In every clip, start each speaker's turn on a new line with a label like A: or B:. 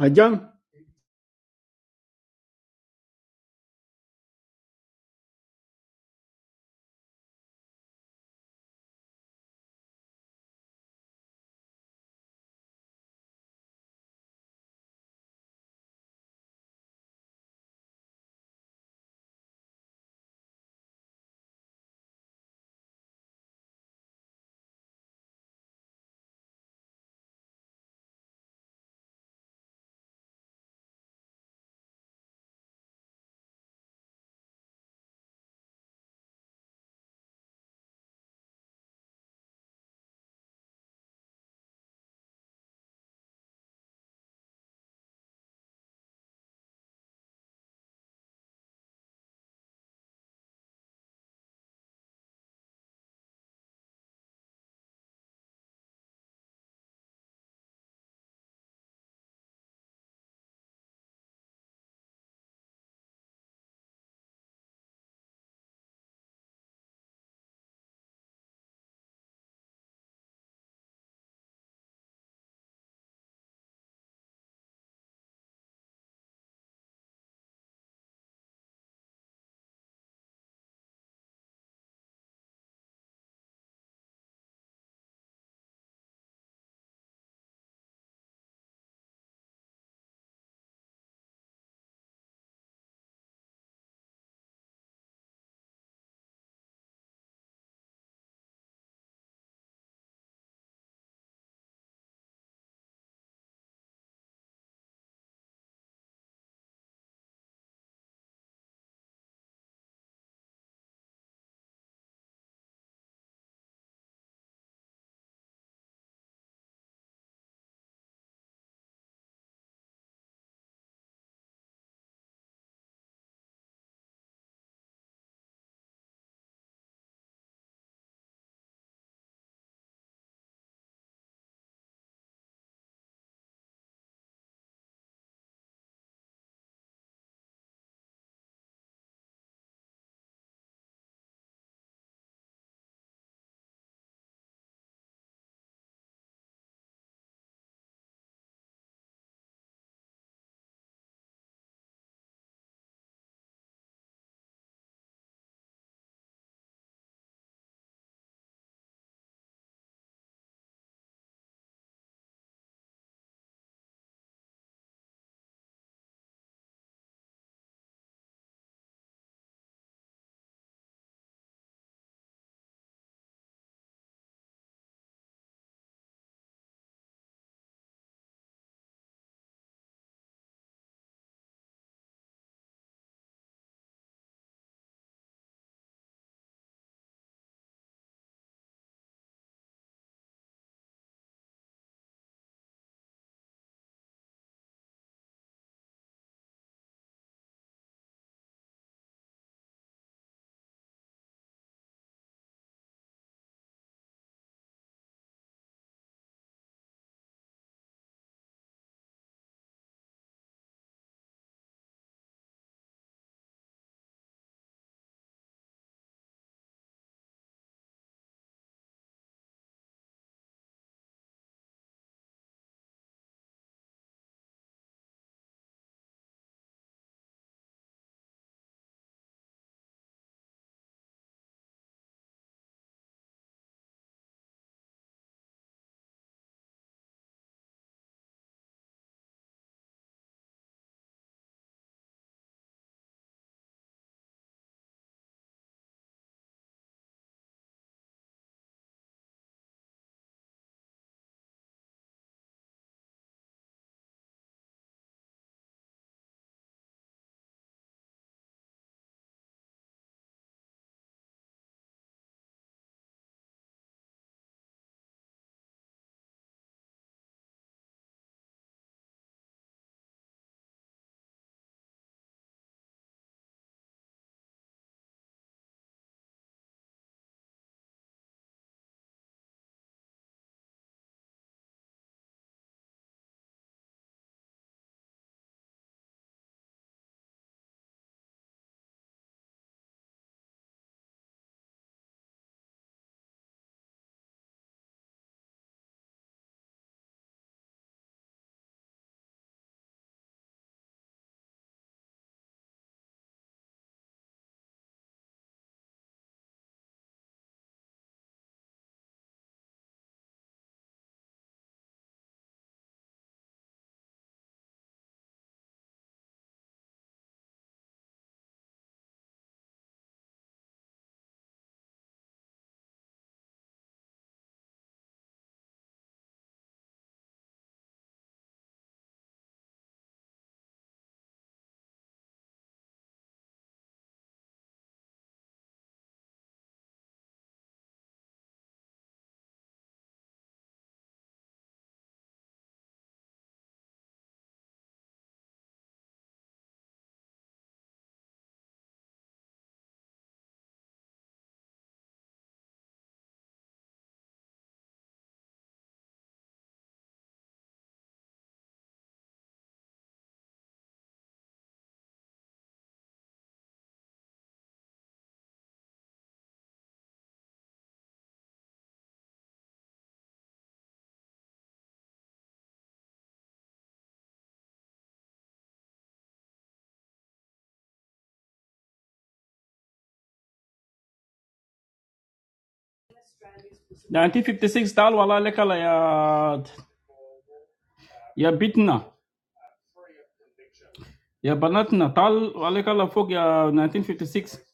A: اجان 1956 تعال والله عليك الله يا يا بيتنا يا بناتنا تعال عليك الله فوق يا 1956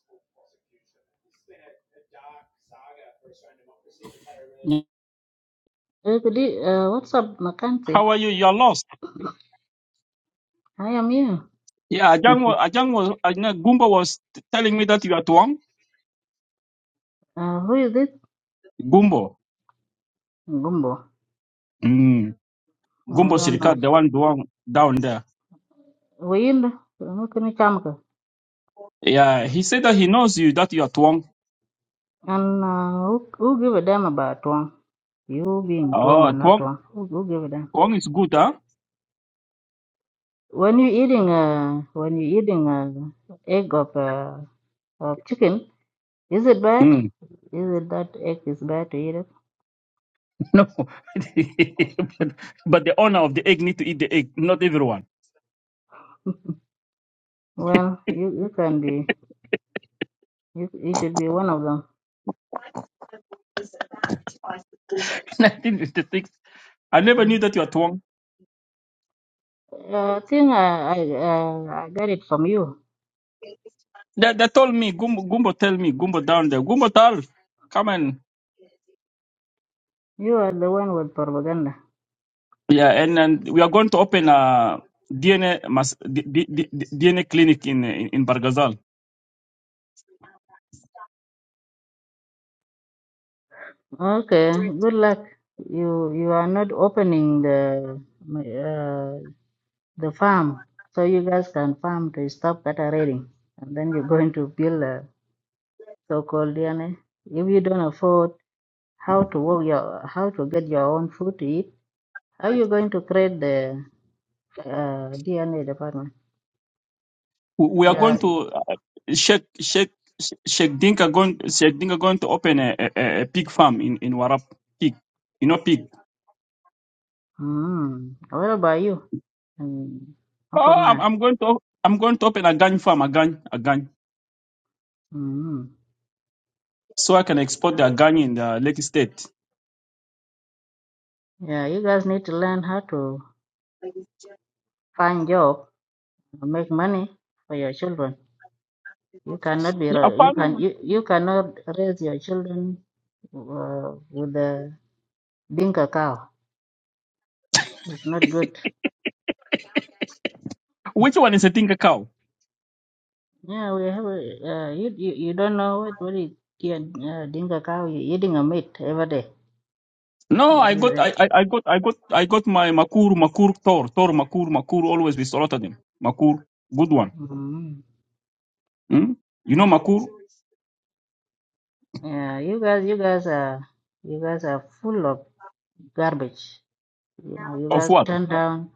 B: Eh, good e- uh, what's up, Mackenzie?
A: How are you? You're lost.
B: I am here.
A: Yeah, Ajang was, Ajang was uh, no, Gumbo was t- telling me that you are Tuang.
B: uh, who is this?
A: Gumbo.
B: Gumbo.
A: Mm.
B: I
A: Gumbo
B: don't know.
A: Sirikat, the one Duang down there.
B: We in the who can you come to?
A: Yeah, he said that he knows you, that you are Tuang.
B: And uh, who, who give a damn about Tuang? You being Tuang or
A: Oh,
B: not
A: Tuang,
B: Tuang? Who, who give a damn?
A: Tuang is good, huh?
B: When you eating uh, when you eating uh, egg of uh, of chicken, is it bad?
A: Mm.
B: Is it that egg is bad to eat it?
A: No. but, but the owner of the egg need to eat the egg, not everyone.
B: Well, you, you can be you, you should be one of them.
A: 1956. I never knew
B: Mm.
A: that you are Tuang.
B: Uh, I think I I, uh, I got it from you.
A: But tell me, go, come and
B: You are the one with propaganda.
A: yeah, and, and we are going to open a DNA mas- D- D- DNA clinic in in, in Bargazal.
B: Okay, good luck. You you are not opening the uh, the farm, so you guys can farm to stop cattle raiding, and then you're going to build a so-called DNA. If you don't afford how to work your how to get your own food to eat, how are you going to create the uh, DNA department?
A: We we are
B: You
A: going
B: are.
A: to uh, Sheikh Sheikh Sheikh Dinka going Sheikh Dinka going to open a, a, a a pig farm in in Warap pig, you know pig.
B: Mm, what about you? Mm, Upper
A: Oh, I'm,
B: Nile.
A: I'm going to I'm going to open a gang farm, a gang, a gang,
B: Mm.
A: so I can export the gang in the Lake State.
B: Yeah, you guys need to learn how to find job, make money for your children. You cannot be
A: Yeah, a
B: ra- you can
A: farm-
B: you, you cannot raise your children uh, with the dinka cow. It's not good.
A: which one is a Dinka cow?
B: Yeah, we have a, uh, you, you you don't know what what is uh, dinka cow. You're eating a meat every day.
A: No,
B: That
A: I got,
B: is it.
A: I, I, I got, I got, I got my Makur, Makur, Tor, Tor, Makur, Makur, always we slaughtered him. Makur, good one.
B: Mm.
A: Hmm?
B: Yeah, you guys you guys are you guys are full of garbage. You know, you
A: Of
B: guys
A: what?
B: turn down.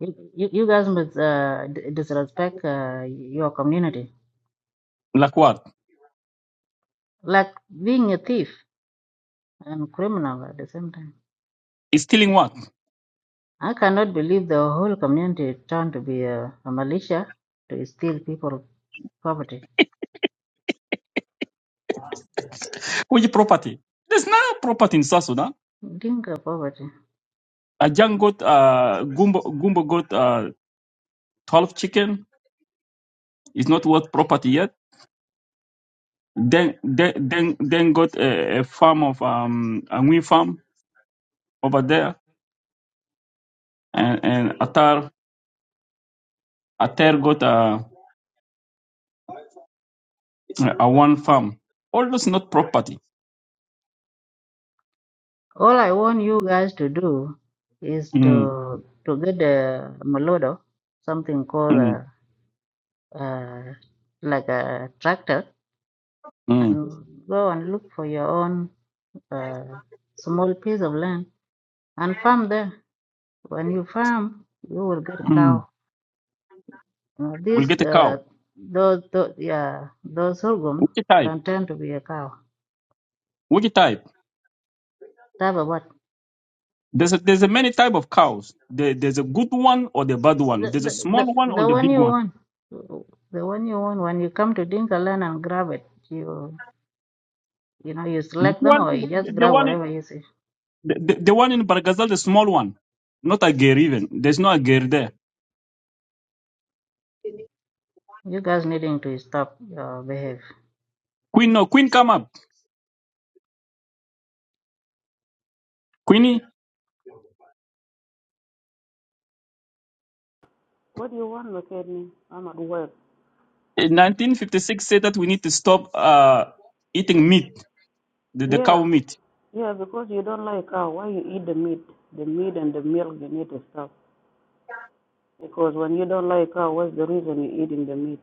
B: You, you, you guys must uh, d- disrespect uh, your community
A: Like what?
B: like being a thief and criminal at the same time.
A: He's stealing what?
B: I cannot believe the whole community turned to be a, a militia to steal people's property.
A: Which property? There's no property in South Sudan.
B: Dinka property.
A: A young got, uh, Gumbo, Gumbo got, uh, 12 chicken. It's not worth property yet. Then, then, then, then got a, a farm of, um, a wind farm over there. And, and Atar, Atar got, uh, a one farm. All those not property.
B: All I want you guys to do is
A: Hmm.
B: to to get a molodo, something called
A: hmm.
B: a, a like a tractor, and go and look for your own uh, small piece of land and farm there. When you farm, you will get a cow
A: Mhm.
B: Uh,
A: We'll
B: this
A: get a cow.
B: uh, those, those yeah those sorghum
A: Which type?
B: can turn to be a cow.
A: Which type?
B: Type of what?
A: There's a, there's a many type of cows. There, there's a good one or the bad one.
B: The,
A: There's a
B: the,
A: small
B: the,
A: one or
B: the
A: the
B: one
A: big
B: you
A: one.
B: want. The one you want. When you come to Dinka land and grab it, you you know you
A: The
B: select them
A: one
B: or you
A: the,
B: just
A: the
B: grab
A: one in,
B: whatever you see.
A: the, the one in Baragazal, the small one, not a girl even. There's no a girl there.
B: You guys needing to stop your behave.
A: Queen, no Queen, come up. Queenie,
C: What do you want, McKinney? I'm at work.
A: in 1956 said that we need to stop uh, eating meat, the, the cow
C: Yeah,
A: meat.
C: yeah, because you don't like cow. Why you eat the meat? The meat and the milk, the meat stuff. Because when you don't like cow, what's the reason you're eating the meat?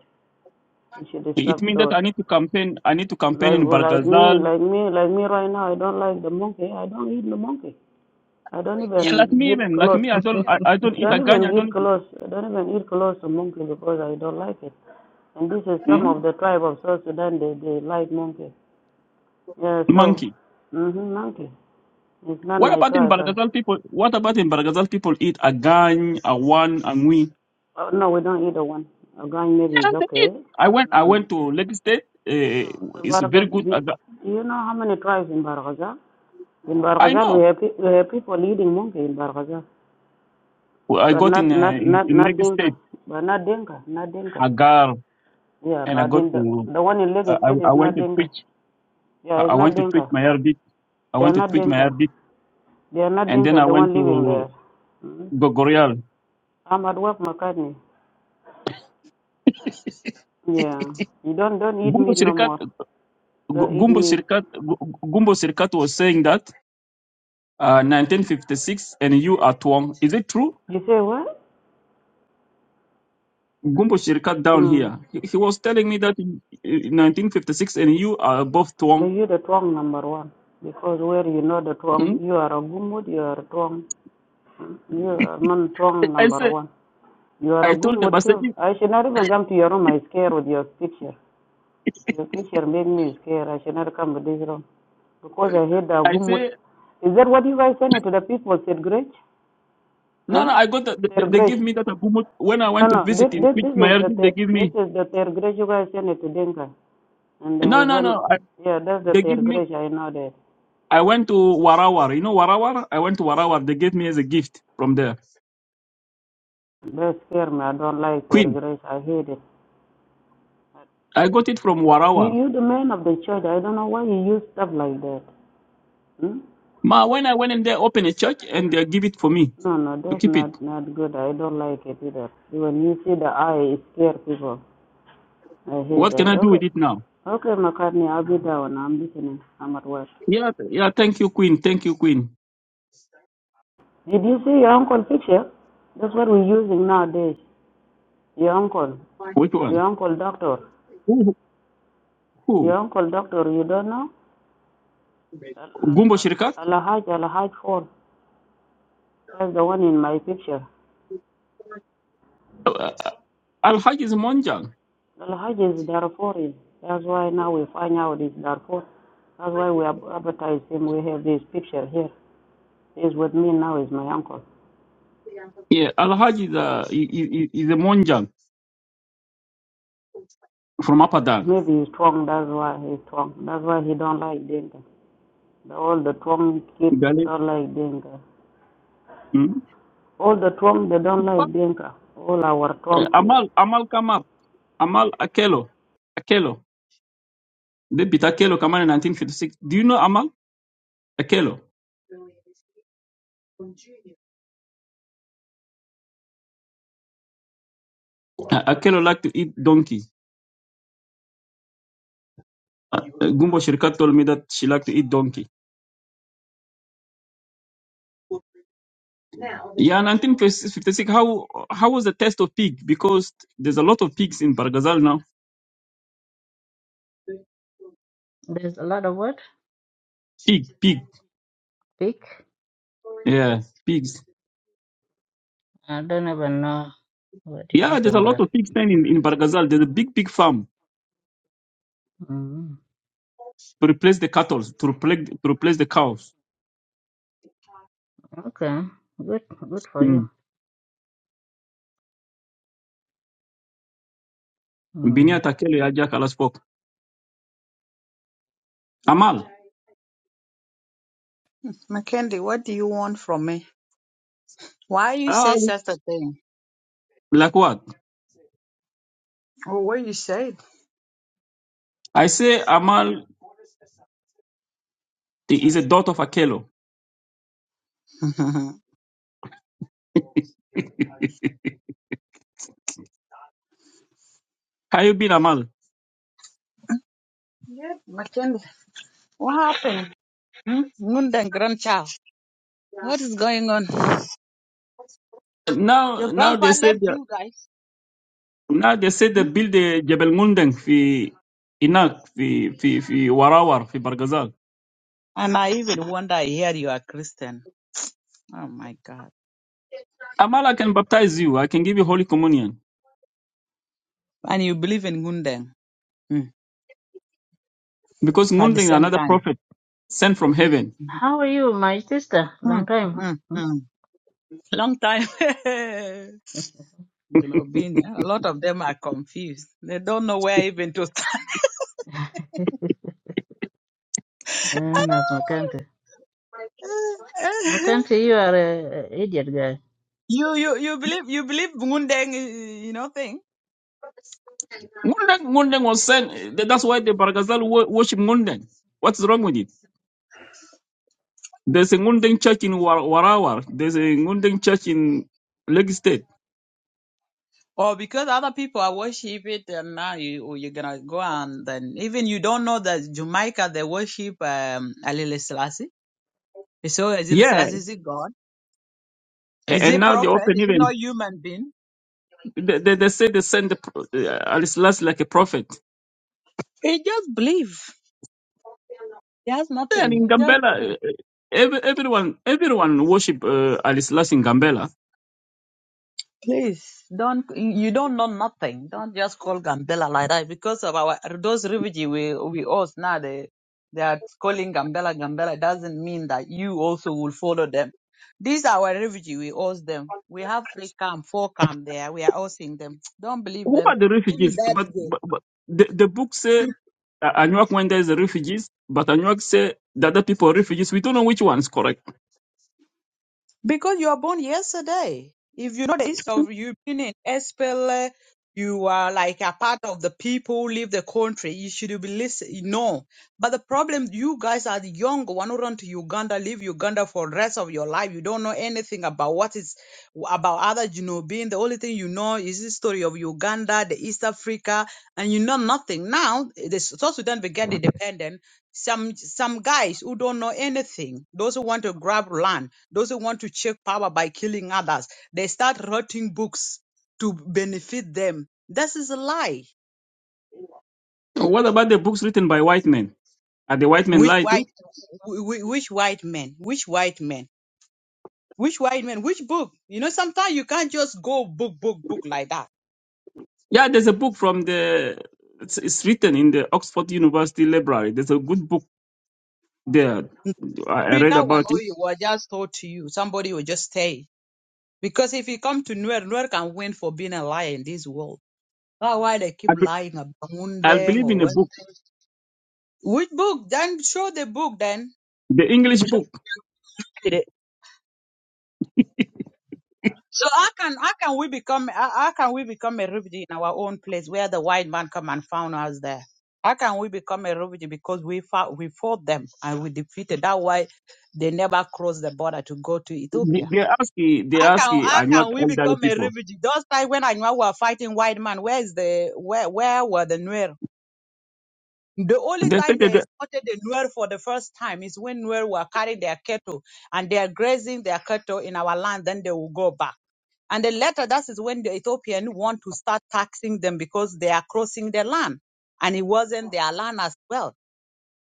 C: You should
A: It
C: stop
A: means that
C: those.
A: I need to campaign. I need to campaign
C: Like
A: in
C: like me,
A: Bargazal.
C: like me, like me right now, I don't like the monkey. I don't eat the monkey. I don't
A: Yeah, like
C: even
A: me
C: get
A: even, like
C: close.
A: me, I don't, I, I don't
C: I
A: eat a
C: don't
A: gun.
C: even
A: I
C: get
A: don't.
C: close. I don't even eat close to monkey because I don't like it. And this is some
A: Hmm?
C: of the tribe of South Sudan. They they like monkey. Yeah, so,
A: Monkey.
C: hmm monkey. It's not
A: What
C: my
A: about in
C: tribe. I,
A: Baragazal people? What about in Baragazal people eat agang, awan, angui?
C: Oh, no, we don't eat the one. Gang maybe
A: Yeah,
C: is
A: they eat.
C: okay.
A: I went. I
C: Um,
A: went to Lake State.
C: no,
A: Uh,
C: the
A: it's
C: Barghaz,
A: very good.
C: do,
A: Agar.
C: you know how many tribes in Barghazal? In
A: I
C: Barghazal,
A: know.
C: we have, pe- we have people eating monkey in Barghazal,
A: I
C: but
A: got
C: not,
A: in
C: not,
A: uh, in,
C: not,
A: in
C: not
A: Lake
C: Dinka,
A: State
C: but not Dinka, not Dinka.
A: agar,
C: Yeah,
A: and I
C: but
A: got
C: in the,
A: to.
C: the one in Lagos
A: I,
C: State
A: I
C: is
A: went
C: not
A: to
C: Dinka.
A: Twitch.
C: Yeah,
A: I
C: it's not
A: went to Twitch
C: Dinka.
A: my Arabic. I
C: They are
A: went to
C: not
A: Twitch my
C: Dinka.
A: Arabic,
C: They are not
A: and then
C: Dinka,
A: I
C: the one
A: went
C: living
A: to
C: there. hmm
A: Gogorial.
C: I'm at work, McCartney. Yeah. You don't, don't eat
A: Gumbo
C: meat no
A: Sirikat.
C: more. Don't eat
A: Gumbo
C: meat.
A: Sirikat. Gumbo Sirikat was saying that uh, 1956, and you are Tuang. Is it true?
C: You say what?
A: Gumbo Shirkat down
C: Mm.
A: here. He, he was telling me that in, in 1956 and you are above
C: They
A: Tuang.
C: use the twang number one because where you know the
A: Hmm?
C: twang, you are a gumud, you are a twang, you are man twang
A: I
C: number
A: said,
C: one. You are a
A: I told them, I
C: gumud
A: said,
C: too.
A: if-
C: I should not even come to your room. I scared with your picture. Your picture made me scared. I should not come to this room because I hate the
A: I
C: gumud.
A: say,
C: Is that what you guys send it to the people? Said Gretch?
A: no, no,
C: Huh?
A: I got that. They,
C: Their
A: they
C: Gretch.
A: give me that Abumut. When I
C: No,
A: went to
C: no. This,
A: visit in
C: this,
A: Pitch
C: this is the
A: Mayardi, they
C: ter-
A: give
C: this
A: me,
C: is the their Gretch you guys send it to Dinka. And
A: no,
C: uh,
A: no,
C: when
A: no. I,
C: yeah, that's the
A: they give
C: their
A: me,
C: Gretch. I know that.
A: I went to Warawar. You know Warawar? I went to Warawar. They gave me as a gift from there.
C: They scare me. I don't like their
A: Queen.
C: Gretch. I hate it.
A: I got it from
C: You,
A: Warawar.
C: you the man of the church. I don't know why you use stuff like that. Hmm?
A: Ma, when I went in there, open a church and they give it for me
C: No, no,
A: to
C: that's
A: keep it.
C: not not good. I don't like it either. When you see the eye, it scare people. I hate
A: What can
C: that.
A: I do with
C: Okay,
A: it now?
C: okay, McCartney, I'll be down. I'm listening. I'm at work.
A: Yeah, yeah. Thank you, Queen. Thank you, Queen.
C: Did you see your uncle picture? That's what we're using nowadays. Your uncle, your uncle doctor,
A: Who?
C: your
A: who?
C: uncle doctor. You don't know? Al
A: Gumbo
C: Al
A: Shirikat?
C: Al Alhaj Alhaj Fall. That's the one in my picture.
A: Uh, Haj is a Monjang.
C: The Hajj is Darfurian. That's why now we find out it's Darfur. That's why we advertise him. We have this picture here. He's with me now. Is my uncle.
A: Yeah, Al Haj is, uh, i- is a Monjang from Upper Dan.
C: Maybe he's strong. That's why he's strong. That's why he don't like Dinka. all the strong kids
A: Gali.
C: don't like Dinka.
A: Mm.
C: All the strong they don't like Dinka. All our
A: Uh,
C: strong kids
A: Amal, Amal Kamal, Amal Akelo. Akelo. They beat Akelo Kamal in 1956. Do you know Amal? Akelo. Uh, Akelo liked to eat donkey. Uh, uh, Gumbo Shirikat told me that she liked to eat donkey. Okay, s- 56, how, how was the test of pig? Because there's a lot of pigs in Bargazal now.
B: There's a lot of what
A: Pig, pig.
B: pig.
A: pigs.
B: I don't even know what you're
A: Yeah,
B: talking
A: there's a lot
B: about.
A: of pig stand in, in Bargazal. There's a big pig farm
B: Mm.
A: to replace the cattle, to replace to replace the cows.
B: Okay, good, good for you.
A: Mm. Binia
B: Mm.
A: Takele Ajak spoke.
D: Mackenzie, what do you want from me? Why you
A: Ah,
D: say such a thing?
A: like what?
D: Oh, what you said?
A: I say Amal is a daughter of Akelo.
D: yeah,
A: How you been Amal?
D: Mackenzie, what happened? Hmm? Nunda grandchild, what is going on?
A: Now
D: Your
A: now
D: grandpa
A: they say
D: left
A: they-
D: you guys.
A: now they say they build the Jebel Mundeng fi Inak fi fi Warawar fi Bargazal.
D: And I even wonder, I hear you are Christian. Oh my God.
A: Amal I can baptize you. I can give you holy communion
D: And you believe in Gundeng Hmm.
A: because
D: at the
A: Mundeng is
D: same
A: another
D: time.
A: prophet sent from heaven
B: How are you, my sister?
D: Hmm.
B: Long time. huh?
D: Hmm.
B: Hmm?
D: Hmm. Long time. you know, being a lot of them are confused. They don't know where even to start.
B: And that's McCarthy. McCarthy, you are a a idiot guy.
D: You you you believe you believe Mundeng you know thing,
A: Ngundeng, Ngundeng was sent. That's why the Baragazal wo- worship Ngundeng. What's wrong with it? There's a Ngundeng church in War- Warawar. There's a Ngundeng church in Lagos State.
D: or because other people are worship it, and now you oh, you're gonna go and then even you don't know that Jamaica they worship um Alile Selassie. So Alile
A: Yeah.
D: Selassie is it God?
A: A-
D: Is
A: And
D: it
A: now they
D: prophet
A: open
D: Is it not
A: even.
D: human being?
A: They, they, they say they send the, pro- uh, Al Selassie like a prophet.
D: It just believe. It has
A: Yeah, And in
D: nothing. It just
A: Gambela,
D: believe.
A: uh, uh, every, everyone everyone worship uh, Al Selassie in Gambela.
D: Please don't you don't know nothing. Don't just call Gambela like that because of our those refugee we we host now they they are calling Gambela Gambela doesn't mean that you also will follow them. These are our refugee we host them. We have three camp, four camp there. We are hosting them. Don't believe
A: Who
D: them.
A: are the
D: Even
A: refugees? But,
D: that
A: but, but the, the book say uh, Anuak when there's refugees, but Anuak say that the other people are refugees. We don't know which one is correct.
D: Because you were born yesterday. If you know the history of you being in SPLA, you are like a part of the people who leave the country. You should be listening. No. But the problem, you guys are the young one who run to Uganda, leave Uganda for the rest of your life. You don't know anything about what is about other you know being. The only thing you know is the story of Uganda, the East Africa, and you know nothing. Now, the South Sudan began independent some some guys who don't know anything those who want to grab land those who want to check power by killing others they start writing books to benefit them this is a lie
A: What about the books written by white men? Are the white men
D: which
A: lie
D: white
A: too?
D: wh- wh- which white men which white men which white men which book you know sometimes you can't just go book book book like that
A: Yeah, there's a book from the. It's, it's written in the Oxford University Library. There's a good book there. I, I
D: read
A: read
D: that one
A: about
D: or
A: it.
D: you were just told to you somebody will just stay because if you come to Nuer, Nuer can win for being a liar in this world. That's why they keep
A: I, be,
D: lying about
A: I
D: Mundeng
A: believe in a
D: or
A: book,
D: Which book? Then show the book. Then
A: the English book.
D: read it. So how can how can we become how, how can we become a refugee in our own place where the white man come and found us there? How can we become a refugee because we fought we fought them and we defeated? That why they never crossed the border to go to
A: They,
D: Ethiopia.
A: they ask, you- they
D: How
A: ask,
D: can
A: you,
D: how
A: are not
D: can we
A: elderly
D: become a
A: people.
D: refugue? Those time when I know we were fighting white man, where is the where where were the Nuer? The only
A: They say
D: time
A: that
D: they
A: the-
D: spotted the Nuer for the first time is when Nuer were carrying their cattle and they are grazing their cattle in our land, then they will go back. And then later, that is when the Ethiopian want to start taxing them because they are crossing their land. And it wasn't their land as well.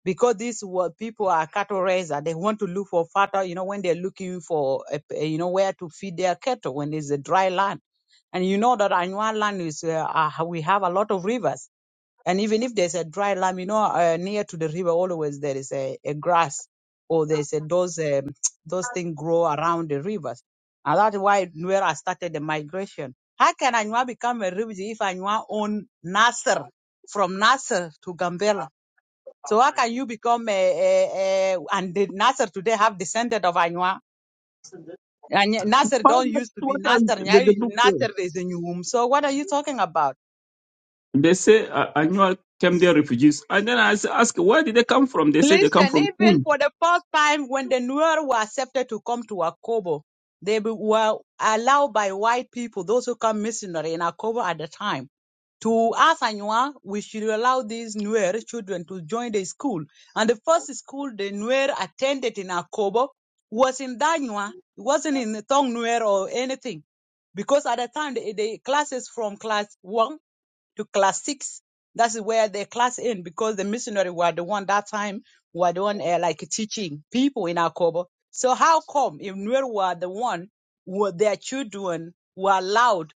D: Because these were people are cattle raisers. They want to look for fodder, you know, when they're looking for, a, a- you know, where to feed their cattle when it's a dry land. And you know that our land is, uh, uh, we have a lot of rivers and even if there's a dry land, you know, uh, near to the river, always there is a, a grass or there's a, those um, those things grow around the rivers. And that's why where I started the migration. How can Anua become a refugee if Anua own Nasser from Nasser to Gambela? So how can you become a, a, a and the Nasser today have descended of Anua? And Nasser
A: but
D: don't
A: that's
D: used to be
A: what are
D: Nasser. Now
A: the, the book says.
D: Nasser is a new womb. So what are you talking about?
A: They say uh, annual came there refugees, and then I s- ask, where did they come from? They say they come
D: Listen,
A: from
D: even
A: Punj.
D: for the first time when the Nuer were accepted to come to Akobo, they be- were allowed by white people, those who come missionary in Akobo at the time. To us, Anywa, we should allow these Nuer children to join the school. And the first school the Nuer attended in Akobo was in Danywa. It wasn't in the Tong Nuer or anything. Because at the time, the, the classes from class 1 to class six. That's where the class end because the missionary were the one that time were the one uh, like teaching people in Akobo. So how come if Nuer were the one were their children were allowed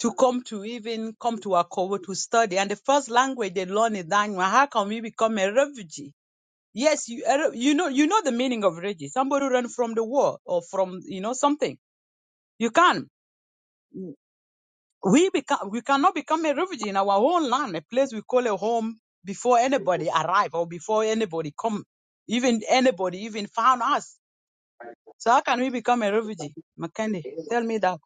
D: to come to even come to Akobo to study and the first language they learn is Danywa, how come we become a refugee? Yes, you uh, you know you know the meaning of refugee. Somebody run from the war or from you know something. You can't. we become we cannot become a refugee in our own land, a place we call a home before anybody arrive or before anybody come, even anybody even found us. So how can we become a refugee? McKenny, tell me that.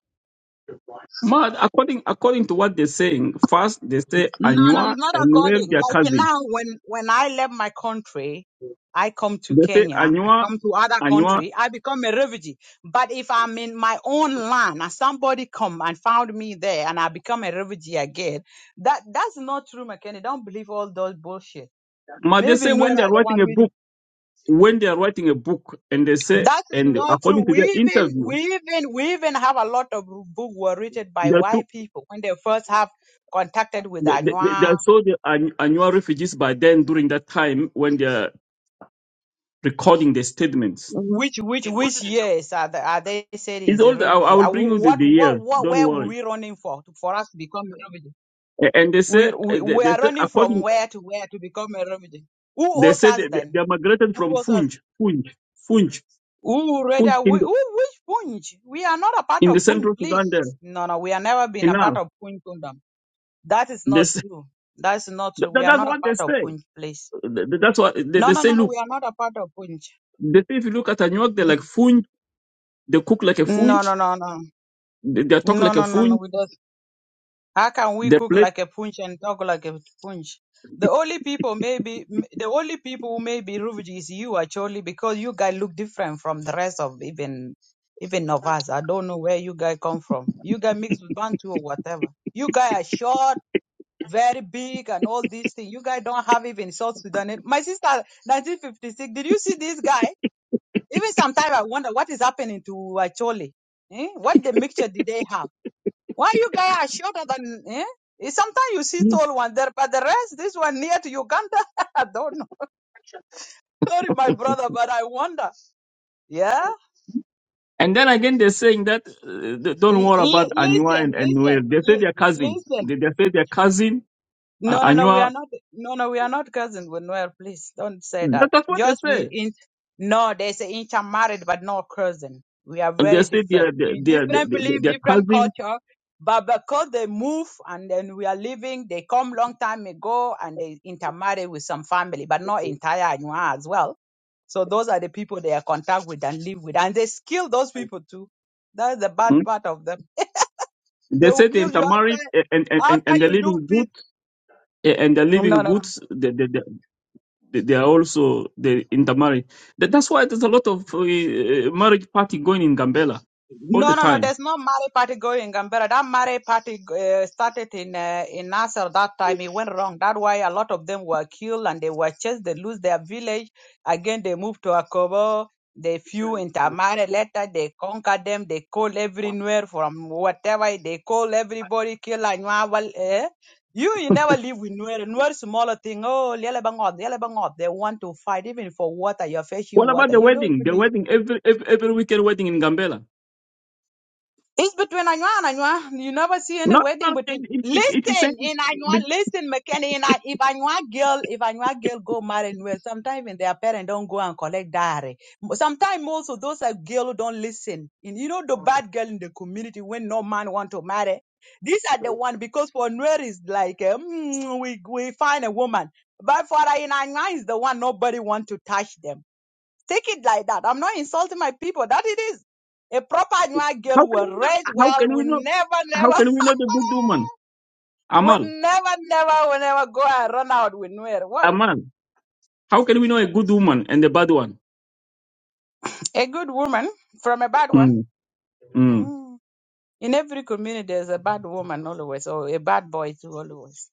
A: But according according to what they're saying, first they say
D: No, no,
A: Anua
D: it's not
A: and where
D: according.
A: their
D: Like
A: cousin.
D: now, when when I left my country, I come to
A: They say
D: Kenya, I
A: Anua,
D: come to other
A: Anua.
D: country, I become a refugee. But if I'm in my own land and somebody come and found me there and I become a refugee again, that that's not true, McKenny. Don't believe all those bullshit
A: But they
D: Maybe
A: say when
D: Nuera,
A: they're
D: the one
A: writing a
D: reading.
A: book, when they're writing a book, and they say,
D: That is
A: and
D: not true.
A: according to
D: We
A: their
D: even, we
A: interview,
D: even, we even have a lot of books were written by
A: they took
D: white people when they first have contacted with
A: they, they, they they
D: Anua.
A: saw the An- Anua refugees by then during that time when they're recording their statements.
D: Which, which, It which wasn't a- years are they, are they said
A: It's
D: is a
A: all. I, I
D: refugee? Uh,
A: will bring
D: wh-
A: you the,
D: What,
A: the
D: what,
A: year.
D: what,
A: Don't
D: where were
A: worry.
D: we running for, to- for us to become a refugee?
A: A- And they
D: We,
A: say eh,
D: we,
A: they,
D: we
A: they
D: are
A: say
D: running from
A: according
D: where to where to become a refugee. Who
A: they
D: owes
A: said
D: us
A: they, they
D: then?
A: they are migrated
D: Who
A: from
D: owes us?
A: Funj, Funj, Funj,
D: Who
A: Funj,
D: rather, we,
A: Kingdom.
D: who, which Punj? We are not a part
A: in the
D: of Punj,
A: central
D: please.
A: Sudan there,
D: No, no, we have never been a part
A: Inal.
D: of Punj Kingdom. That is
A: They
D: not
A: say,
D: true. That's not
A: that,
D: true. We
A: that-
D: are
A: that's
D: not a
A: what they
D: part of
A: say.
D: Punj, please.
A: Th- th- That's what they,
D: No,
A: they
D: no,
A: say.
D: no, no.
A: Look,
D: We are not a part of Punj.
A: they say if you look at Anyuak, they're like
D: N-
A: funj. They cook like a
D: No,
A: funj.
D: no, no, no.
A: They, they talk
D: No,
A: like a
D: no, no, no.
A: funj.
D: We don't. How can we
A: They
D: cook
A: play.
D: like a Punj and talk like a Punj? The only people maybe the only people who may be refugees is you actually because you guys look different from the rest of even even of us. I don't know where you guys come from. You guys mixed with Bantu or whatever. You guys are short very big and all these things. You guys don't have even South Sudan. My sister, 1956, did you see this guy? Even sometimes I wonder what is happening to Acholi. Eh? What the mixture did they have? Why you guys are shorter than, eh? Eh, Sometimes you see tall one there, but the rest, this one near to Uganda, I don't know. Sorry, my brother, but I wonder. Yeah?
A: And then again, they're saying that uh, th- don't
D: L-
A: worry
D: l-
A: about Anyua
D: listen,
A: and, and Nuer.
D: listen,
A: They say
D: li-
A: they're cousin.
D: listen.
A: They, they say they're cousin. Uh,
D: No, no, no, we are
A: Anyua.
D: not. No, no, we are not cousins with Please don't say
A: That,
D: that.
A: that's what they
D: Just we
A: say.
D: in. No, they say intermarried, but not cousin. We are
A: And They
D: very
A: say they're
D: different.
A: they're
D: We
A: they're,
D: different
A: they're,
D: belief,
A: they're
D: different
A: cousin.
D: culture, but because they move and then we are living, they come long time ago and they intermarry with some family, but not entire Anywa as well. So those are the people they are contact with and live with, and they kill those people too. That's the bad part of them. They
A: They
D: will
A: say they
D: kill you
A: intermarried
D: after
A: eh, and and and,
D: after
A: and the
D: you do
A: living
D: peace.
A: good eh, and the
D: No, no.
A: living
D: no. no.
A: goods they they, they, they are also they intermarry. That, that's why there's a lot of uh, marriage party going in Gambela all the
D: No, no, no.
A: time.
D: There's no Mare party going in Gambera. That Mare party uh, started in uh, in Nasser that time. It went wrong. That's why a lot of them were killed and they were chased. They lose their village. Again, they moved to Akobo. They few into Mare. Later, they conquer them. They call everywhere from whatever. They call everybody. Kill Anyuawal. Eh? You, you never live with Nuer. Nuer smaller thing. Oh, Lielebangod, Lielebangod. They want to fight even for water. You're fetching
A: What about
D: water.
A: the
D: You don't
A: wedding?
D: know
A: The
D: this.
A: wedding every every, every weekend wedding in Gambela.
D: It's between Anua and Anua. You never see any
A: No,
D: wedding
A: no,
D: between.
A: it, it, it is saying
D: Listen, in
A: but
D: Anua, listen, McKenny, in I, if Anua girl, if Anua girl go marry well, sometimes even their parents don't go and collect diary. Sometimes also those are girl who don't listen. And you know the bad girl in the community when no man want to marry. These are the one because for Nuer is like eh, mm, we we find a woman, but for Anua is the one nobody want to touch them. Take it like that. I'm not insulting my people. That it is. A proper Anua girl
A: how can
D: will
A: we not?
D: raise
A: How
D: well,
A: can we
D: will
A: not?
D: never,
A: How
D: never,
A: can we not? the good woman?
D: will
A: Amal,
D: never, never, will never go and run out with Nuer. What?
A: Amal. How can we know a good woman and a bad one?
D: A good woman from a bad one.
A: Mm, mm.
D: Mm. In every community, there's a bad woman always, or a bad boy too always.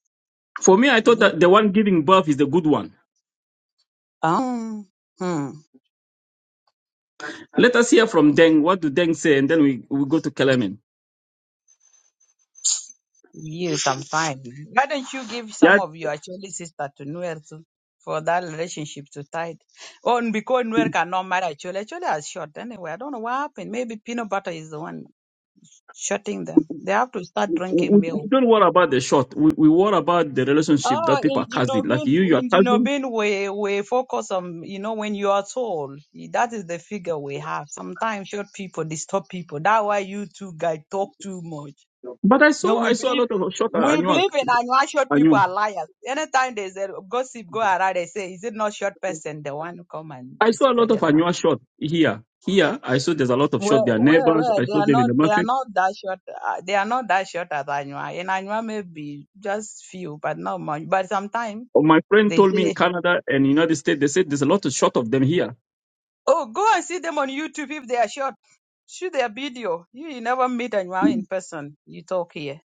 A: For me, I thought
D: This-
A: that the one giving birth is the good one
D: Um, hmm.
A: Let us hear from Deng. What do Deng say? And then we, we go to Kelemen.
D: Yes, I'm fine. Why don't you give some
A: Yeah,
D: of your actually sister to Nuer to, for that relationship to tide? Oh, and because Nuer cannot marry Acholi, Acholi has shot anyway. I don't know what happened. Maybe peanut butter is the one shutting them. They have to start drinking
A: we, we
D: milk.
A: don't worry about the shot. We, we worry about the relationship
D: Oh,
A: that people
D: in
A: are casting. Like
D: Junobin,
A: you, you are
D: in
A: casting.
D: Junobin, we, we focus on, you know, when you are tall, that is the figure we have. Sometimes short people disturb people. That's why you two guys talk too much.
A: But I
D: No,
A: saw
D: we
A: I saw a
D: believe
A: lot of shot at
D: we
A: Anua.
D: believe in Anua short people
A: Anua.
D: are liars. Anytime there's a gossip go around, they say, "Is it not short person the one who come and
A: I saw a lot
D: spread
A: of
D: the lie?"
A: Anua shot here. Here, I saw there's a lot of shot.
D: Well,
A: Their
D: well,
A: neighbors.
D: well,
A: I
D: they
A: saw
D: are
A: them in
D: not.
A: the
D: They are
A: market.
D: not that short. Uh, they are not that short as Anua. In Anua, maybe just few, but not much. But sometimes
A: Oh, my friend
D: they
A: told me in
D: say,
A: Canada and United States, they said there's a lot of shot of them here.
D: "Oh, go and see them on YouTube if they are short. Shoot their video. You, you never meet Anua in person. You talk here."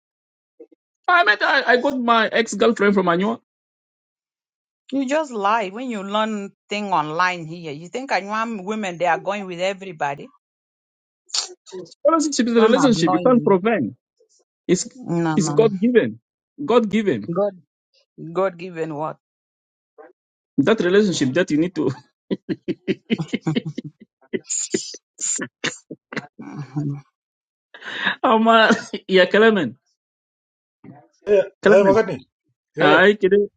A: I met I, I got my ex girlfriend from Anua.
D: You just lie when you learn thing online here. You think I want women they are going with everybody?
A: Relationship is a
D: Don't
A: relationship. You
D: annoy
A: can't
D: me.
A: prevent. It's
D: No,
A: it's
D: no.
A: God given. God given.
D: God, God given what?
A: That relationship that you need to
D: Mhm.
A: Amal yeah Kalaman,
E: Yeah, yeah,
A: Kalaman.
E: Magadni. Yeah,
A: I can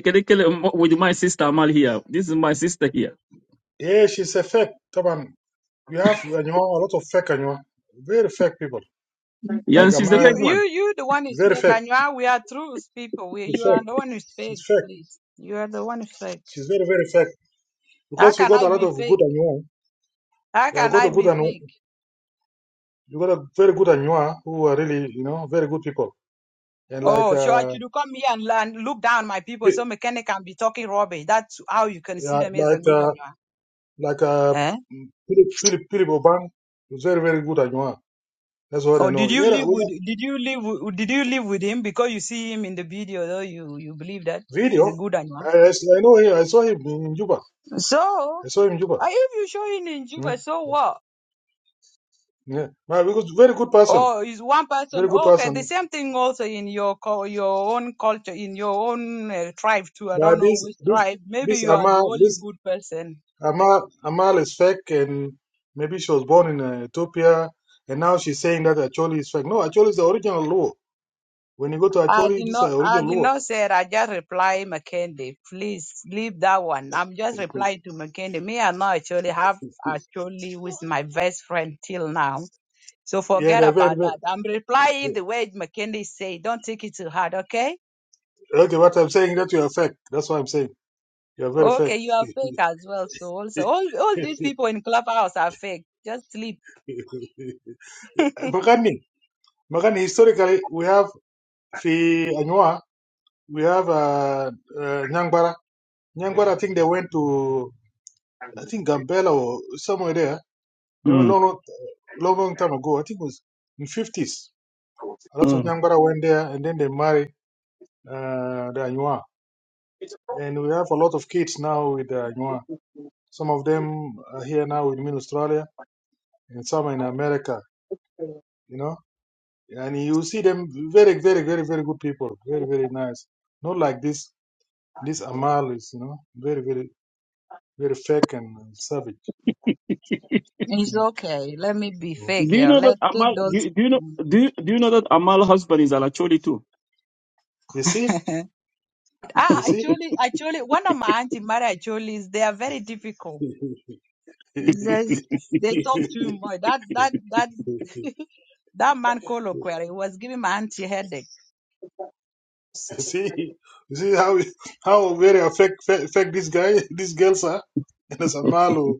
A: can kill with my sister Amal here. This is my sister here.
E: yeah, she's a fake. Taban, you have and have a lot of fake and very fake people.
D: You,
A: Yeah,
E: Like
A: and she's the fake
D: you,
E: Amal,
D: you,
A: one.
D: you the one who
E: very
D: speak,
E: fake.
D: and you are. We are truth people. We,
E: She's
D: you are
E: fake.
D: the one who speak.
E: She's fake.
D: Please, you are the one who speak.
E: She's very, very fake.
D: How
E: Because we
D: can
E: got
D: I
E: a lot
D: be
E: of good
D: fake?
E: and you
D: How
E: yeah,
D: can
E: got
D: I
E: a good
D: be
E: and
D: fake?
E: you got a very good and who are really, you know, very good people. And like
D: Oh, so I
E: uh
D: should come here and, and look down my people
E: Pi-
D: so mechanic can be talking rubbish. That's how you
E: yeah,
D: consider me as a
E: like
D: good
E: uh
D: idea.
E: like uh Philip Philip Philip Oban is very, very good and That's what I
D: Or
E: know.
D: did you
E: Yeah,
D: live
E: we
D: with
E: have
D: did you live with- did you live with him because you see him in the video though you you believe that it's
E: video.
D: a good
E: I,
D: animal.
E: I I know him. I saw him in Juba.
D: So
E: I saw him in Juba.
D: uh, if you show him in
E: Mm,
D: Juba, so what?
E: Yeah. No, because very good person,
D: Or is one person
E: very good
D: oh, okay? The
E: person.
D: same thing also in your co- your own culture, in your own uh, tribe too. I don't
E: But
D: know
E: this
D: which
E: this
D: tribe. Maybe
E: this
D: you are the
E: Amal
D: only
E: this
D: good person
E: Amal Amal is fake, and maybe she was born in uh, Ethiopia, and now she's saying that Acholi is fake. No, Acholi is the original Luo. When you go to
D: I
E: Acholi,
D: did
E: this is
D: not
E: the
D: I
E: original
D: did
E: Luo.
D: not say it. I just reply Mackenzie. Please leave that one. I'm just replying to Mackenzie. Me and I actually have actually with my best friend till now. So
E: Yeah,
D: forget
E: they're very,
D: about
E: very
D: that. I'm replying
E: yeah.
D: the way Mackenzie say. Don't take it to heart, okay?
E: okay. What I'm saying that you are fake. That's what I'm saying. You are very fake.
D: Okay, you are fake as well. So also all all these people in Clubhouse are fake. Just sleep.
E: Magani, Magani. Historically, we have fi Anua, we have uh, uh, Nyang Bara. Nyangwara, I think they went to, I think Gambela or somewhere there. They were
A: Mm.
E: long, long, long time ago. I think it was in 50s. A lot of
A: Mm.
E: Nyangwara went there and then they married uh, the Anywa. And we have a lot of kids now with the Anywa. Some of them are here now with me in Australia and some are in America, you know. And you see them very, very, very, very good people. Very, very nice. Not like this, this Amal is, you know, very, very, very fake and savage.
D: It's okay. Let me be
E: Mm.
D: fake
A: Do you
D: here.
A: know that
D: Let take
A: Amal
D: those
A: do, do you know do, you- do you know that Amal husband is Alacholi too?
E: You see? You
D: Ah,
E: see?
D: actually, actually, one of my auntie Mary actually is they are very difficult. There's, they talk too much. That that that that man colloquy was giving my auntie headache.
E: see, see how how very affect affect affect this guy, these girls are. And as a malo,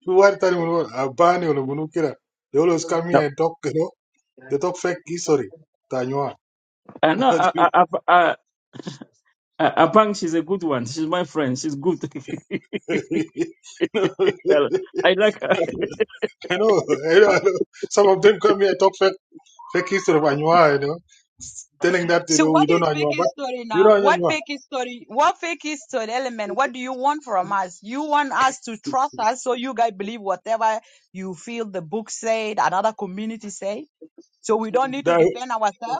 E: you are telling me a bani or munukira. They always come
A: No.
E: here and talk, you know. They talk fake history. Tanywa.
A: I know I I, I, I, I Abang, she's a good one. She's my friend. She's good. Well, I like her.
E: No, I know, I know, I know. Some of them come here and talk fake fake history of Anywa, you know, telling that you
D: So
E: know we
D: what
E: don't know
D: is fake
E: Anywa, but
D: story
E: we
D: now?
E: don't
D: What
E: know
D: fake story? What fake story element? What do you want from us? You want us to trust us so you guys believe whatever you feel the book said, another community said. So we don't need to
E: Anywa.
D: defend ourselves.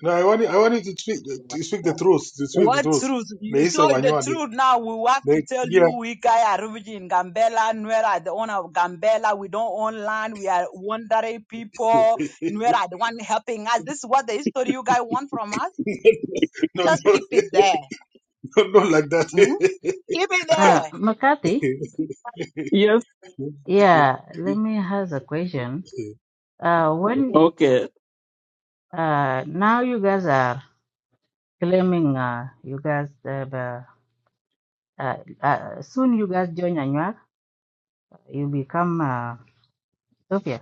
E: No, I want you, I want you to speak the- to speak the truth, to speak the
D: What
E: truth.
D: truth?
E: The
D: You
E: history
D: show
E: of
D: the
E: Anywa, the,
D: truth now. We have to
E: the,
D: tell
E: yeah,
D: you we guy are refugee in Gambela. Nuera are the owner of Gambela. We don't own land. We are wandering people. Nuera are the one helping us. This is what the history you guys want from us.
E: no,
D: Just
E: no,
D: keep it there.
E: no, no, like that.
D: Hmm? Keep it
B: Uh,
D: there.
B: McCarthy,
A: Yes.
B: yeah, let me ask a question. Uh, when
A: Okay.
B: uh, now you guys are claiming uh, you guys have, uh, uh, uh, soon you guys join Anuak, you become uh, Ethiopia.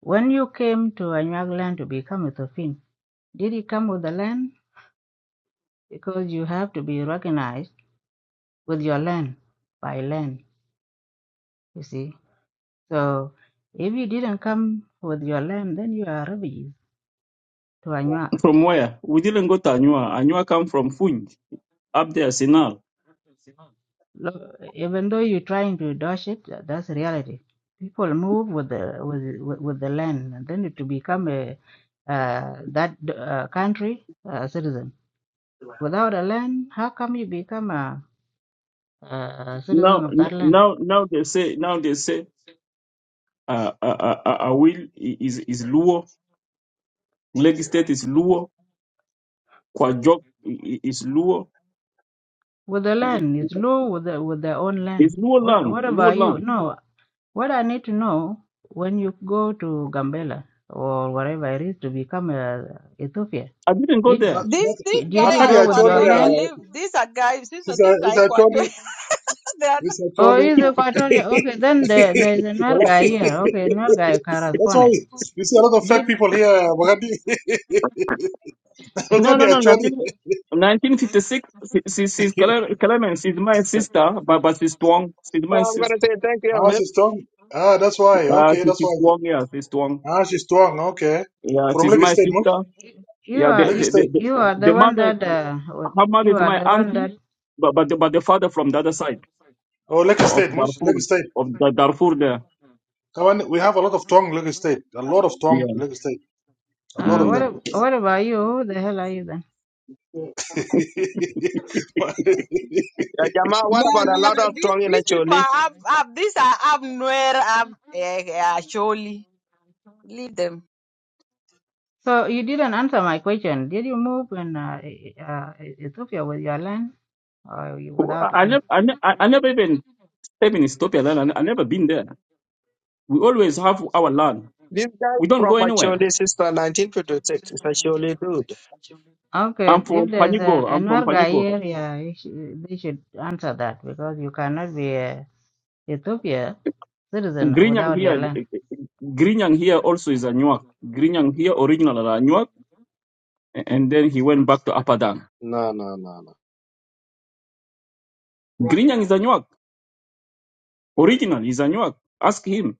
B: When you came to Anuak land to become Ethiopian, did you come with the land? Because you have to be recognized with your land by land, you see. So if you didn't come with your lamb, then you are refugees to Anua.
A: From where? We didn't go to Anua. Anua come from Funj. up there, Sinal.
B: Lo- Even though you're trying to dodge it, tha- that's reality. People move with the with with with the land, and then to become a uh, that uh, country uh, citizen. Without a land, how come you become a, a
A: Now,
B: citizen of that
A: n-
B: land?
A: now, now they say, now they say, uh, uh, uh, uh, Awil is is Luo, Lagos State is Luo, Kwajok i- i- is Luo,
B: With the
A: eh,
B: land, it's law with the, with their own land.
A: it's Luo
B: What
A: land,
B: what
A: Luo
B: about you?
A: land.
B: No, What I need to know when you go to Gambela or wherever it is to become a Ethiopia,
A: I didn't go
B: did,
E: Ma-
A: there.
E: Ma-
D: These these
B: did
D: guys
B: you
D: are
E: Makati
B: go with your
E: actually,
D: Equatorial.
B: land?
E: uh,
D: Leave these are guys. These are
E: is a,
D: these
E: is
D: are
E: actually,
D: Equatorial. they are not,
E: is
B: Or
E: actually.
B: is Equatoria okay? Then there, there's
E: Well,
B: another guy here. Okay, another guy
E: That's why
B: corresponded.
E: you see a lot of fake
B: Did
E: people here. Makati,
A: No,
E: Makati
A: no, no,
E: actually.
A: nothing. 1956, she- she- she's Clemens, she's my sister, but, but she's Tuong, she's my
F: I'm gonna
A: sister,
F: say thank you,
E: Ah,
F: Amir.
E: she's strong. Ah, that's why.
A: uh,
E: Okay,
A: she-
E: that's why.
A: she's Tuong, yeah, she's Tuong.
E: Ah, she's strong. Okay,
A: Yeah,
E: from
A: she's
E: Lake
A: my
E: State, much.
A: sister.
B: you
A: Yeah,
B: are
A: the
E: Lake
A: the,
B: you,
A: the,
E: State.
A: the
B: you are the
A: the
B: one
A: mother,
B: that uh, what-
A: her mother
B: you
A: is
B: are
A: my
B: the one
A: auntie,
B: that
A: but but the, but the father from the other side
E: Oh, Lake
A: o- of
E: State, much. Lake
A: Darfur,
E: State.
A: of the Darfur there.
E: Kawan, we have a lot of Tong Lagos State, a lot of Tong
A: Yeah.
E: Lagos State, a lot
B: uh,
E: of
B: what
A: Mm.
E: them.
B: ab- what about you? Who the hell are you then?
F: Uh, Jama,
D: no
F: what about a
D: no
F: lot
D: no.
F: of
D: These
F: tongue in
D: these people
F: Acholi?
D: are have, have these are have Nuera have uh, uh, surely leave them.
B: So you didn't answer my question. Did you move in uh, uh, Ethiopia with your land or you
A: Who-
B: without
A: I, I
B: land?
A: never I, ne- I I never even step in Ethiopia. Then I, ne- I never been there. We always have our land.
F: This guy
A: We don't
F: from
A: go anywhere.
F: Acholi since the 1956 is Acholi dude.
B: Okay,
A: I'm
B: if
A: from
B: there's a,
A: Panigor. I'm from
B: another guy
A: Panigor.
B: here, yeah, you sh- they should answer that because you cannot be a Ethiopia citizen
A: Grinyang
B: without your
A: here,
B: land.
A: Grinyang here also is a Nuak. Grinyang here original is a Nuak, and then he went back to Apadang.
F: No, no, no, no.
A: Grinyang is a Nuak. Original is a Nuak. Ask him.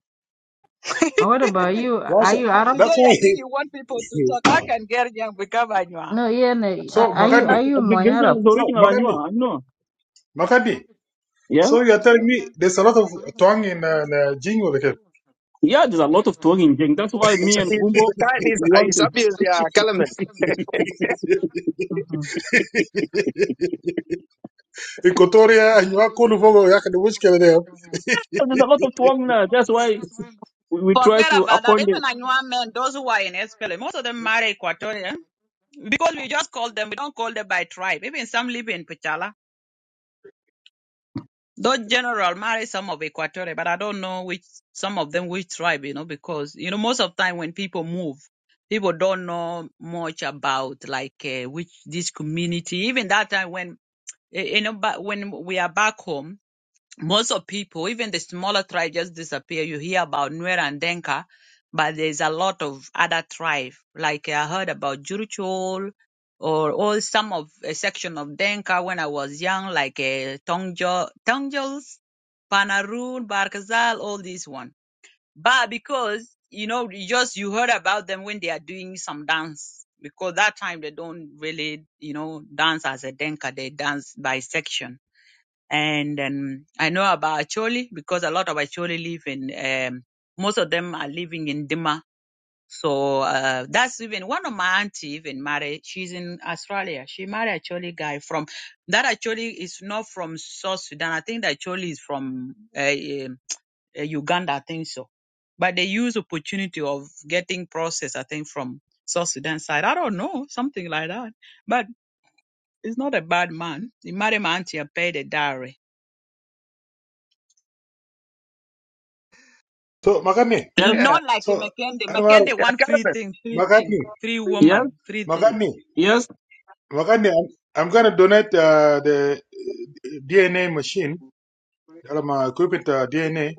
B: And what about you?
E: Yeah,
B: Are
E: so-
B: you Arab?
E: That's
D: Today,
E: why.
D: I think you want people to talk. I can get young become Anua.
B: No, yeah, no,
E: So,
B: are are you
E: Makadni,
B: are you
A: The
B: my
A: Grinjang
B: Arab?
A: is the
E: so
A: original
E: Makadni,
A: Anywa, I know.
E: Makadni.
A: Yeah?
E: So you're telling me there's a lot of Tong in uh, in, uh, Jingo, like,
A: Yeah, there's a lot of twang Jeng. That's why
F: He's,
A: me and
F: he's, he's
A: Gumbo
F: the kind, he's,
A: want
F: he's
A: to.
F: obvious, yeah, Kellerman.
B: Mm-hmm.
E: in Kotoria, and you are Kulufogo, you can wish there.
A: There's a lot of twang now. That's why we, we try
D: Forget
A: to
D: about that.
A: appoint it.
D: Even Anua men, those who are in SPLA, most of them marry Equatorian because we just call them, we don't call them by tribe. Even some live in Pichala. Those general marry some of Equatorial, but I don't know which, some of them which tribe, you know, because, you know, most of the time when people move, people don't know much about like uh, which this community. Even that time when, eh, eh, you know, but when we are back home, most of people, even the smaller tribe, just disappear. You hear about Nuer and Denka, but there's a lot of other tribe. Like I heard about Juruchol or all some of a section of Denka when I was young, like uh, Tongjo, Tongjols, Panarun, Barkazal, all these one. But because you know, you just you heard about them when they are doing some dance. Because that time they don't really, you know, dance as a Denka. They dance by section and um, I know about Acholi because a lot of Acholi live in. Um, most of them are living in Dima. So uh, that's even one of my auntie even married. She's in Australia. She married Acholi guy from that Acholi is not from South Sudan. I think that Acholi is from uh, um, uh, Uganda. I think so. But they use opportunity of getting process. I think from South Sudan side. I don't know something like that. But it's not a bad man. He married my auntie and paid a dowry
E: So, Makadni,
A: Yes,
F: yeah,
D: Not like
E: so
D: in Makende.
E: Anwar,
D: Makende
F: yeah,
D: one free
F: Kellerman.
D: thing, free thing,
E: Makadni,
D: free
A: yes,
D: woman, free thing.
E: Makadni,
A: yes.
E: Makadni, I'm, I'm going to donate uh, the uh, DNA machine, I'm uh, equipment uh, DNA.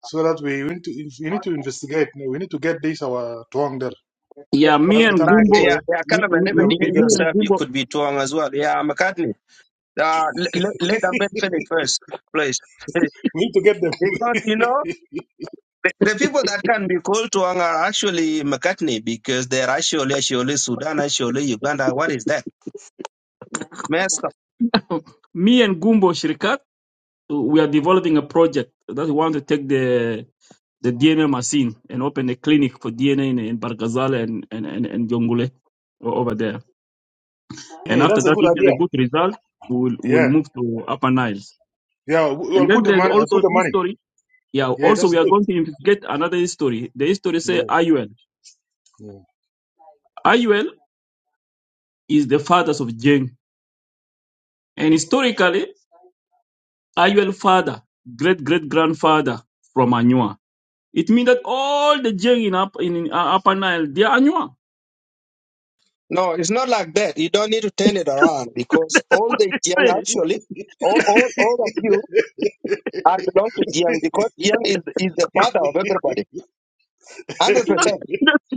E: so that we need to we need to investigate. No, We need to get this our wrong there.
F: Yeah,
A: Yeah, me
E: That's
F: yeah,
A: and
E: Bitana
F: like,
A: Gumbo,
F: yeah,
E: Equatorial.
F: yeah,
A: me,
F: Kellerman,
A: me,
F: even
E: Yeah, we
A: me
E: need to
F: you
E: get
A: me
E: them.
A: and
F: yourself, you
A: Gumbo,
F: could be Tuang as well. Yeah, McCartney. Uh, let, let a man finish first, please.
E: We need to get them.
F: Because, you know, The, the people that can be called to anger are actually McCartney because they're actually, actually Sudan, actually Uganda. What is that? Messed up.
A: me and Gumbo Shrikat, we are developing a project that we want to take the the DNA machine and open a clinic for DNA in, in Barkazal and, and, and, and Jongule o- over there. And
E: yeah,
A: after
E: that's a
A: that,
E: good
A: if there's a
E: idea.
A: good result, we'll, we'll
E: Yeah,
A: move to Upper Nile.
E: yeah. we-
A: And
E: We'll put
A: then
E: the
A: there's
E: money. I'll put
A: also
E: the money.
A: history. Yeah,
E: Yeah,
A: also
E: that's
A: we are
E: good.
A: going to investigate another history. The history say Ayuel.
E: Yeah,
A: Ayuel is the fathers of Jeng. And historically, Ayuel father, great great grandfather from Anua. It means that all the Jeng in, up, in, in, uh, Upper Nile, they are Anua.
F: No, it's not like that. You don't need to turn it around because all the Jiang
A: Say,
F: actually, all, all, all of you are belong to Jiang because Jiang is, is the
E: yeah.
F: father of everybody.
A: that-
F: 100%.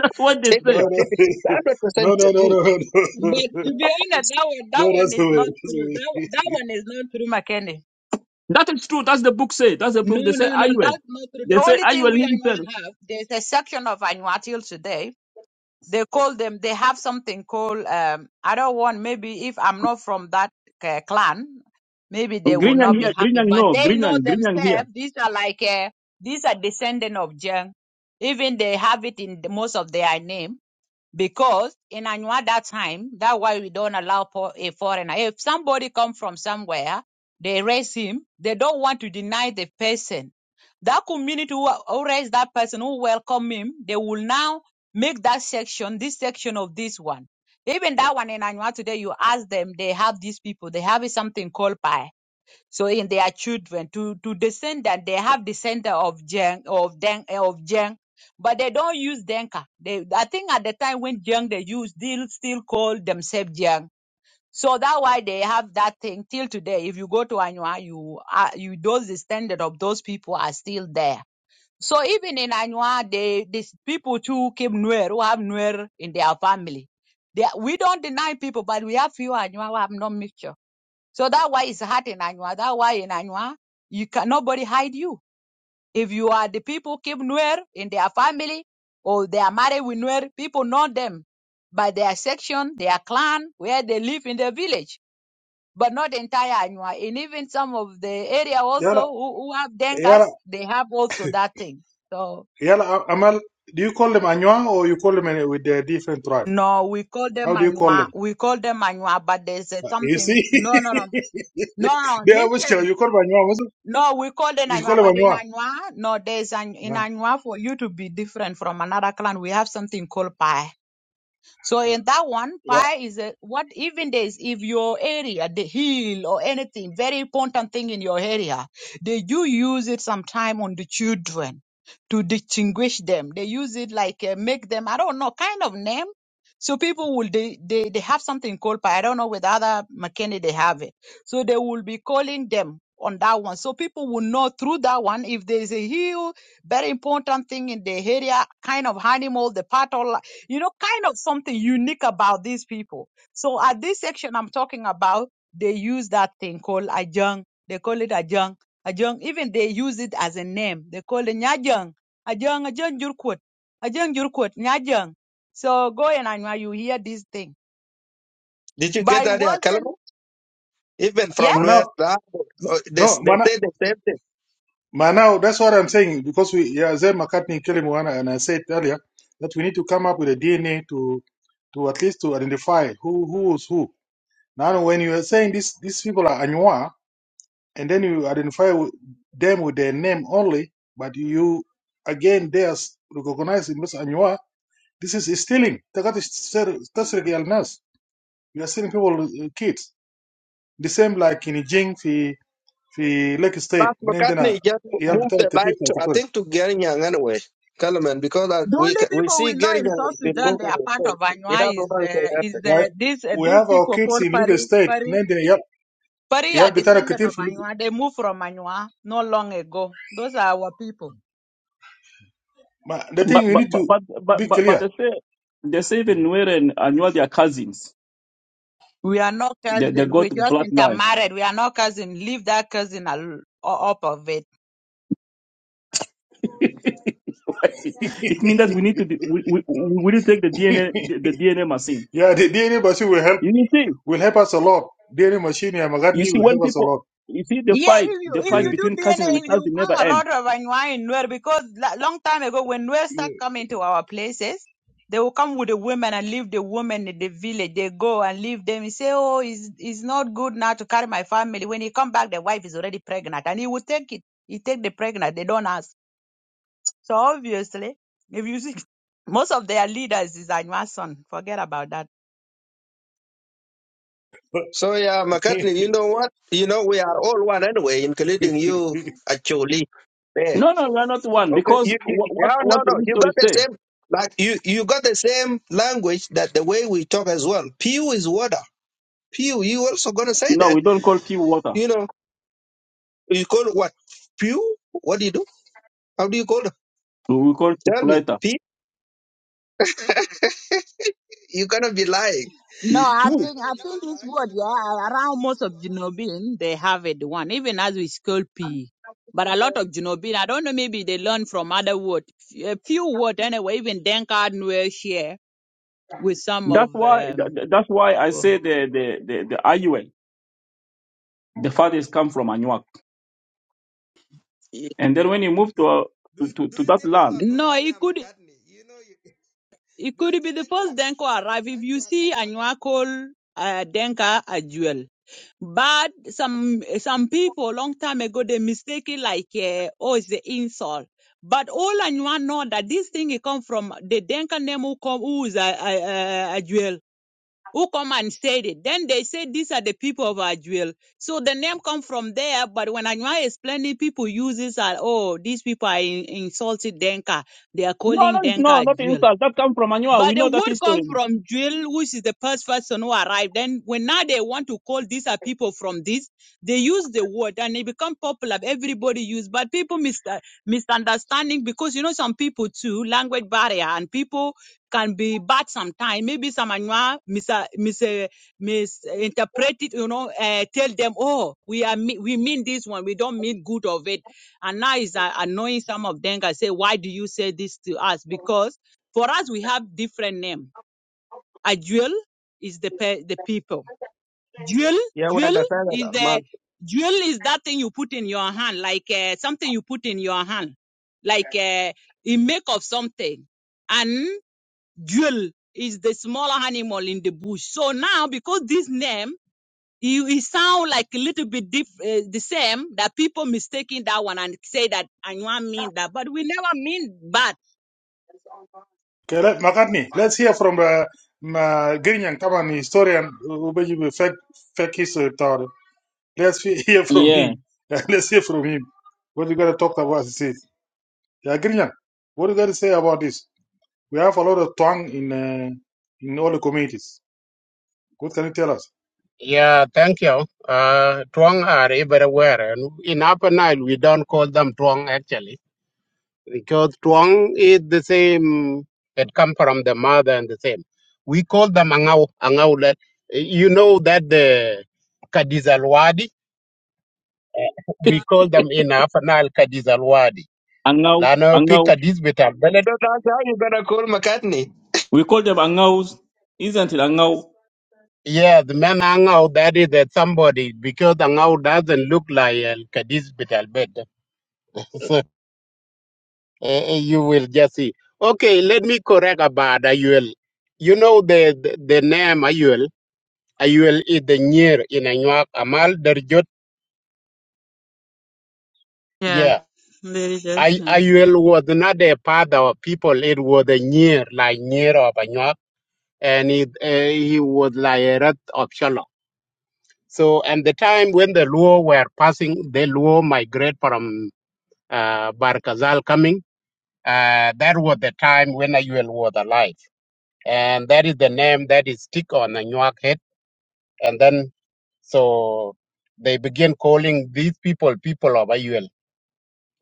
A: That's what they
F: Take it
E: no,
F: or
A: say.
E: no,
F: leave it. It's 100%
E: no, no,
F: the
E: no, no,
F: truth.
E: no,
D: But
E: no.
D: to be honest, that one,
E: No,
D: that one
E: That's the
D: is
E: way.
D: not
E: That's
D: true.
E: the
D: That one,
E: way.
D: that one is not true, Makende.
A: That is true. That's the book say. That's the
D: No,
A: book. They
D: no,
A: say
D: no,
A: Ayuel.
D: that's not true. The
A: They say
D: only thing
A: Ayuel
D: we
A: himself.
D: Anua have, there's a section of Anua till today. they call them they have something called um i don't want maybe if i'm not from that uh, clan maybe they will
A: Grinyang
D: not be
A: here,
D: happy
A: Grinyang
D: but
A: no,
D: they know
A: Grinyang, Grinyang here.
D: themselves these are like uh, these are descendant of jeng even they have it in the, most of their name because in Anua that time, that's why we don't allow for a foreigner. If somebody come from somewhere, they raise him. They don't want to deny the person. That community who, who raise that person, who welcome him, they will now make that section, this section of this one. Even that one in Anua today, you ask them, they have these people. They have something called Pai. So in their children to to descend that they have descendant of Jen of Den eh, of Jen, but they don't use Denka. They I think at the time when Jen they used still still call themselves Jen. So that why they have that thing till today. If you go to Anua, you uh, you those the standard of those people are still there. So even in Anua, they these people too came Nuer who have Nuer in their family. They, we don't deny people, but we have few Anua who have no mixture. So that why it's hard in Anywa. That why in Anywa, you can nobody hide you. If you are the people keep Nuer in their family or they are married with Nuer, people know them by their section, their clan, where they live in the village, but not entire Anywa. And even some of the area
E: Yala,
D: also who, who have
E: yala,
D: Denkas, they have also that thing. So
E: yala. Amal, do you call them Anywa or you call them uh, with their different tribe?
D: no, we call
E: How
D: them
E: do you call
D: Anywa.
E: them?
D: We call them Anywa, but there's uh,
E: Uh, You see,
D: something. No, no, no. No, no,
E: they are which
D: listen.
E: You call them Anywa.
D: No, we call the
E: Isikole
D: Anwa, but in
E: Wanywa.
D: Anwa, no, there's an in
E: Uh,
D: Anwa for you to be different from another clan. We have something called Pai. So in that one, pi is a, what even there is if your area, the hill or anything, very important thing in your area, they do use it sometime on the children to distinguish them. They use it like uh, make them, I don't know, kind of name. So people will they, they they have something called pi. I don't know whether other McKinney they have it. So they will be calling them on that one. So people will know through that one if there is a hill, very important thing in the area, kind of animal, the part you know, kind of something unique about these people. So at this section I'm talking about, they use that thing called ajang. They call it ajang. Ajang, even they use it as a name. They call it nyajang. Ajang, ajang jurkut. Ajang jurkut, nyajang. So go and anwa, you hear this thing.
F: Did you get
D: By
F: that,
D: Walden,
F: Kalama? Even
D: yeah?
F: from where
E: Manao,
F: the, uh, they, they
E: no, Mana,
F: say the same thing.
E: Manao, that's what I'm saying because we, yeah, Zay McCartney Kelly Moana, and I said earlier that we need to come up with a DNA to, to at least to identify who, who is who. Now, when you are saying this, these people are Anywa, and then you identify with them with their name only, but you, again, they are s- recognized in as Anywa, this is stealing. Takat is ser- tasrigi al-nas. You are stealing people, uh, kids. The same like in Jing, في ليك ستيت
F: Plus,
E: عندنا
F: McCartney just
E: عيال
F: moved
E: بتاعك
F: the
E: كتير
F: line
E: في
F: to, I
E: اكواتوريا
F: think, to Geringan anyway. Kalaman, because uh,
D: The
F: we
D: only
F: ca- we
D: people
F: see
D: we know in
F: Geringan
D: South
F: has been
D: Sudan they
F: moving
D: are
F: his
D: part of
F: face. He
D: Anwa
F: doesn't
D: is
F: want to say
D: uh, is
F: nothing.
D: uh,
E: like
D: this uh,
E: we
D: these
E: have our
D: people
E: kids
D: called
E: in legal
D: Pari
E: state
D: Pari.
E: عندنا عيال
D: But he
E: عيال
D: are
E: بتاعنا
D: descended
E: كتير
D: of
E: في legal
D: Manua. They moved from Manua not long ago. Those are our people.
E: ما the thing
A: But
E: you
A: but
E: need to
A: but but
E: be
A: but, but, but
E: clear
A: they say they say even Nweren and you are their cousins.
D: We are not
A: They they
D: cousin. We
A: got
D: just
A: bloodline.
D: intermarried. We are not cousin. Leave that cousin al- o- up of it.
A: it means that we need to do- we, we, we need to take the DNA the, the DNA machine.
E: yeah the DNA machine will help
A: You need see
E: will help us a lot DNA machine يا مغني
A: you see
E: will
A: when
E: help us a
A: people
E: lot
A: you see the
D: Yeah,
A: fight
D: if you
A: the
D: if
A: fight
D: you
E: yeah.
A: between
D: do
A: cousin
D: DNA,
A: and
D: if you
A: cousin never
D: found a
A: end.
D: lot of Manua in Nuer, because la- long time ago when Nuer start coming to our places, they will come with the women and leave the women in the village. They go and leave them. He say, oh, it's, it's not good now to carry my family. When he come back, the wife is already pregnant, and he will take it. He take the pregnant. They don't ask. So obviously, if you see most of their leaders is Anwason, forget about that.
F: So, yeah, McCartney, you know what? You know, we are all one anyway, including you, actually. There.
A: No no we are not one
F: Okay.
A: because
F: You, you,
A: what what,
F: yeah, no,
A: what the
F: no. You got
A: history
F: the
A: say.
F: same, like, you, you got the same language that the way we talk as well. Pew is water. Pew, you also going to say
A: No
F: that.
A: we don't call pure water.
F: You know, you call it what? Pew? What do you do? How do you call it?
A: We call it
F: Tell me.
A: suppleter.
F: You cannot be lying.
D: No, I
F: But
A: No
F: I
D: think
F: know
D: I think
F: because I
D: this word,
F: actually grew up in
D: yeah,
F: that
D: around
F: place
D: most
F: as
D: of
F: well.
D: Junobin they have it one, even as we school P. But a lot of Junobin, I don't know, maybe they learn from other word, a few word anyway. Even Denkard will share with some
A: that's
D: of
A: why
D: um.
A: that- that's why I say the the the, the IUL the fathers come from Anuak. And then
F: Do
A: when you move
F: you,
A: to, uh,
F: do
A: to,
F: you,
A: to, to that
F: think, hold
A: land,
F: on, hold
D: No,
F: on,
D: it
F: yeah,
D: could
F: McCartney, you know, you,
D: it
F: do you
D: could be
F: think
D: the first
F: Anuak
D: Denko
F: actually,
D: arrive. If you
F: Anuak,
D: see
F: Anuak,
D: Anwakol uh, Denka Ajuel. But some some people long time ago they mistake it like uh, oh it's the insult. But all I want know that this thing it come from the Denka name who come who is a, a, a, a jewel who come and said it. Then they say these are the people of Ajuel. So the name come from there. But when Anwa explaining, people uses are oh these people are in, insulted Denka. They are
A: no, no,
D: calling
A: it's
D: Denka
A: not that
D: Ajuel.
A: insult. That comes from Anua. We
D: But the
A: know that
D: word come
A: history.
D: from Jill, which is the first person who arrived. Then when now they want to call these are people from this, they use the word and it become popular. Everybody use, but people mis- uh, misunderstanding because you know some people too language barrier and people can be bad sometimes. Maybe some anywa mis uh, mis misinterpret it. You know, uh, tell them oh we are me- we mean this one. We don't mean good of it. And now it's uh, annoying some of them. I say why do you say this to us because for us, we have different name. Ajuel is the pe- the people. Jewel,
F: Yeah, we
D: jewel
F: understand that,
D: is
F: uh, man.
D: the jewel is that thing you put in your hand, like uh, something you put in your hand, like uh, a make of something. And jewel is the smaller animal in the bush. So now, because this name. You, it sound like a little bit diff, uh, the same that people mistaking that one and say that Anywa mean that, but we never mean that.
E: okay let مغني let's hear from uh, ما جرينيان طبعا historian وبيجي بفك فك history بتاعه let's he- hear from
A: Yeah,
E: him let's hear from him what you gotta talk about is it يا جرينيان what you gotta say about this We have a lot of twang in uh, in all the communities. What can you tell us?
G: Yeah, thank you. Uh, Tuong are everywhere. And in Upper Nile, we don't call them Tuong actually, because Tuong is the same. It come from the mother and the same. We call them Angau. Angau. le- You know that the Kadizalwadi, we call them in Upper Nile Kadizalwadi.
A: Angau,
G: Lano pick
A: Angau.
G: Kadiz bitam belet.
F: So that's how you gonna call McCartney.
A: We call them Angaus, isn't it? Angau.
G: Yeah, the man Angau, that is that somebody, because Angau doesn't look like a Kadiz bital eh, eh, you will just see. Okay, let me correct about Ayuel. You know the the, the name Ayuel. Ayuel is the near in Anuak Amal Derjot.
D: Yeah,
G: Yeah.
D: there it
G: I,
D: is.
G: Ayuel was not a father of people. It was a near, like near of Anuak. And it, uh, he was like a rat of Shalom. So, and the time when the Luo were passing, the Luo migrate from uh, Barkazal coming, uh, that was the time when Ayuel was alive. and that is the name that is stick on the Nyak head. And then so they begin calling these people people of Ayuel,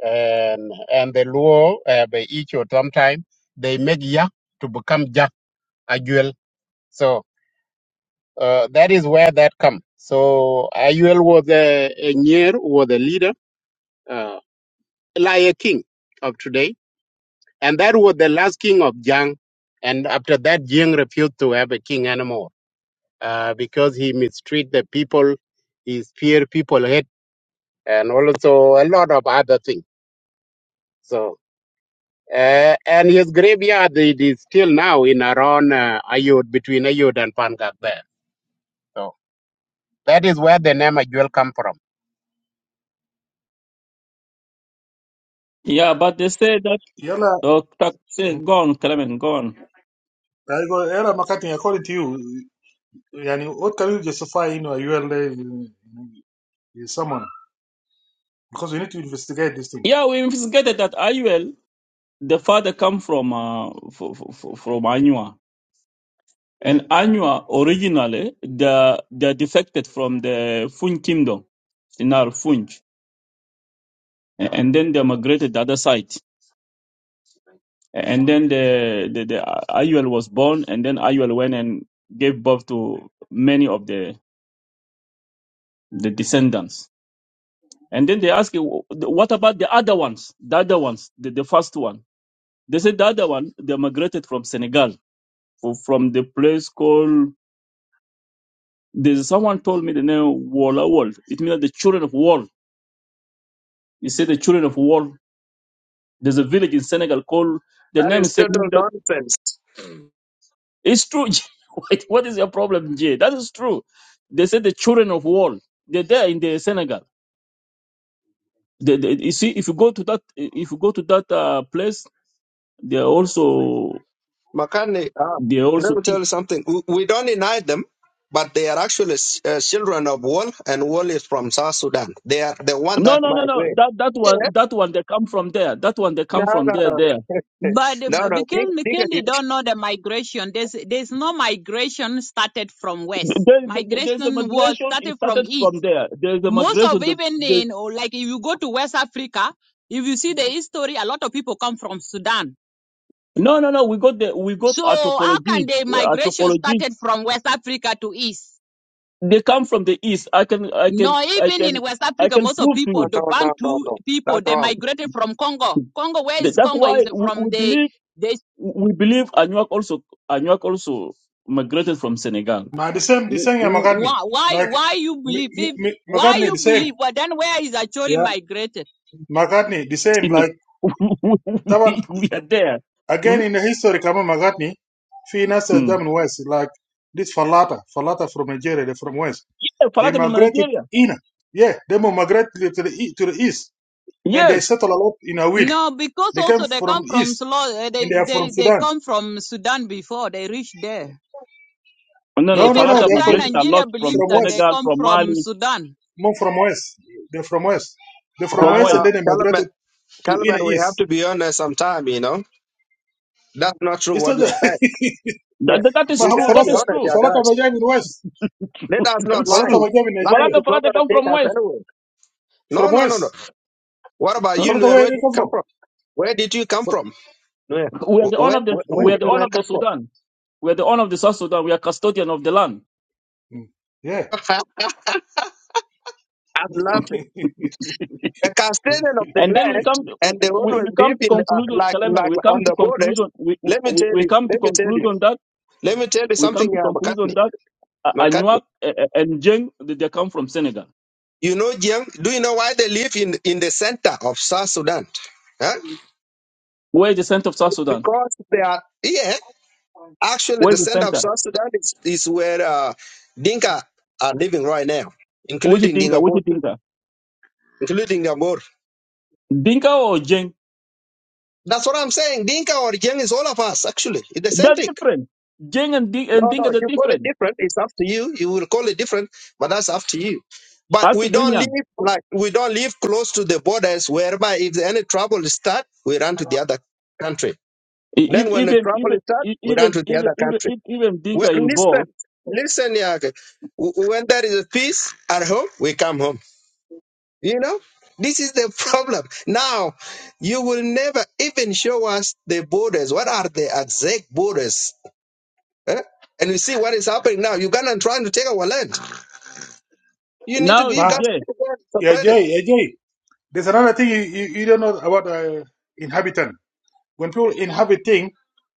G: and and the Luo uh, by each or sometime they make Yak to become Jak Ayuel. So uh, that is where that come. So Ayuel was a, a Nyer was the leader, uh, like a king of today, and that was the last king of Jang. And after that, Jang refused to have a king anymore. uh, because he mistreat the people, he fear people hate, and also a lot of other things. So, uh, and his graveyard it is still now in around uh, Ayod, between Ayod and Pangak there. So that is where the name Ajuel come from.
A: Yeah, but they say that.
E: Yala,
A: Uh, tak- say,
E: I
A: go on, Clement, go on.
E: go, Yala Makati, according to you, yani, what can you justify, you know, a ULA in, in someone? Because we need to investigate this thing.
A: Yeah, we investigated that Ayuel, the father, come from uh, f- f- f- from Anua. And Anua originally they they defected from the Funj kingdom, Sinar Funj, and then they migrated the other side. And then the the, the uh, Ayuel was born, and then Ayuel went and gave birth to many of the the descendants. And then they asked, what about the other ones? The other ones, the, the first one. They said the other one they migrated from Senegal, fro- from the place called. There's someone told me the name Walla World. It means the children of war. He said the children of war. There's a village in Senegal called the
F: That
A: name
F: is
A: is said meaning
F: total
A: that
F: nonsense.
A: it's true. what what is your problem, Jay? That is true. They said the children of war. They're there in the Senegal. They, they- you see, if you go to that, if you go to that uh, place, they're also
F: McCartney, uh,
A: they're also
F: let me tell
A: king.
F: you something. We, we don't deny them, but they are actually uh, children of Wall, and Wall is from South Sudan. They are the one
A: No,
F: that
A: no, no, no.
F: migrate.
A: That that
F: Yeah,
A: one, that one, they come from there. That one, they
F: no,
A: come from
F: no,
A: there.
F: no,
A: There,
D: But
F: no.
D: um,
F: no. Dig,
D: because
F: dig,
D: McKinney don't know the migration, there's there's no migration started from west.
A: there, there- there's a
D: Migration was
A: migration.
D: started
A: It
D: from
A: started from
D: east.
A: there. There's a
D: Most of
A: migration. The,
D: even
A: the,
D: in or like if you go to West Africa, if you see the history, a lot of people come from Sudan.
A: no, no, no. We got the we got
D: So how can
A: anthropology,
D: the migration
A: anthropology
D: started from West Africa to east?
A: They come from the east. I can, I can,
D: No,
A: I
D: even in
A: can,
D: West
A: I
D: Africa,
A: can
D: most of
A: prove to
D: people,
F: No,
A: you.
D: the
F: no, no, no,
D: Bantu
F: no.
D: people,
F: That's
D: they
F: wrong.
D: migrated from Congo. Congo, where
A: Th-
D: is
A: That's
D: Congo?
A: why
D: Is
A: we,
D: from
A: we believe,
D: the
A: we believe Anuak also, Anuak also migrated from Senegal.
E: Now, the same, the
D: Wh-
E: same, yeah,
D: wh-
E: McCartney.
D: Why, why,
E: Like,
D: why you
E: M-
D: believe? If,
E: M- M-
D: why
E: McCartney, the
D: you
E: same.
D: believe? well, then where is actually
E: Yeah,
D: migrated?
E: McCartney, the same.
A: You know,
E: Like, that one,
A: we, we are there.
E: again,
A: Mm?
E: in the history, come on, McCartney, Finas, uh,
A: Mm.
E: German West, like, this Falata, Falata from Nigeria, they're from West.
A: Yeah,
E: They
A: Falata in
E: migrated
A: Nigeria.
E: in. Yeah, they migrated to the, e- to the east and they
A: Yes.
E: settled a lot in Awil.
D: No, because
E: They came
D: also they
E: from
D: come from
E: east
D: Slo- uh,
E: and
D: they,
E: they are from
D: they, they
E: Sudan.
D: come from Sudan before they reach there.
A: No, no,
E: No, no,
D: Even
E: no,
A: Falata
E: they're from
D: sometimes
A: migrated a
D: Nigeria
A: lot
D: believe
A: from
E: from
D: that they
E: west.
A: Senegal,
D: come
A: from
D: from
A: Mali,
D: Sudan.
E: More from west. They're from west. They're from
A: from
F: No,
E: west
A: West.
E: and
F: no.
E: then they
F: Kellerman,
E: migrated to
F: Kellerman,
E: inner
F: we have
E: east.
F: to be honest sometime, you know. That's not true
E: It's
F: what
E: not
F: you said.
E: that.
F: Yeah.
A: That, that, that
E: ما
A: is
F: We
E: هو
F: got
A: true.
F: to
A: That
F: be
E: فلاتة
A: is
F: honest,
A: true.
F: yeah,
E: فلاتة
F: guys.
E: ما جاي من west.
F: Let us
A: That
F: not
A: is
F: lie.
E: فلاتة
A: true.
E: ما جاي من
F: Lying
E: Nigeria.
F: is
A: Falata,
F: not
A: Falata
F: going
A: come
F: to take
A: from
F: us
A: West.
F: anywhere. No,
E: From
F: no, no, no.
E: west.
F: What about
A: Huh?
F: you,
E: فلاتة
F: Nuer?
E: where
F: Where
E: they
F: did you
E: come
F: come
E: from?
F: from? Where did you come
E: Fal-
F: from? Nuer.
A: We are
F: Wh-
A: the
F: Where,
A: honor of the,
F: where, where
A: we are
E: Who?
F: did
A: the
F: Nuer
A: honor of the
F: come from?
A: Sudan. We are the owner of the South Sudan. We are custodian of the land.
E: Mm. Yeah.
F: I'm laughing. The custodian of the
A: And then we
F: land,
A: come to,
F: and they
A: we,
F: always
A: we
F: live
A: come to
F: in uh,
A: conclusion,
F: like
A: Clement,
F: like
A: we
F: on
A: come to
F: the borders.
A: conclusion, we,
F: Let me
A: we,
F: tell
A: we
F: you.
A: come to
F: Let me tell you.
A: conclusion that,
F: Let me tell you
A: we come
F: something,
A: to
F: uh,
A: conclusion
F: McCartney.
A: that uh,
F: McCartney.
A: Anuak uh, uh, and Jeng, they they come from Senegal.
F: You know, Jiang, do you know why they live in, in the center of South Sudan? Huh?
A: Where is the center of South Sudan?
F: Because they are, yeah, actually,
A: Where
F: the
A: is the
F: center of
A: center?
F: South Sudan is, is where uh, Dinka are living right now,
A: Which
F: including
A: Dinka?
F: Dinka
A: Which
F: Bor,
A: Dinka?
F: including Dinka Bor.
A: Dinka or Jeng?
F: That's what I'm saying. Dinka or Jiang is all of us, actually. It's the same
A: They're
F: thing.
A: different. Jeng and, Di- and
F: No, no,
A: Dinka, they're
F: you call it
A: different.
F: different. It's up to you. You will call it different, but that's up to you. But we
A: After
F: don't live
A: Greenyan,
F: like we don't live close to the borders, whereby if any trouble start, we run to the other country Then
A: even,
F: when the
A: even,
F: trouble
A: even,
F: is starts,
A: e-
F: we run
A: even,
F: to the
A: even,
F: other country.
A: even, even
F: Well,
A: Dinka in Bo.
F: listen, listen, Yake. W- When there is a peace at home, we come home. You know, this is the problem. Now, you will never even show us the borders. What are the exact borders? eh? And you see what is happening now. Uganda is trying to take our land. You need to,
A: No,
F: you
E: Ma,
F: guys
A: yeah,
F: need to go and
E: yeah,
F: separate it.
E: جاي يا جاي. There's another thing you, you, you don't know about uh, inhabitant. When people inhabit thing,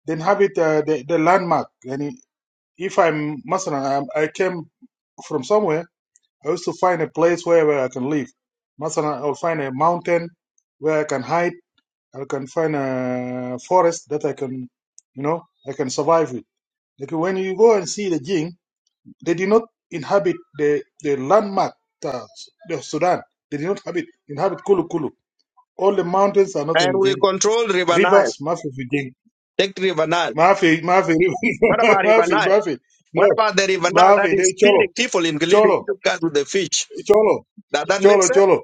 E: they inhabit uh, the, the landmark. And if I'm, مثلا, i I came from somewhere, I used to find a place where, where I can live. مثلا, I'll find a mountain where I can hide. I can find a forest that I can, you know, I can survive with. Like when you go and see the Jing, they did not inhabit the, the landmark, uh, the Sudan. They did not inhabit, inhabit Kulu Kulu. All the mountains are not
F: And
E: in
F: we
E: Jing.
F: control River Nile.
E: Rivers, must be Jing.
F: Take River Nile.
E: Mafi, Mafi,
F: What about River
E: Mafi,
F: Nile?
E: Mafi.
F: What
E: No,
F: about the River Nile that
E: Mafi,
F: is
E: they Cholo,
F: feeding people, including
E: Cholo,
F: you guys with the fish?
E: Cholo,
F: Does that make
E: Cholo,
F: sense?
E: Cholo,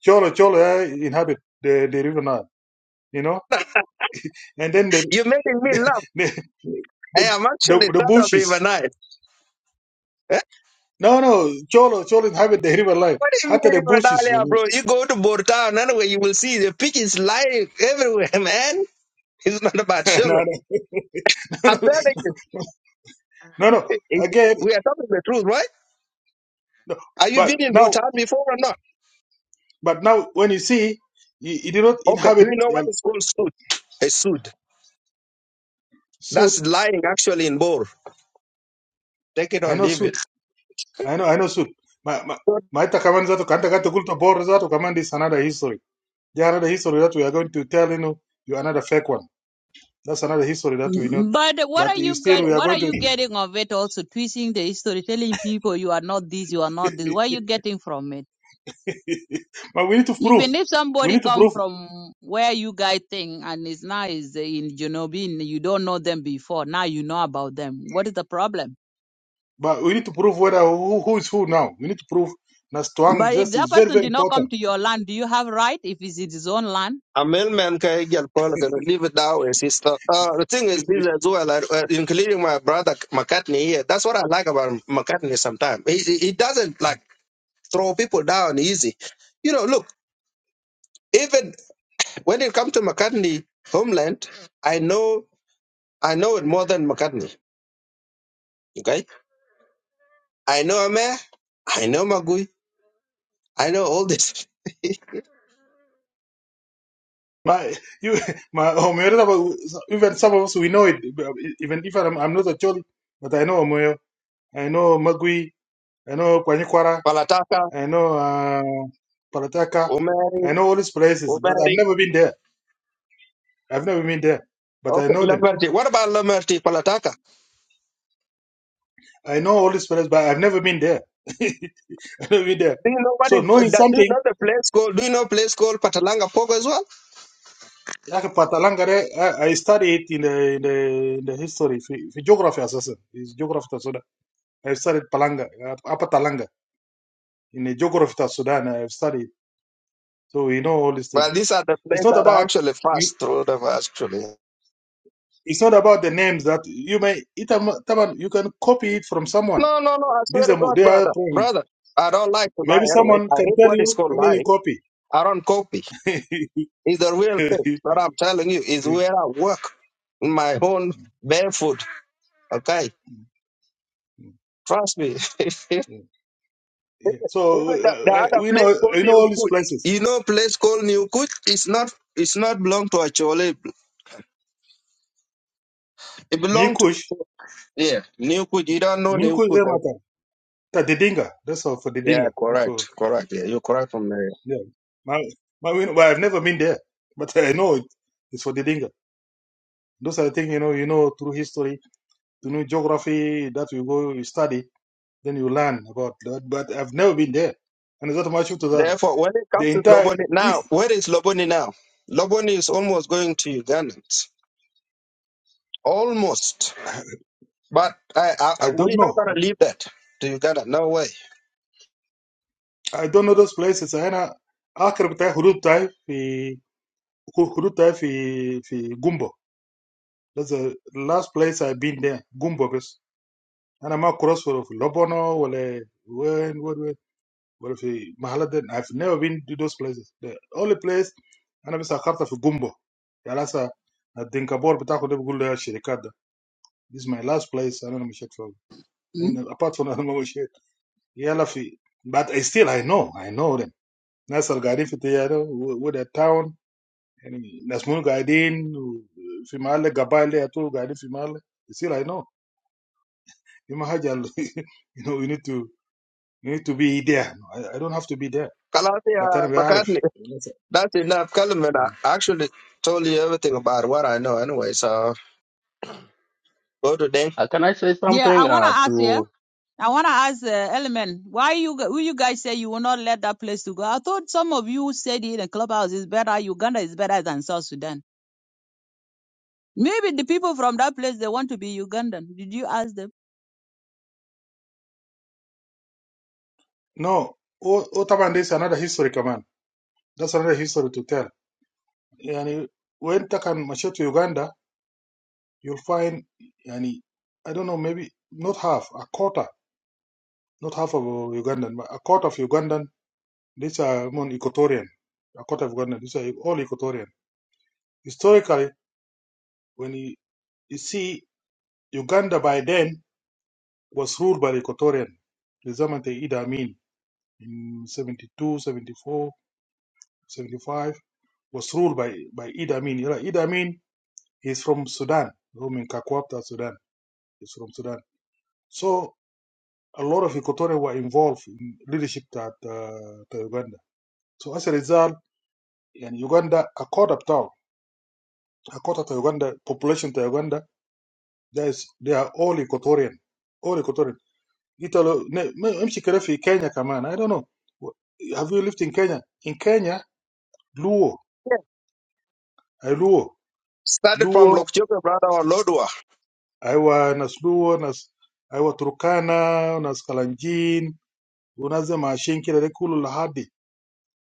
E: Cholo, Cholo uh, inhabit the, the river Nile, you know? And then the,
F: You're making me laugh.
E: the,
F: I
E: the,
F: am
E: the,
F: actually
E: the
F: son of River
E: bushes.
F: Nile. Eh?
E: No, no, Cholo, Cholo inhabit the river Nile.
F: What do you mean
E: Hata the
F: River Nile,
E: bushes, you
F: yeah, bro?
E: know?
F: You go to Bortown anyway, you will see the pig is lying everywhere, man. It's not about sugar.
E: no,
F: I'm
E: no, no,
F: telling you,
E: no, no.
F: it- it-
E: Again,
F: we are talking the truth, right?
E: no.
F: Are you
E: But
F: been in
E: now,
F: Bortown before or not?
E: but now when you see, you, you do not
F: Okay, do
E: inhabit
F: you know
E: uh,
F: what is called suit? A suit.
E: suit.
F: That's lying actually in Bor. Take it or
E: I know
F: leave
E: suit.
F: it.
E: I know, I know, Sud. Ma, ma, ma ita kaman zato, kanta kata kulta bor zato, kaman is another history. There are another history that we are going to tell, you know, you another fake one. That's another history that we know.
D: Mm, But what
E: But
D: are
E: you
D: you
E: still,
D: get,
E: we are
D: what are
E: going to,
D: you getting of it also twisting the history, telling people you are not this, you are not this. What are you getting from it?
E: but we need to prove.
D: Even if
E: We
D: somebody
E: need to
D: come
E: prove,
D: from where you guys think and is now is in Junobin, you don't know them before. Now you know about them. What is the problem?
E: but we need to prove whether who, who is who now. We need to prove that strong
D: But if
E: just
D: that
E: is very,
D: person
E: very
D: did not come
E: important.
D: to your land, do you have right if it's his own land?
F: A male man can get Paul can live it down, way, sister. Uh, the thing is, this as well, like, uh, including my brother McCartney here. That's what I like about McCartney sometimes. He, he he doesn't like throw people down easy. You know, look, even when it comes to McCartney homeland, I know I know it more than McCartney. Okay, I know Amer, I know Magui, I know all this.
E: My, you, my, Omoyo, even some of us, we know it. Even if I'm, I'm not a Choli, but I know Omoyo, I know Magui, I know Kwanyikwara,
F: Palataka,
E: I know uh, Parataka.
F: Omeri,
E: I know all these places, but I've
F: Omeri.
E: never been there. I've never been there, but I
F: Okay,
E: know them.
F: Lamerty. What about Lamerty, Palataka?
E: I know all these places, but I've never been there. I've never been there.
F: Do you know what
E: So
F: if
E: knowing
F: that, do you
E: something,
F: know the place called do you know place called Patalanga Pogo as well?
E: like Patalangare, I, I studied in the in the, in the history, for, for geography assassin. It's geography of Sudan. I've studied Palanga, uh, Upper Talanga in the geography of Sudan. I've studied, so we know all these things.
F: Well, these are the
E: It's
F: places
E: not
F: that I
E: about
F: actually
E: we.
F: passed through them actually.
E: It's not about the names that you may. It, am- Taman, you can copy it from someone
F: No, no, no, I swear
E: These
F: to
E: are mo-
F: God,
E: they are
F: brother.
E: problem.
F: Brother, I don't like to lie
E: Maybe
F: anyway.
E: someone
F: I
E: can
F: hate
E: tell
F: what is
E: you
F: called
E: and then you
F: lying.
E: copy.
F: I don't copy. It's the real thing that I'm telling you is where I work in my own barefoot. Okay? Trust me.
E: Yeah. So
F: Even the, the
E: uh, I-
F: other
E: we
F: place
E: know
F: called
E: I know
F: New
E: all these
F: Kut.
E: places.
F: You know place called New Kut? It's not it's not belong to a chole. It
E: New
F: belonged to
E: Kush,
F: the yeah Newquid. You don't know
E: New Kush, they
F: Newquid. huh?
E: matter. Ta Didinga, that's all for
F: Yeah,
E: Didinga, not for
F: correct, correct. Yeah, you're correct from there.
E: yeah. My, my, well, I've never been there, but I know it. It's for Didinga. Those are the things you know. You know through history, to know geography that you go, you study, then you learn about that. But I've never been there, and it's not much to that.
F: Therefore, when it
E: The
F: comes to
E: entire
F: Loboni now,
E: East,
F: where is Loboni now? Loboni is almost going to Ugandans, almost. But I, I,
E: I
F: I-
E: don't
F: we're not
E: know.
F: gonna leave that to Uganda. No way.
E: I don't know those places. I know I can't go to Harutai. I can't go to Gumbo. That's the last place I've been there. Gumbo, guys. I'm not cross for Labano or where and where. For Mahalad. I've never been to those places. The only place I know is a chart for Gumbo. That's the last time I didn't go to the company. This is my last place. I don't know much
D: Mm.
E: about. Apart from I don't know much. I'm not in. But I still I know. I know them. National Garifitiaro. What a town. يعني ناس منو قاعدين و- في محل قبائل دي يطول قاعدين في محل يصير I know دي ما حاجة ال- you know you need to you need to be there No, I, I don't have to be there
F: Kalasi
E: but أنا
F: uh,
E: بعرف
F: McCartney. That's enough. Kalman, I actually told you everything about what I know anyway. So go to them.
H: Uh, can I say
D: Yeah, I
H: something
D: wanna
H: uh,
D: ask here.
H: to?
D: I wanna ask uh, Element, why you g- who you guys say you will not let that place to go? I thought some of you said in the clubhouse is better. Uganda is better than South Sudan. Maybe the people from that place they want to be Ugandan. Did you ask them?
E: no و و this another history كمان that's another history to tell يعني وانت كان مشيت في يوغندا you'll find يعني I don't know maybe not half a quarter not half of Ugandan but a quarter of Ugandan these are among Equatorian a quarter of Ugandan these are all Equatorian historically When you, you see, Uganda by then was ruled by the Equatorian, the Zamante Idi Amin in 72, 74, 75 was ruled by, by Idi Amin. You know, Idi Amin is from Sudan, from in Kakwapta, Sudan. He's from Sudan. So a lot of Equatorians were involved in leadership at uh, to Uganda. So as a result, in Uganda, a quarter of town, a quarter of Uganda, population to Uganda, there is, they are all Equatorian, all Equatorian. Gita lo- ne- me- mshi kere fi Kenya kaman. I don't know. Have you lived in Kenya? In Kenya, Luo,
F: Yeah.
E: I Luo,
F: Started from
E: Luo,
F: Lokjoka, brother, or Lodwa.
E: Aiwa nas Luo, nas Aiwa Turkana, nas Kalanjin, unaze Mashin kile de kulu Lahadi.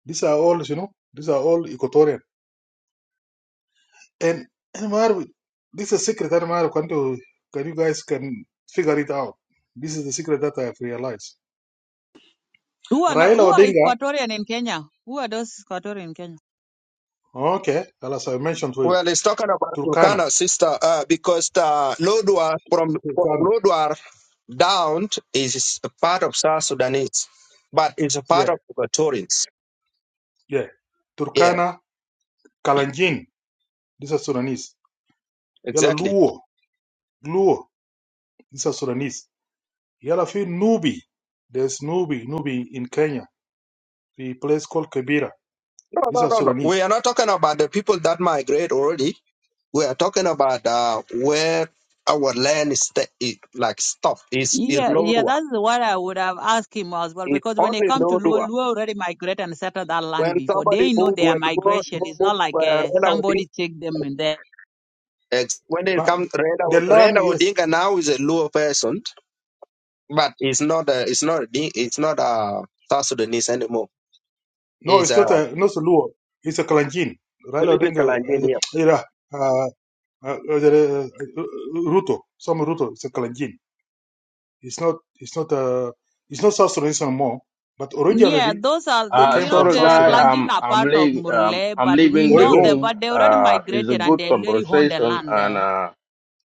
E: These are all, you know, these are all Equatorian. And and Marv, this is a secret that Marv can do. Can you guys can figure it out? This is the secret that I have realized.
D: Who are not
E: Raila
D: who are
E: Odinga,
D: Equatorian in Kenya? Who are those Equatorian in Kenya?
E: okay, alas I mentioned to you,
F: Well, it's talking about
E: Turkana,
F: Turkana, sister, uh, because uh, Lodwar, from, from
E: Turkana,
F: Lodwar down is a part of South Sudanese, but it's a part
E: yeah.
F: of Equatorians.
E: Yeah.
F: Yeah,
E: Turkana, Kalanjin, these are Sudanese. Yala
F: exactly.
E: Luo, Luo, these are Sudanese. Yala Fi Nubi, there's Nubi, Nubi in Kenya, the place called Kibera.
F: No,
E: These
F: no,
E: are
F: no, no. We
E: Sudanese.
F: are not talking about the people that migrate already. We are talking about uh, where our land is sta- is like stuff is in
D: Yeah, yeah,
F: Lodwar.
D: that's what I would have asked him as well.
F: It's
D: Because when they
F: only
D: come to Luo,
F: Lodwar.
D: Luo already migrate and settle that land
F: When
D: before.
F: somebody
D: They know
F: move,
D: their
F: when Lodwar
D: migration. It's
F: move,
D: not like uh,
F: move,
D: somebody take them in there.
F: Ex- when it
E: But
F: comes
E: the
F: Raila,
E: land,
F: Raila
E: yes,
F: Odinga now is a Luo person, but it's not a it's not a, Di- it's not a South Sudanese anymore.
E: no,
F: It's
E: it's
F: a
E: not a, not a Luo, it's a Kalanjin. Raila
F: political
E: Odinga, uh,
F: engineer.
E: yeah, uh, uh, uh, uh, Ruto, some Ruto, it's a Kalanjin. It's not, it's not a, it's not South Sudanese anymore, but
D: Yeah,
E: originally
D: those are the,
E: they
H: Uh,
E: came
D: you know
E: from
H: sorry,
E: South
D: the
H: guy.
E: Sudan.
H: I'm
D: Kalenjin are
H: I'm
D: part of
H: leaving. Um,
D: Murle,
H: I'm
D: but we
H: leaving the
D: know
E: Originally,
D: them.
H: room.
D: But they already
H: Uh, it's a
D: migrated and
H: good
D: they already own the
H: conversation,
D: land
H: and
D: there.
H: uh,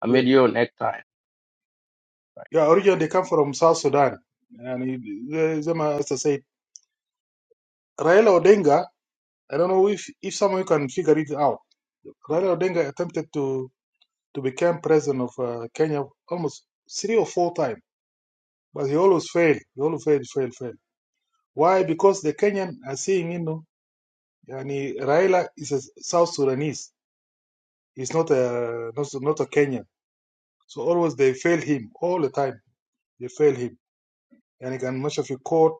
H: I'll
E: yeah.
H: meet you next time.
E: Yeah, originally they come from South Sudan. And it, the- them, as I said, Raila Odinga, I don't know if, if someone can figure it out. Raila Odinga attempted to, to become president of uh, Kenya almost three or four times, but he always failed. He always failed, failed, failed. Why? Because the Kenyan are seeing, you know, and Raila is a South Sudanese. He's not a, not, not a Kenyan. So always they fail him all the time. They fail him. And he can much of you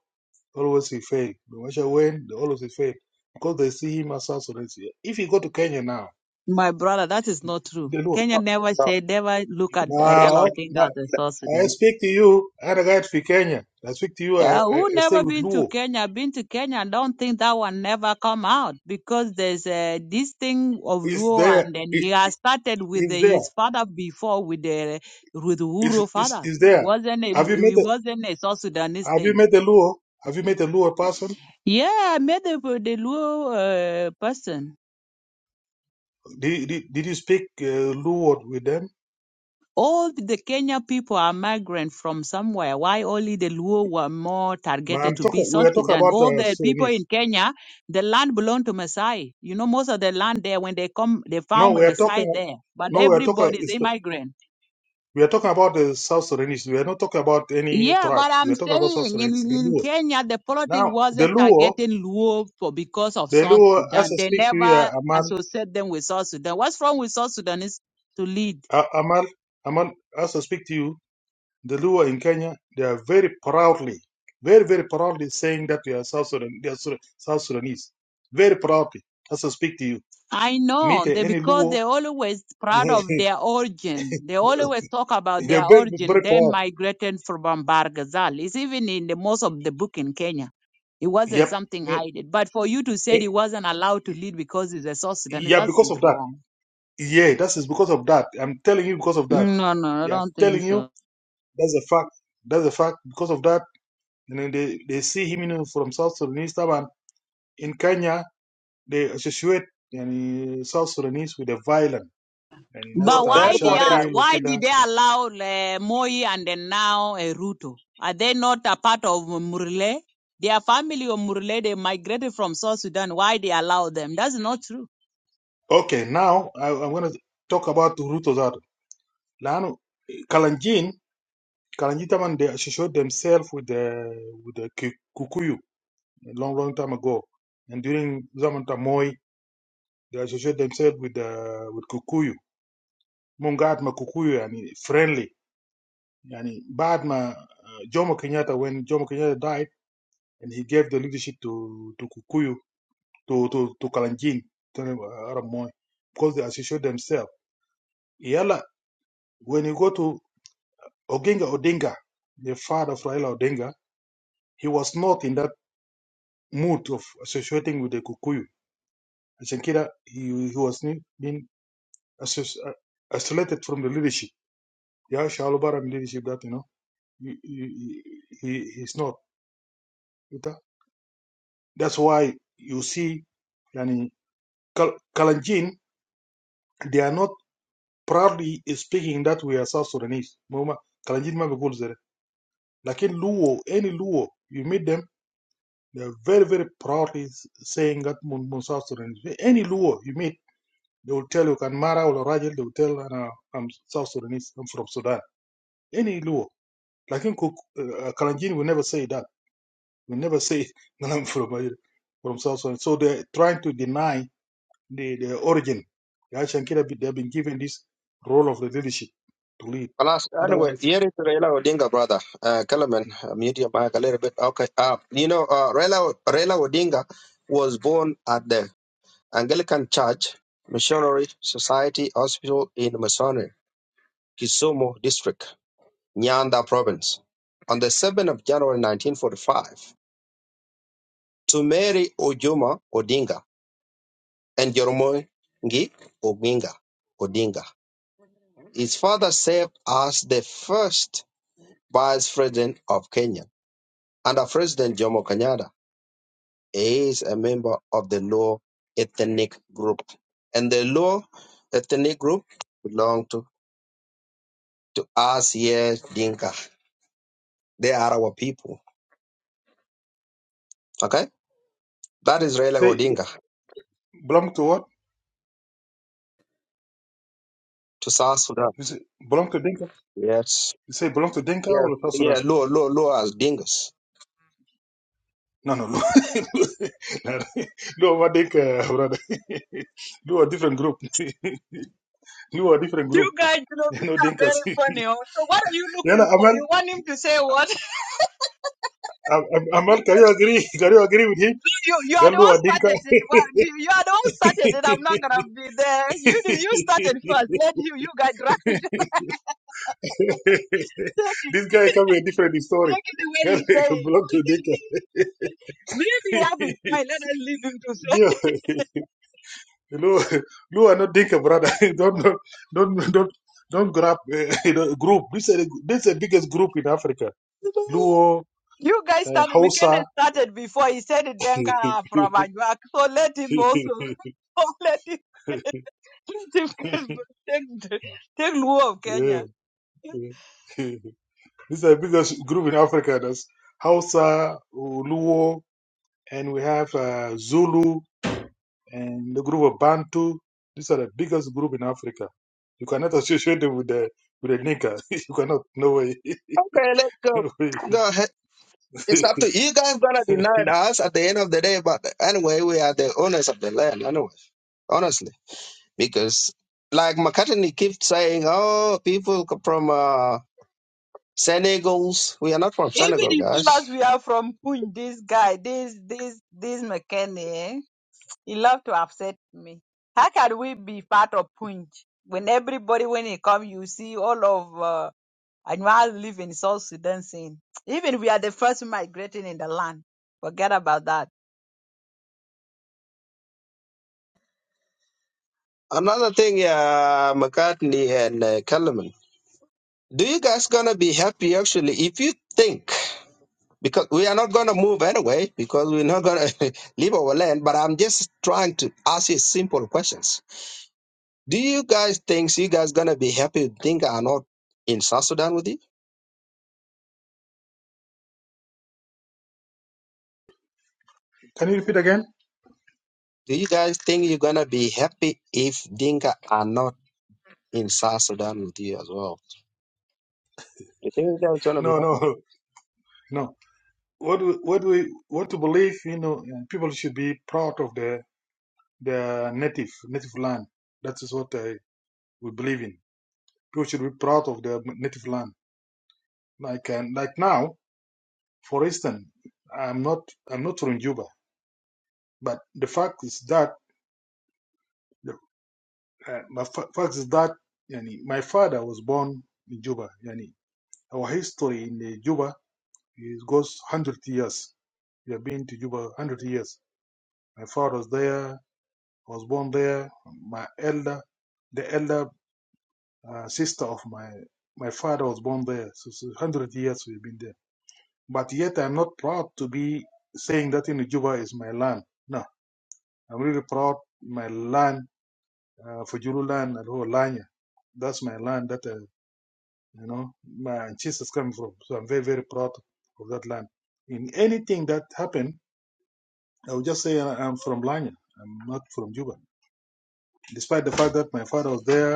E: Always he failed. No matter when, they always he failed. Because they see him as South Sudanese. If you go to Kenya now,
D: My brother, that is not true.
E: they know.
D: Kenya
F: No,
D: never
F: no.
D: said, never look at
E: Now,
D: Raila
F: it's-
E: okay, now
D: Odinga as a
E: I
D: source.
E: speak to you, and I got to Kenya. I speak to you, I,
D: Yeah,
E: I,
D: who
E: I stay
D: never
E: with
D: been to
E: Luo.
D: Kenya? Been to Kenya? Don't think that one never come out because there's uh, this thing of
E: It's
D: Luo,
E: there.
D: and then
E: It,
D: he has started with the,
E: it's there.
D: his father before with the with
E: It's,
D: Uhuru
E: it's,
D: father.
E: it's
D: It
E: there.
D: wasn't a
E: Have you
D: it
E: met
D: wasn't a South
E: a,
D: Sudanese
E: Have you
D: thing.
E: met a Luo? Have you met a Luo person?
D: Yeah, I met the the Luo uh, person.
E: Did, did, did you speak uh, Luo with them?
D: all the Kenya people are migrant from somewhere. Why only the Luo were more
E: Ma, I'm
D: targeted to be
E: talking. We
D: South
E: are talking
D: Sudan?
E: about
D: All
E: uh,
D: the people
E: Sudanese.
D: in Kenya, the land belonged to Maasai. You know, most of the land there, when they come, they
E: No,
D: found a
E: we are
D: Maasai
E: talking.
D: there. But
E: No, we are talking.
D: everybody's a migrant.
E: We are talking about the South Sudanese. We are not talking about any
D: Yeah, but
E: tribes. We
D: I'm
E: are talking about South
D: saying in,
E: Sudanese, the
D: in
E: Luo.
D: Kenya, the politics
E: Now, the
D: wasn't
E: Luo,
D: targeting Luo for because of
E: the
D: South
E: Luo, as
D: Sudan.
E: I
D: They
E: speak to you, uh,
D: never
E: Amal,
D: associate them with South Sudan. What's wrong with South Sudanese to lead?
E: uh, Amal, Amal, as I speak to you, the Luo in Kenya, they are very proudly, very, very proudly saying that they are South, Sudan, they are Sudan- South Sudanese. Very proudly, as I speak to you.
D: I know
E: Meet uh,
D: they
E: any
D: because
E: Luo,
D: they always proud
E: they're
D: of their origin. They always talk about their
E: very,
D: origin.
E: very
D: They
E: proud.
D: migrated from Bargazal. It's even in the most of the book in Kenya. It wasn't
E: Yep.
D: something
E: Eh,
D: hidden. But for you to say
E: eh,
D: he wasn't allowed to lead because he's a South Sudanese,
E: Yeah,
D: that's
E: because of that.
D: wrong.
E: Yeah, that is because of that. I'm telling you because of that.
D: Mm, No, no, no, I
E: Yeah, I'm
D: don't think
E: telling
D: so.
E: you That's a fact. That's a fact. Because of that, you know, they, they see him you know, from South Sudanese tab, and in Kenya they associate you South Sudanese with the violent and in
F: So
D: But
E: Nesta
D: why they
F: therefore,
D: are,
F: yeah.
E: Bashaki,
D: why
E: Lukeda.
D: did they allow uh, Moi and then now uh, Ruto? Are they not a part of Murle? Their family of Murle, they migrated from South Sudan. Why they allow them? That's not true.
E: Okay, now I, I'm gonna talk about Ruto Zato. Lano Kalanjin Kalanjin Taman they associate themselves with the with the Ki- Kikuyu a long long time ago. And during Zaman Tamoy they associate themselves with the with Kikuyu. Mungat Makukuyu and friendly. Yani, بعد ما uh, Jomo Kenyatta, when Jomo Kenyatta died, and he gave the leadership to to Kukuyu, to to to Kalanjin, to uh, Arab Moi, because they associate themselves. Yala, when you go to Oginga Odinga, the father of Raila Odinga, he was not in that mood of associating with the Kukuyu. Ashankida, he, he was ne- being associ- uh, isolated from the leadership. Yeah, Shalubaram leadership that, you know, he, he, he, he- he's not. That's why you see, yani, Kal- Kalanjin, they are not proudly speaking that we are South Sudanese. Mama, Kalanjin ma bigul zere. Lakin Luo, any Luo, you meet them, they are very, very proudly s- saying that mun mun South Sudanese. Any Luo you meet, they will tell you Kanmara or Rajal, they will tell "Ana- I'm South Sudanese, I'm from Sudan. Any Luo. Lakin Kuk- uh, Kalanjin will never say that. Will never say that I'm from, from South Sudan. So they're trying to deny the, the origin. the Shankira, they have been given this role of the leadership to lead.
F: Alas, anyway,
E: Otherwise,
F: here is Raila Odinga, brother. Uh, Kellerman, uh, mute your mic a little bit. Okay. Uh, you know, uh, Raila, Raila Odinga was born at the Anglican Church Missionary Society Hospital in Masoni, Kisumu district. Nyanda province. On the 7th of January 1945, to Mary Ojuma Odinga and Joromogi Oginga Odinga. His father served as the first vice president of Kenya under President Jomo Kenyatta. He is a member of the Luo ethnic group. And the Luo ethnic group belong to, to us here, Dinka. They are our people. Okay? That is Raila
E: they
F: Odinga
E: belong to what?
F: to South Sudan.
E: You say belong to Dinka?
F: Yes.
E: You say belong to Dinka
F: Yes,
E: or South
F: yeah,
E: Sudan?
F: low, low, low as dingus.
E: No, no, no. no, no, what Dinka, brother. Do a different group. Do a different group.
D: You guys, you know,
E: You
D: these
E: know,
D: are
E: Dinkas.
D: very funny. oh. So what are you
E: Yana
D: looking for?
E: Amal,
D: You want him to say what?
E: Am- Am-
D: You,
E: Amal, can you
D: guys-
E: agree? Can you agree with him?
D: you, you are the
E: Galu,
D: one
E: a Dinka.
D: started it. Why- You are the one started it. I'm not gonna be there. You do- you started first. Let you you guys right. Take it,
E: this guy come with
D: take
E: a different story.
D: it the way
E: He
D: you say
E: can belong to
D: it.
E: Dinka.
D: Maybe I will fine. Let us leave him to say.
E: yeah, Lu, Lu are not Dinka, brother. don't, don't, don't, don't, don't grab uh, you know, group. This is the- this is the biggest group in Africa. Luo,
D: You guys
E: uh,
D: started, McKenna
E: Hausa.
D: started before he said it, Denka from
E: yeah,
D: Ajak. So let him also, so let him, let him take, the- take Luo of Kenya.
E: yeah. this is the biggest group in Africa. That's Hausa, Luo, and we have uh, Zulu. and the group of Bantu. These are the biggest group in Africa. You cannot associate them with the with the nigger. You cannot. No way.
F: Okay, let's go.
E: No way.
F: Go ahead. It's up to you guys gonna deny it us at the end of the day, but anyway, we are the owners of the land anyway. Honestly. Because like McCartney keeps saying, Oh, people co- from uh Senegals. We are not from
D: Even
F: Senegal,
D: if tell
F: guys.
D: us we are from Punj, this guy, this, this, this McKenna, eh, he love to upset me. How can we be part of Punj when everybody, when he come, you see all of uh, I know I live in South Sudan saying, even we are the first migrating in the land. Forget about that.
F: Another thing, yeah, McCartney and uh, Kellerman. Do you guys gonna be happy actually if you think? because we are not going to move anyway because we're not going to leave our land but i'm just trying to ask you simple questions do you guys think you guys going to be happy if dinka are not in south sudan with you
E: Can you repeat again?
F: do you guys think you're going to be happy if dinka are not in south sudan with you as well you think you guys going to be
E: No,
F: happy
E: no, no. What we, what we what to believe? You know, people should be proud of their their native native land. That is what I, we believe in. People should be proud of their native land. Like and like now, for instance, I'm not I'm not from Juba, but the fact is that the Uh, the fact is that yani, my father was born in Juba. Yani, our history in Juba is, goes 100 years. We have been to Juba 100 years. My father was there, I was born there. My elder, the elder uh, sister of my my father was born there. So, so 100 years we've been there. But yet I'm not proud to be saying that in Juba is my land. No, I'm really proud my land, uh, Fujulu land, and whole Lanya. That's my land that I you know, my Jesus coming from. So I'm very, very proud of that land. In anything that happened, I would just say I- am from Lanya. I'm not from Juba. Despite the fact that my father was there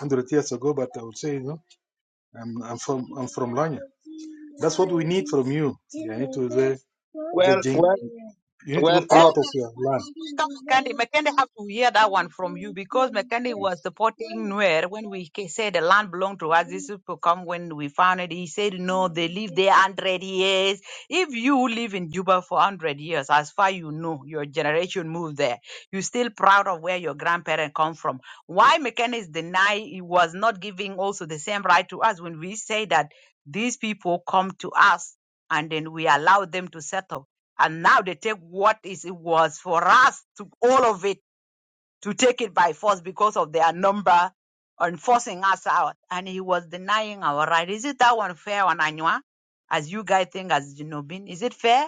E: 100 years ago, but I would say, you know, I'm, I'm from I'm from Lanya. That's what we need from you. You need to the the
F: well
E: Jing.
F: well
E: You need to
F: well
E: be
D: Element,
F: no
E: proud of your
D: when
E: land.
D: we come Makande, Makande have to hear that one from you because Makande was supporting Nuer when we ca- said the land belonged to us. This people come when we found it. He said, no, they live there 100 years. If you live in Juba for 100 years, as far you know, your generation moved there. You're still proud of where your grandparents come from. Why Makande is deny he was not giving also the same right to us when we say that these people come to us and then we allow them to settle and now they take what is it was for us to all of it to take it by force because of their number and forcing us out. And he was denying our right. Is it that one fair on Anywa? As you guys think as Jinobin, is it fair?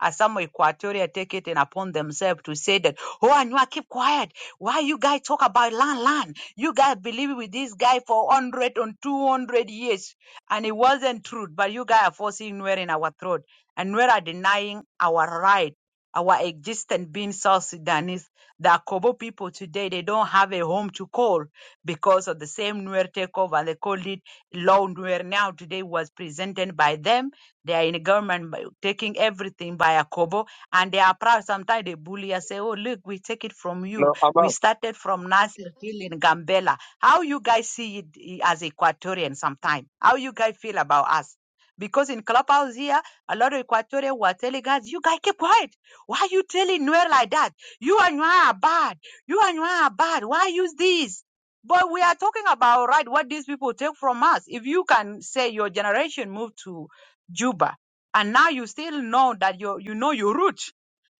D: As some Equatoria take it in upon themselves to say that, oh Anywa, keep quiet. Why you guys talk about land, land? You guys believe with this guy for one hundred and two hundred years. And it wasn't true, but you guys are forcing Nuer in our throat. And Nuer are denying our right, our existence being South Sudanese the Kobo people today, they don't have a home to call because of the same Nuer takeover. They called it Law Nuer now. Today was presented by them. They are in government by- taking everything by a Kobo and they are proud. Sometimes they bully us, say, oh, look, we take it from you.
F: no
D: We
F: Amal.
D: started from Nasir Hill in Gambela. How you guys see it eh, as Equatorian Sometimes, How you guys feel about us? Because in Clubhouse here, a lot of Equatorian were telling us, you guys keep quiet. Why are you telling Nuer like that? You and you are bad. You and you are bad. Why use this? But we are talking about right what these people take from us. If you can say your generation moved to Juba and now you still know that you you know your root.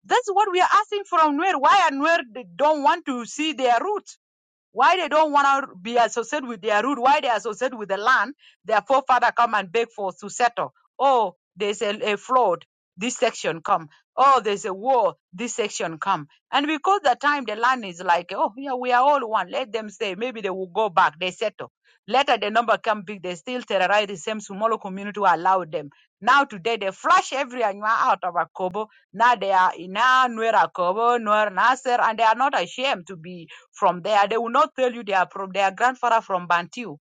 D: That's what we are asking from Nuer. Why are Nuer they don't want to see their root? Why they don't want to be associated with their root? Why they associate with the land their forefather come and beg for to settle? Oh, there's a, a flood. This section come. Oh, there's a war. This section come. And because the time the land is like, oh yeah, we are all one. Let them stay. Maybe they will go back. They settle. Later the number come big. They still terrorize the same smaller community who allowed them. Now today they flush every anua out of Akobo now they are Ina, Nuera Kobo, Nuer Nasser, and they are not ashamed to be from there. They will not tell you they are from their grandfather from Bantu.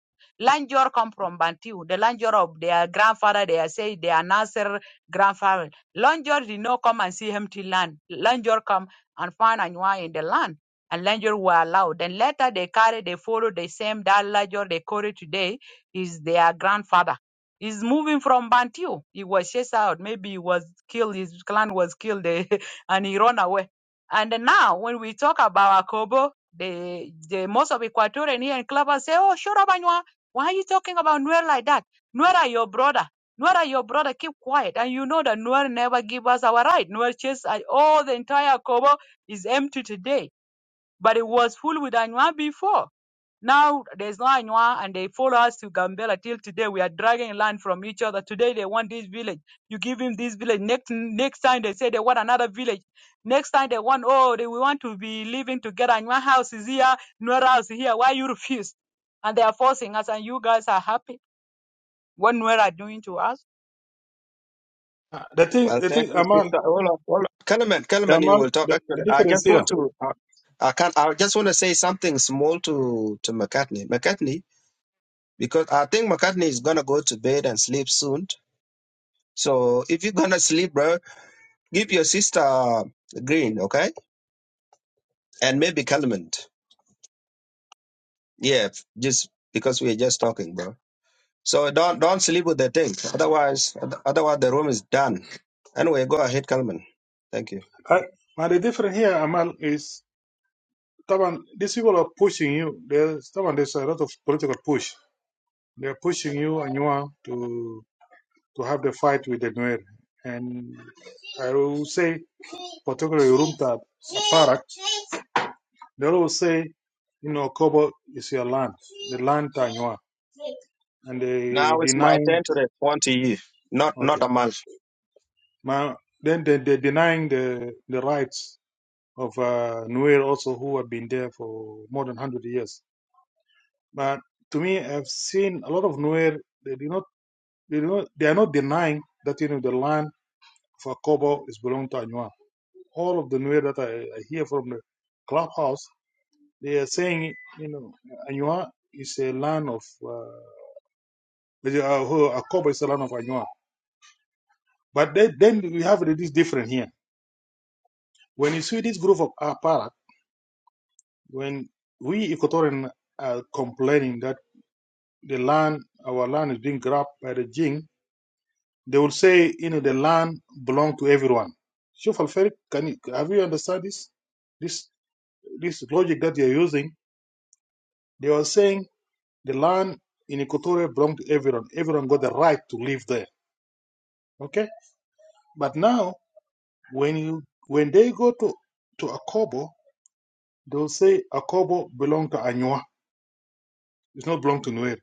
D: Lanjor come from Bantu. The Lanjor of their grandfather, they are say they are Nasser grandfather. Lanjor did not come and see empty land. Lanjor come and find Anua in the land. And Lanjor were allowed. Then later they carry, they follow the same that Lanjor they carry today is their grandfather He's moving from Bantu. He was chased out. Maybe he was killed. His clan was killed, eh, and he ran away. And then now, when we talk about Akobo, the the most of Equatorian here in Clubhouse say, "Oh, shut up, Anywa. Why are you talking about Nuer like that? Nuer are your brother. Nuer are your brother. Keep quiet." And you know that Nuer never give us our right. Nuer chased all the entire Akobo is empty today but it was full with Anwa before. Now there's no Anwa, and they follow us to Gambela till today. We are dragging land from each other. Today they want this village. You give him this village. Next next time they say they want another village. Next time they want oh they we want to be living together. Anwa house is here, Nuera house is here. Why you refuse? And they are forcing us, and you guys are happy. What Nuera are doing to us?
E: Uh, The thing,
F: Well,
E: the
F: thank
E: thing,
F: you,
E: Amal,
F: sister. Hold on, hold on. Kellerman, Kellerman, you
E: Amal,
F: will talk.
E: the, the
F: Actually, I
E: difference
F: just
E: here,
F: want to, I, I can I just want to say something small to to McCartney. McCartney, because I think McCartney is gonna go to bed and sleep soon. So if you're gonna sleep, bro, give your sister Green, okay, and maybe Kellerman. Yeah, just because we're just talking, bro. So don't don't sleep with the thing. Otherwise, otherwise the room is done. Anyway, go ahead, Kellerman. Thank you.
E: I, uh, the difference here, Amal, is Taban, these people are pushing you. There's Taban, there's a lot of political push. They're pushing you and you are to to have the fight with the Nuer. And I will say, particularly Rumtab, Aparak, they will say, you know, Kobo is your land, the land Tanywa, and they
F: Now it's my
E: denying,
F: turn to respond to you. Not not
E: okay,
F: a month.
E: then they, they denying the, the rights of uh, Nuer also who have been there for more than 100 years. But to me, I've seen a lot of Nuer, they do not You know, they are not denying that you know the land of Akobo is belong to Anywa. All of the news that I, I hear from the clubhouse, they are saying you know Anywa is a land of uh, uh, Akobo is a land of Anywa. But then, then we have it is different here. When you see this group of Aparat, when we Equatorian are complaining that the land, our land is being grabbed by the Jing, They will say, you know, the land belong to everyone. Shuf al can you, have you understand this? This this logic that you're using, they are saying the land in Equatoria belong to everyone. Everyone got the right to live there. Okay? But now when you when they go to to Akobo, they'll say Akobo belong to Anywa. It's not belong to Nuer.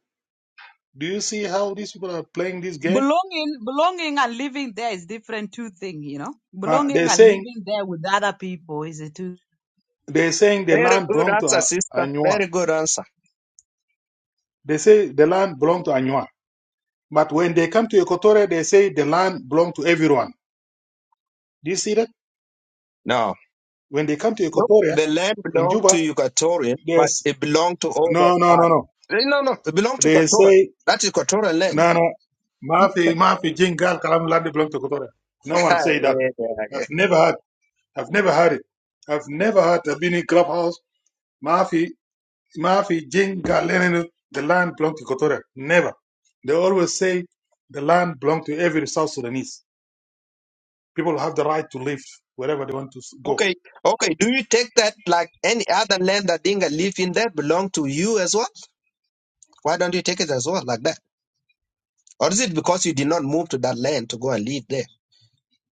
E: Do you see how these people are playing this game?
D: Belonging, belonging and living there is different two things, you know.
E: Ma-
D: Belonging
E: They're
D: and
E: saying
D: living there with other people is a two
E: they're saying the
F: Very
E: land
F: good
E: belong to
F: answer,
E: uh,
F: sister.
E: Anywa.
F: Very good answer.
E: They say the land belong to Anywa But when they come to Equatoria, they say the land belongs to everyone. Do you see that?
F: Now,
E: When they come to
F: look,
E: Equatoria
F: the land
E: in
F: belonged to
E: Juba,
F: Equatorian, but
E: there's
F: it belonged to all
E: no, no,
F: of
E: no,
F: us.
E: no.
F: Eh, No, no, it belonged to
E: They
F: Equatorian.
E: say
F: That is Equatorian land.
E: no, no. Mafi, mafi, jingal, kalam, land belongs to Equatoria. No one
F: Ah,
E: say that.
F: man,
E: I've
F: okay,
E: never heard. I've never heard it. I've never heard a bini clubhouse. Mafi, mafi, jingal, lenenu, the land belongs to Equatoria. Never. They always say the land belongs to every South Sudanese. People have the right to live wherever they want to go
F: okay. okay, Do you take that like any other land that Dinga live in that belong to you as well? Why don't you take it as well like that? Or is it because you did not move to that land to go and live there?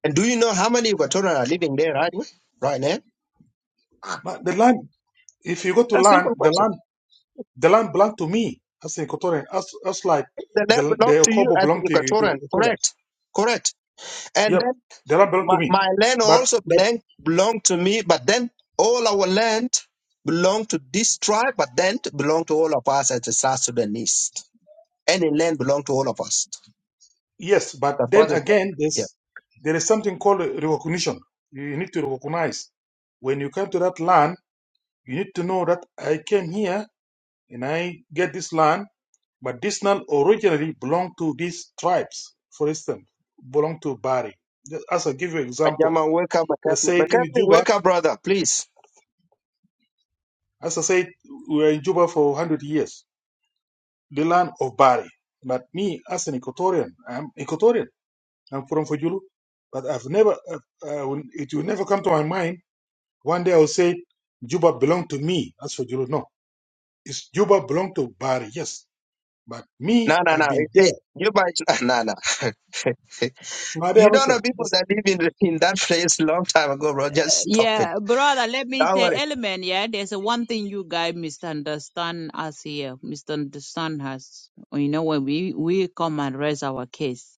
F: And do you know how many Equatorian are living there right, right now?
E: But the land, if you go to
F: A
E: land,
F: simple
E: the
F: question.
E: land, the land belong to me as an Equatorian, as, as like
F: the land
E: the
F: belongs
E: the
F: to you
E: Okobo
F: as the
E: belong to, to
F: Equatorian.
E: Okoba.
F: Correct. Correct. And
E: Yep,
F: then
E: the land belong to
F: my,
E: me.
F: my land
E: But
F: also
E: that
F: belong, belong to me, but then all our land belong to this tribe, but then to belong to all of us as the South Sudanese. Any land belong to all of us.
E: yes, but
F: That's
E: then
F: what it said.
E: again,
F: Yeah.
E: there's there is something called recognition. You need to recognize when you come to that land. You need to know that I came here and I get this land, but this land originally belonged to these tribes. For instance, belong to Bari. Just As I give you example,
F: Ajama, wake up,
E: I
F: McCaffrey.
E: say it in
F: McCaffrey,
E: Juba
F: wake up, brother, please.
E: As I said, we were in Juba for 100 years, the land of Bari. But me, as an Equatorian, I'm Equatorian. I'm from Fujulu. But I've never, uh, uh, it will never come to my mind. One day I'll say, Juba belonged to me. As Fujulu, no. It's Juba belonged to Bari, yes. But
F: No,
E: me,
F: no, no.
E: I've been
F: It- it-
E: there.
F: You by no, no.
E: My dear
F: you don't
E: Anusha,
F: know people
E: it's-
F: that live in in that place long time ago, bro. Just stop it.
D: Yeah, brother, let me
F: Don't
D: say,
F: worry.
D: element, yeah, there's a one thing you guys misunderstand us here, misunderstand us. You know, when we, we come and raise our case.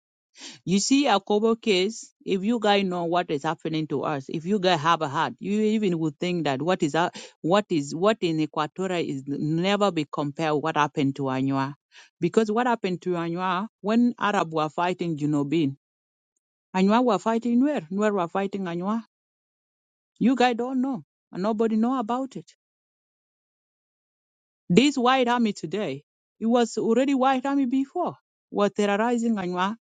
D: You see, our Kobo case, if you guys know what is happening to us, if you guys have a heart, you even would think that what is, hap- what is, what in Equatorial is never be compared what happened to Anua. Because what happened to Anua, when Arab were fighting Junobin, Anua were fighting Nuer, Nuer were fighting Anua you guys don't know, and nobody know about it. This white army today, it was already white army before, were terrorizing Anua.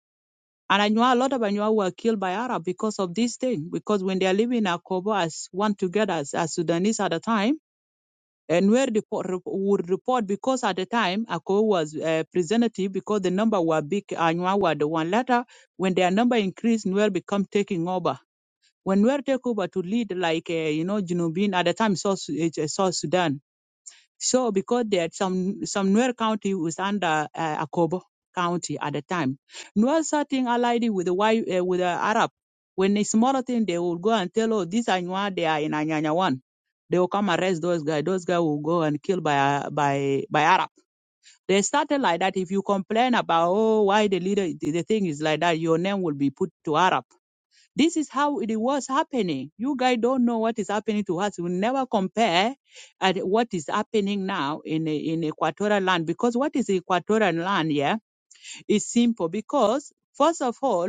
D: And Anua, a lot of Anua were killed by Arab because of this thing. Because when they are living in Akobo as one together as, as Sudanese at the time, and where the po- rep- would report because at the time Akobo was uh, representative because the number were big. Anua were the one. Later, when their number increased, Nuer become taking over. When Nuer take over to lead like uh, you know Junubin at the time South, Su- eh, South Sudan So because that some some Nuer County was under uh, Akobo County at the time, Nuer starting allied with the white uh, with the Arab. When a smaller thing, they will go and tell, oh, these are Nuer, they are in Anyanya one. They will come arrest those guys. Those guys will go and kill by uh, by by Arab. They started like that. If you complain about oh why the leader the the thing is like that, your name will be put to Arab this is how it was happening. You guys don't know what is happening to us. We never compare at what is happening now in in equatorial land because what is equatorial land? Yeah, is simple because first of all,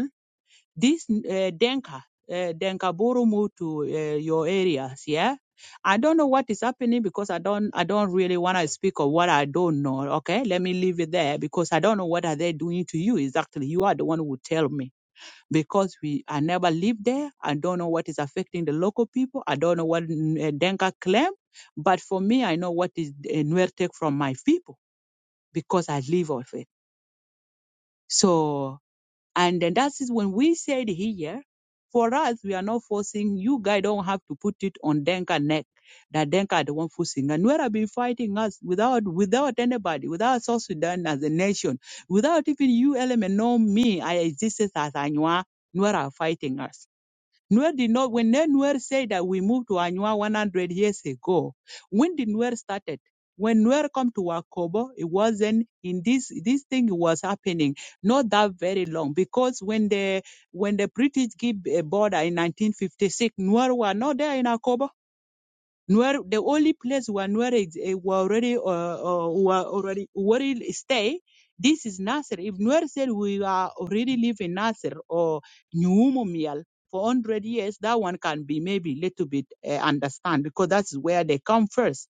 D: this uh, Denka uh, Denka Buru moved to uh, your areas. Yeah, I don't know what is happening because I don't I don't really want to speak of what I don't know. Okay, let me leave it there because I don't know what are they doing to you exactly. You are the one who tell me because we I never lived there. I don't know what is affecting the local people. I don't know what uh, Denka claim, but for me, I know what is uh, Nuer take from my people because I live of it. So, and then that is when we said here, for us, we are not forcing you guys. Don't have to put it on Denka neck. That Denka are the one forcing. And Nuer have been fighting us without without anybody, without South Sudan as a nation, without even you element know me. I existed as Anua. Nuer are fighting us. Nuer did not, when Nuer said that we moved to Anua 100 years ago, when did Nuer started? When Nuer come to Wakobo, it wasn't in this, this thing was happening not that very long because when the, when the British give a border in 1956, Nuer were not there in Wakobo Nuer, the only place where Nuer is, eh, were already uh, uh, were already already stay, this is Nasser. If Nuer said we are already live in Nasser or Nyumomial for 100 years, that one can be maybe a little bit uh, understand because that's where they come first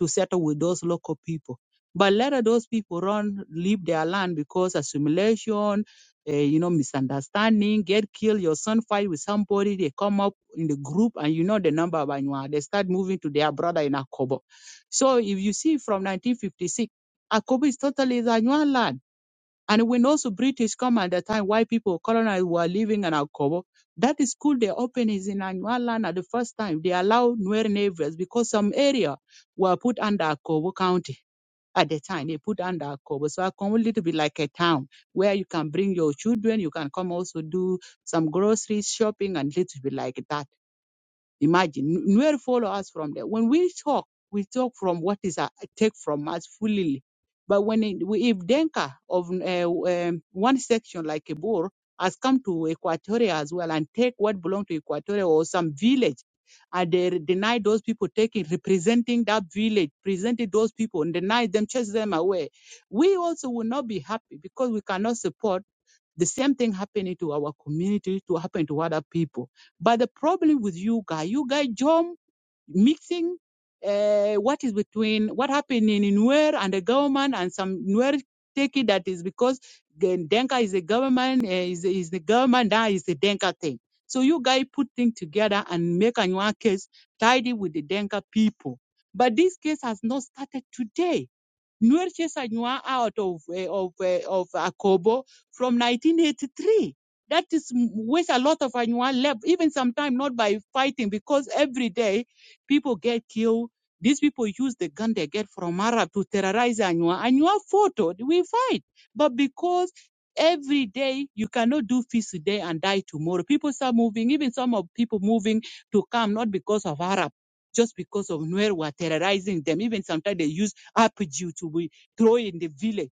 D: to settle with those local people. But later those people run, leave their land because assimilation uh, you know, misunderstanding, get killed, your son fight with somebody, they come up in the group and you know the number of Anywa. They start moving to their brother in Akobo. So if you see from 1956, Akobo is totally the land. And when also British come at the time, white people, colonized were living in Akobo. That is school they open is in Anywa land at the first time. They allow Nuer neighbors because some area were put under Akobo County at the time. They put under Akobo. So Akobo need to be like a town where you can bring your children, you can come also do some grocery shopping and little bit like that. Imagine Nuer follow us from there. When we talk, we talk from what is uh, take from us fully. But when it, we- if Denka of uh, um, one section like Bor has come to Equatoria as well and take what belong to Equatoria or some village, and they deny those people taking representing that village, presented those people and deny them, chase them away. We also will not be happy because we cannot support the same thing happening to our community, to happen to other people. But the problem with you guys, you guys jump mixing uh, what is between what happening in Nuer and the government, and some Nuer take it that is because the Denka is the government, uh, is, is the government, that is the Denka thing. So you guys put things together and make a new case tidy with the Denka people. But this case has not started today Nuer Chesanywa out of eh, of eh, of Akobo from 1983. That is m- which a lot of Anywa left, even sometimes not by fighting, because every day people get killed. These people use the gun they get from Arab to terrorize Anywa. Anywa photo, we fight. But because every day you cannot do feast today and die tomorrow, people start moving, even some of people moving to come, not because of Arab, just because of Nuer were terrorizing them. Even sometimes they use aptitude will grow in the village.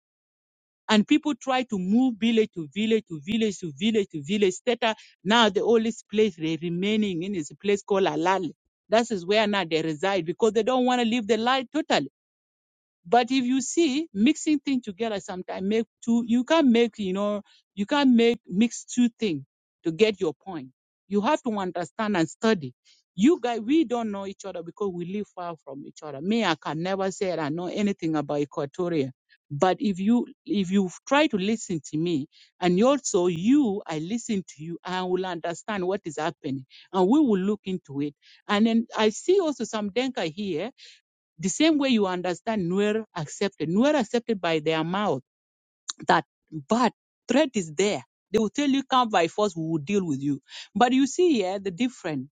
D: And people try to move village to village to village to village to village. Theta, now the only place they remaining in is a place called Alali. That is where now they reside because they don't want to leave the life totally but if you see mixing things together sometimes make two you can't make, you know, you can't make mix two things to get your point. You have to understand and study. You guys, we don't know each other because we live far from each other. Me, I can never say I know anything about Equatoria. But if you if you try to listen to me and you also you, I listen to you and I will understand what is happening and we will look into it. And then I see also some Denka here the same way you understand Nuer accepted. Nuer accepted by their mouth that but threat is there. They will tell you come by force, we will deal with you. But you see here the difference.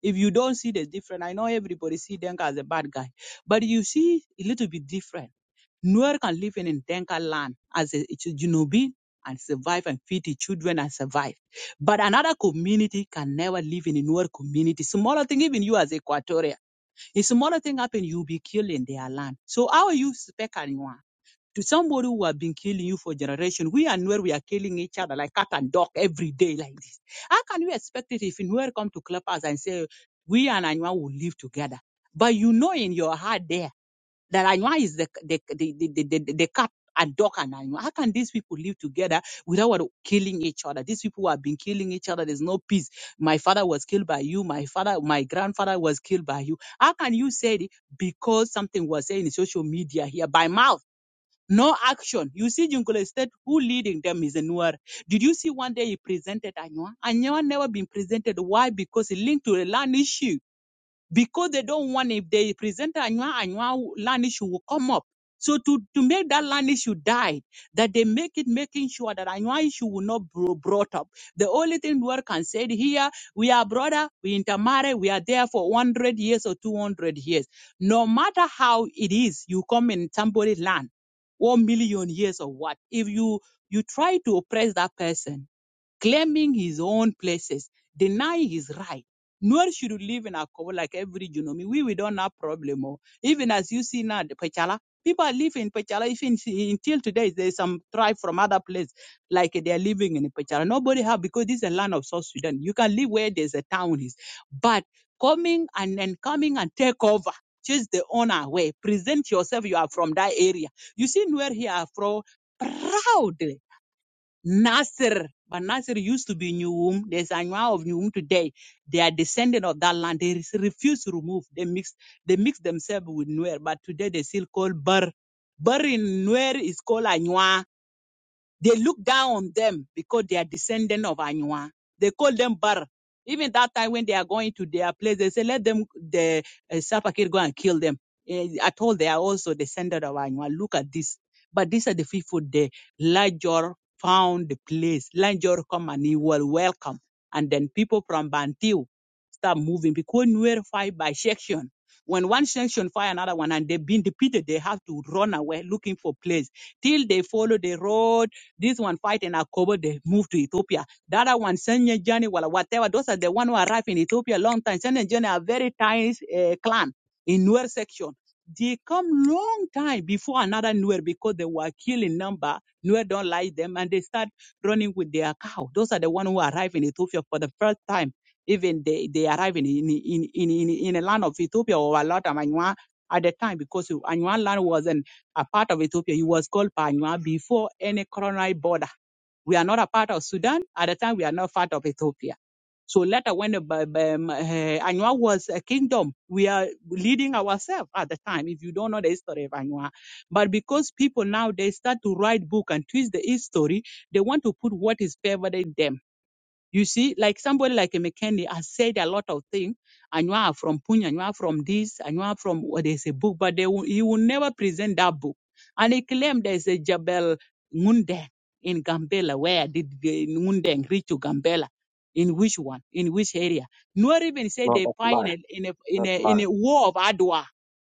D: If you don't see the difference, I know everybody see Denka as a bad guy, but you see a little bit different. Nuer can live in in Denka land as a Junubi and survive and feed the children and survive. But another community can never live in a Nuer community. Smaller thing, even you as Equatorial. If smaller thing happen, you'll be killed in their land. So how are you speak anyone? To somebody who have been killing you for generation, we and where we are killing each other like cat and dog every day like this. How can you expect it if Nuer come to club us and say we and Anywa will live together? But you know in your heart there that Anywa is the the the the, the, the, the cap and dog and Anywa. How can these people live together without killing each other? These people have been killing each other. There's no peace. My father was killed by you. My father, my grandfather was killed by you. How can you say it because something was said in social media here by mouth? No action. You see, Jungule State, who leading them is a Nuer. Did you see one day he presented Anywa? Anywa never been presented. Why? Because it linked to the land issue because they don't want if they present anwa anwa land issue will come up so to, to make that land issue die that they make it making sure that anwa issue will not bro- brought up the only thing we can say here we are brother we intermarry we are there for 100 years or 200 years no matter how it is you come in somebody's land one million years or what if you you try to oppress that person claiming his own places, denying his right. Nor should we live in Akobo like every Junomi. We, we don't have problem. oh. Even as you see now, the Pachala, people live in Pachala. Even si- until today, there's some tribe from other place like they are living in Pachala. Nobody have because this is a land of South Sudan. You can live where there's a town is, but coming and then coming and take over. Chase the owner away. Present yourself. You are from that area. You see, where here are from proud. Nasser, but Nasser used to be Nuum. There's a Anua of Nuum today. They are descendant of that land. They re- refuse to remove. They mix. They mix themselves with Nuer, but today they still call Bur. Bur in Nuer is called Anua. They look down on them because they are descendant of Anywa. They call them bar. Even that time when they are going to their place, they say, let them, the uh, Sapakir go and kill them. Eh, At all, they are also descendant of Anywa. Look at this. But these are the people the Lajor found the place. Lajor come and he will welcome. And then people from Bantiu start moving because we were fight by section. When one section fire another one and they've been defeated, they have to run away looking for place till they follow the road this one fight in Akobo, they move to Ethiopia. The other one, Senya Journey, well, whatever. Those are the one who arrived in Ethiopia a long time. Senya Journey are very tiny uh, clan in Nuer section. They come long time before another Nuer because they were killing number. Nuer don't like them and they start running with their cow. Those are the one who arrive in Ethiopia for the first time. Even they, they arrive in in, in in in a land of Ethiopia or a lot of Anua at the time because Anua land wasn't a part of Ethiopia. he was called Panywa before any colonial border. We are not a part of Sudan. At the time, we are not part of Ethiopia. So later, when the Ba- Ba- um, eh, Anywa was a kingdom, we are leading ourselves at the time, if you don't know the history of Anywa. But because people now, they start to write book and twist the history, they want to put what is favoring them you see, like somebody like a McKinney has said a lot of things. And you are from Punya, and you are from this, and you are from well, there's a book, but they will, he will never present that book. And he claimed there's a Jabel Ngundeng in Gambela. Where did the Ngundeng reach to Gambela? In which one? In which area? Nor even say
F: No,
D: they
F: that's
D: fight in
F: lie.
D: a in a in
F: That's
D: a,
F: lie.
D: in a war of Adwa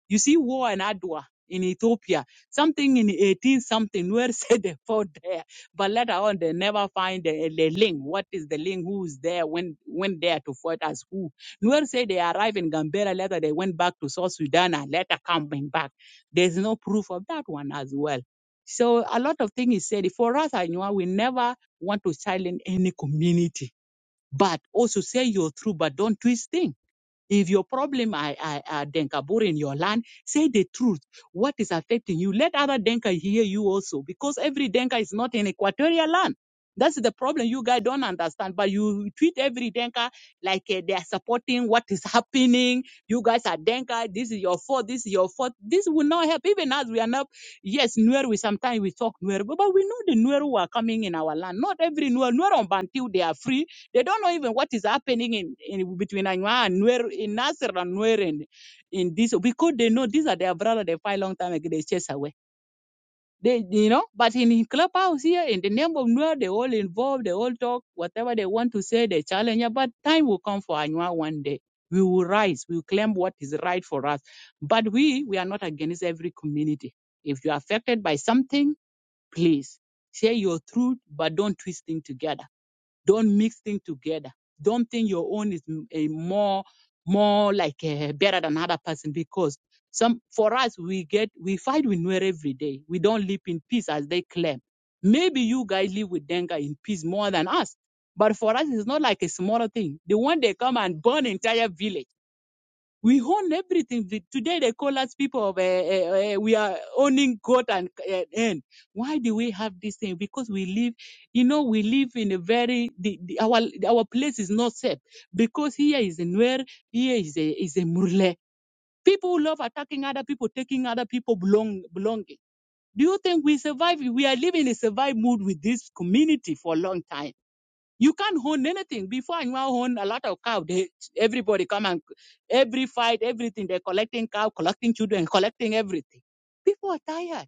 D: you see war in Adwa in Ethiopia, something in 18 something, where said they fought there. But later on, they never find the, the link. What is the link? Who's there? When went there to fight as who? Nuer said they arrived in Gambela later. They went back to South Sudan and later coming back. There's no proof of that one as well. So a lot of things is said. For us, I know we never want to silence any community, but also say you're true, but don't twist things if your problem are, are, are Denkabur in your land, say the truth. What is affecting you? Let other Denka hear you also, because every Denka is not in equatorial land. That's the problem you guys don't understand. But you treat every Denka like eh, they are supporting what is happening. You guys are Denka. This is your fault. This is your fault. This will not help. Even as we are not, yes, Nuer, we sometimes we talk Nuer, but but we know the Nuer who are coming in our land. Not every Nuer. Nuer on Bantu, they are free they don't know even what is happening in, in between Anywa and Nuer, in Nasser and Nuer and in this because they know these are their brothers they fight long time ago, they chase away. They you know, but in clubhouse here in the name of Nuer, they all involved, they all talk, whatever they want to say, they challenge. yeah, But time will come for Anywa one day. We will rise, we will claim what is right for us. But we we are not against every community. If you're affected by something, please share your truth, but don't twist things together don't mix things together. Don't think your own is m- a more more like uh, better than other person because some for us we get we fight with Nuer every day. We don't live in peace as they claim. Maybe you guys live with Denga in peace more than us. But for us, it's not like a smaller thing. The one they come and burn entire village we own everything. The- Today they call us people of, uh, uh, uh, we are owning God and uh, end. Why do we have this thing? Because we live, you know, we live in a very, the, the, our our place is not safe because here is a Nuer, here is a, is a Murle. People love attacking other people, taking other people belong, belonging. Do you think we survive? We are living in a survive mood with this community for a long time. You can't own anything. Before I own a lot of cow, they, everybody come and every fight, everything, they're collecting cow, collecting children, collecting everything. People are tired.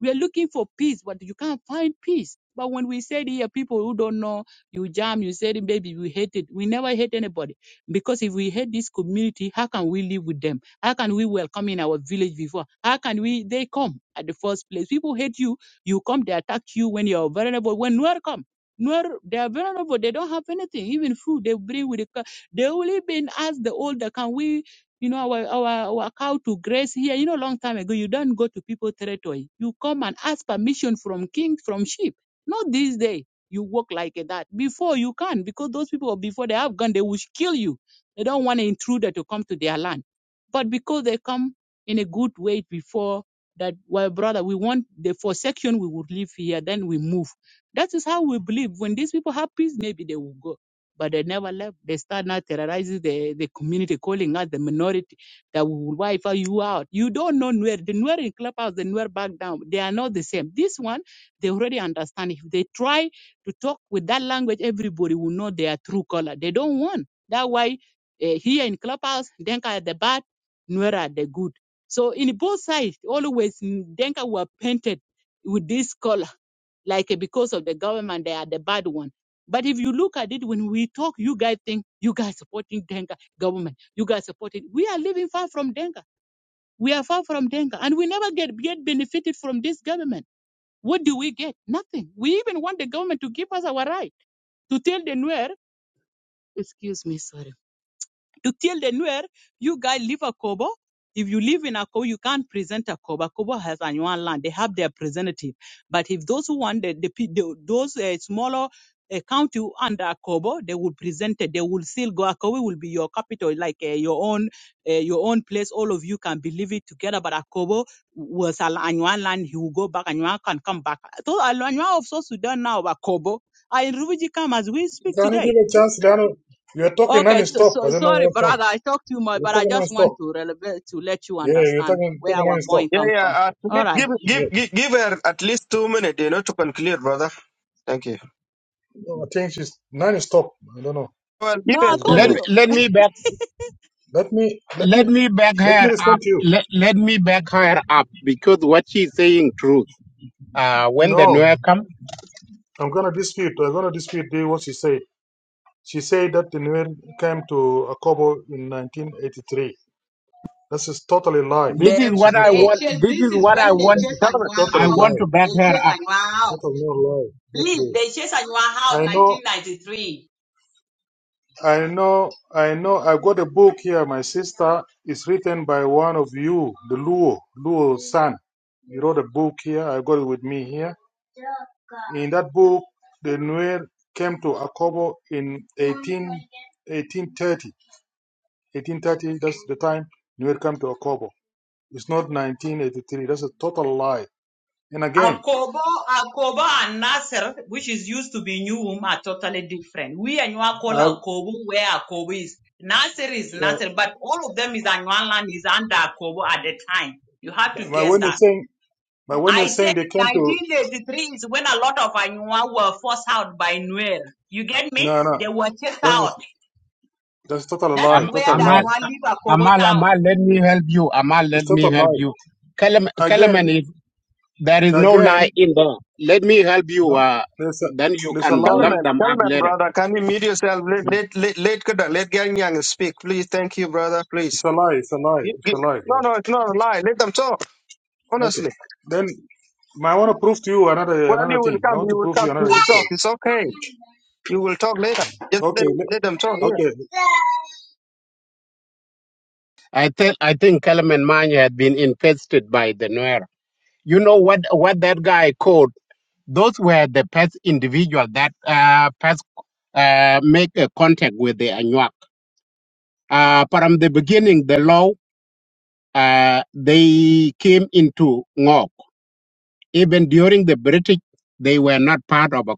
D: We are looking for peace, but you can't find peace. But when we said here, people who don't know, you jam, you said, baby, we hate it. We never hate anybody. Because if we hate this community, how can we live with them? How can we welcome in our village before? How can we, they come at the first place? People hate you. You come, they attack you when you're vulnerable. When Nuer come, Nuer, they are vulnerable. They don't have anything, even food. They bring with the, ca- they only been asked the older, can we you know, our, our, our cow to graze here. You know, long time ago, you don't go to people territory. You come and ask permission from king, from sheep. Not this day. You walk like that. Before you can, because those people, before they have gone, they will kill you. They don't want an intruder to come to their land. But because they come in a good way before that, well, brother, we want the forsaken, we would live here, then we move. That is how we believe. When these people have peace, maybe they will go but they never left. They start now terrorizing the, the community, calling us the minority that we will wipe you out. You don't know Nuer. The Nuer in Clubhouse, the Nuer back down. They are not the same. This one, they already understand. If they try to talk with that language, everybody will know their true color. They don't want. That's why uh, here in Clubhouse, Denka are the bad, Nuer are the good. So in both sides, always Denka were painted with this color like eh, because of the government they are the bad one but if you look at it when we talk you guys think you guys supporting denka government you guys supporting we are living far from denka we are far from denka and we never get get benefited from this government what do we get nothing we even want the government to give us our right to tell the nuer excuse me sorry to tell the Nuer, you guys live a Kobo. If you live in Akobo, you can't present Akobo. Akobo has annual land. They have their representative. But if those who want the, the, pe- the those uh, smaller uh, county under Akobo, they will present it. They will still go. Akobo will be your capital, like uh, your own uh, your own place. All of you can believe it together. But Akobo was an annual land. He will go back. Annual can come back. So Annual of South Sudan now, Akobo, are in refugee camp as we
E: it's
D: speak
E: only
D: today
E: give a chance, Dano. You're talking
D: Okay, so, so
E: non-stop. I don't know
D: sorry,
E: what's wrong.
D: brother. I talk too much,
E: You're
D: but I
E: talking
D: just want
E: non-stop.
D: to relevate to let you
E: Yeah, you're
D: understand
E: talking
D: where
E: talking
D: our
E: non-stop.
D: point
F: Yeah,
D: come from.
F: yeah. At
D: All
F: least
D: right.
F: give,
E: Yeah,
F: give, give, give her at least two minutes, you know, to conclude, brother. Thank you.
E: No, I think she's non-stop. I don't know
F: Well, give
D: No, I
F: her
E: what's
F: two
D: told
E: going
G: Let
E: on.
F: minutes.
D: you.
G: let me back
E: Let me let
G: let
E: me
G: me back
E: let me
G: her up.
E: respond to you.
G: Let, let me back her up because what she's saying truth. Uh, when the
E: No,
G: Nuer come,
E: I'm gonna dispute. I'm gonna dispute the- what she said. She said that the Nuer came to Akobo in 1983. This is totally lie.
G: this is
D: They
E: This is
G: what
E: not
G: I
D: they
E: true.
G: want.
D: chase.
G: This
D: This
G: is
D: is
G: what
D: when
G: I
D: they
G: want.
E: This
D: chase
E: is
F: Kalman,
D: Anywa
G: I
E: totally
D: out.
G: want
E: lie.
G: to back
D: They
G: her up
D: chase Anywa out.
E: Total no lie. Not
D: Please,
E: true.
D: they chase Anywa out.
E: I know.
D: 1993.
E: I know. I know. I got a book here. My sister is written by one of you, the Luo Luo son. You wrote a book here. I got it with me here. In that book, the Nuer came to Akobo in 18, 1830. that's the time Nuer came to Akobo. It's not 1983. That's a total lie. And again,
D: Akobo, Akobo and Nasser, which is used to be Newham, are totally different. We Anywa
E: I,
D: call
E: uh,
D: Akobo where Akobo is. Nasser is Nasser, but all of them is Anywa land is under Akobo at the time. You have to
E: but
D: get
E: when
D: that.
E: you're saying, but when you're
D: I said
E: saying they came to,
D: 1983 is when a lot of Anywa were forced out by Nuer. You get
E: no,
D: me?
E: no,
D: They were chased
E: that's
D: out.
E: that's total
D: That
E: lie,
D: is
G: Am,
D: where
E: total
D: the
G: Amal,
E: lie.
D: Anywa leave Akobo
G: Amal,
D: town.
G: Amal, let me help you. Amal,
E: It's
G: let me
E: total
G: help
E: lie.
G: you. Kalam, Kalaman,
E: Again,
G: if there is no lie
E: again,
G: in there, let me help you.
E: no,
G: Uh,
E: there's a,
G: then you
E: there's a
G: can
E: lie.
G: lump
F: Kalman,
G: them up
F: Kalman,
G: later.
F: brother. Can you mute yourself? Let, let, let, let, Kuda- let Gang Yang speak, please. Thank you, brother. Please.
E: It's a lie. It's a lie.
F: Give,
E: It's a
F: give.
E: lie.
F: No, no, it's not a lie. Let them talk.
E: Okay.
F: Honestly.
E: Then Ma, I want to prove to you another
F: Well,
E: another
F: you will
E: thing. I
F: come.
E: want to
F: You will
E: prove
F: come.
E: you
F: You
E: another
F: will talk.
E: history.
F: It's okay. You will talk later. Just let,
E: Okay,
F: let them talk.
E: le-
F: Yeah.
E: okay.
G: I think I think Kalaman Manya had been infested by the Nuer. You know what what that guy called? Those were the past individual that uh, past uh, make a contact with the Anuak. Uh, from the beginning, the law uh, they came into Ngok. Even during the British, they were not part of Akobo.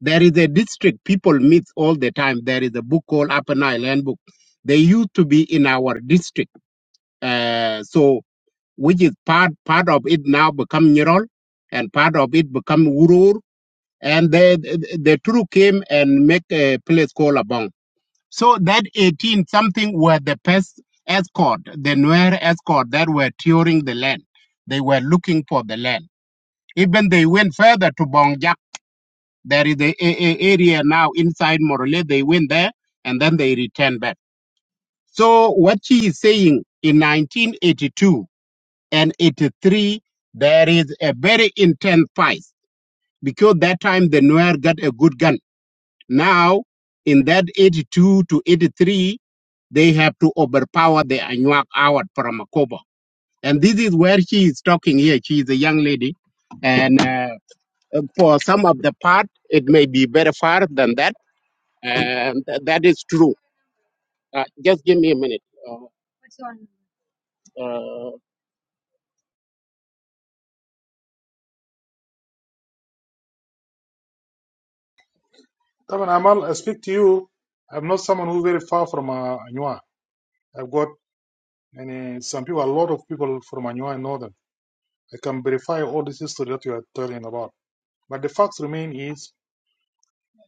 G: There is a district people meet all the time. There is a book called Upper Nile Handbook. They used to be in our district, uh, so which is part part of it now become Nirol, and part of it become Urur, and the the two came and make a place called Abong. So that 18 something were the pest escort, the Nuer escort that were touring the land. They were looking for the land even they went further to Bongjak. There is a, a, a area now inside Morole. They went there and then they returned back. So what she is saying in 1982 and 83, there is a very intense fight because that time the Nuer got a good gun. Now in that 82 to 83, they have to overpower the Anuak out from Akobo. And this is where she is talking here. She is a young lady. And uh, Uh, For some of the part, it may be very far than that, and th- that is true. Uh, just give me a minute. Uh, uh,
E: Taban, Amal, I speak to you. I'm not someone who's very far from uh, Anua. I've got many, some people, a lot of people from Anua and Northern. I can verify all this history that you are telling about. But the facts remain is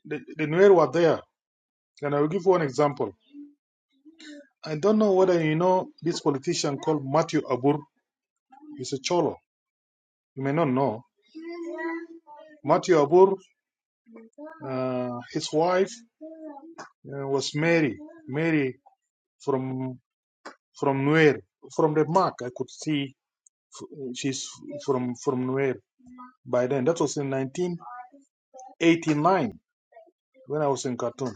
E: the, the Nuer were there. And I will give you one example. I don't know whether you know this politician called Matthew Abur. He's a Cholo. You may not know. Matthew Abur, uh, his wife uh, was Mary. Mary from from Nuer, from the mark I could see f- she's from from Nuer by then. That was in 1989 when I was in Khartoum,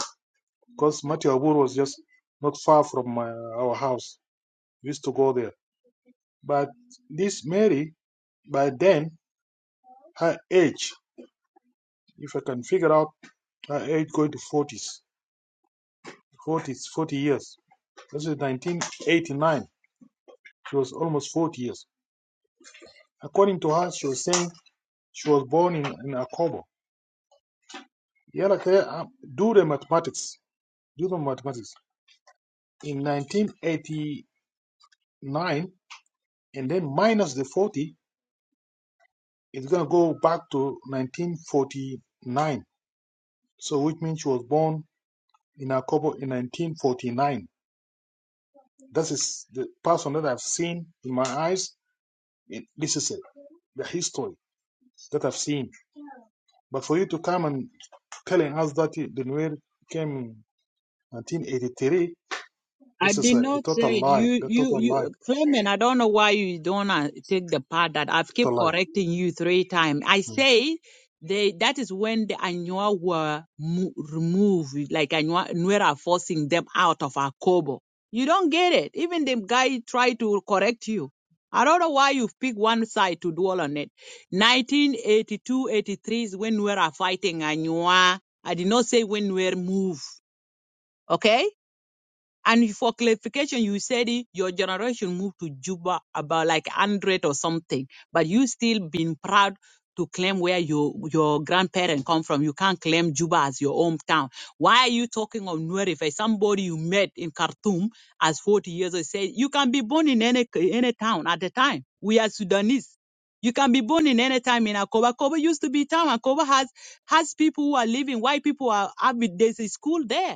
E: because Matthew Abur was just not far from my, our house. We used to go there. But this Mary, by then, her age, if I can figure out her age, going to 40s, 40s, 40 years. This is 1989. She was almost 40 years. According to her, she was saying she was born in, in Akobo Yeah, like uh, do the mathematics, do the mathematics. In 1989, and then minus the 40, it's gonna go back to 1949. So, which means she was born in Akobo in 1949. That is the person that I've seen in my eyes. It, this is it, the history that I've seen. But for you to come and telling us that the Nuer came in 1983,
D: I
E: this is
D: did
E: a, a
D: not say
E: total lie.
D: you,
E: The
D: you,
E: total lie.
D: you, Clement. I don't know why you don't uh, take the part that I've kept
E: Total lie.
D: correcting you three times. I
E: Hmm.
D: say they that is when the Anua were mo- removed, like Anua we're forcing them out of Akobo. You don't get it. Even the guy tried to correct you. I don't know why you pick one side to dwell on it. 1982, 83 is when we are fighting Anua. I did not say when we were moved. Okay? And for clarification, you said it, your generation moved to Juba about like 100 or something, but you still been proud to claim where your your grandparents come from. You can't claim Juba as your hometown. Why are you talking of Nuerife, somebody you met in Khartoum as 40 years old? said you can be born in any any town at the time. We are Sudanese. You can be born in any time in Akoba. Akoba used to be town. Akoba has has people who are living. White people are. have- been- There's a school there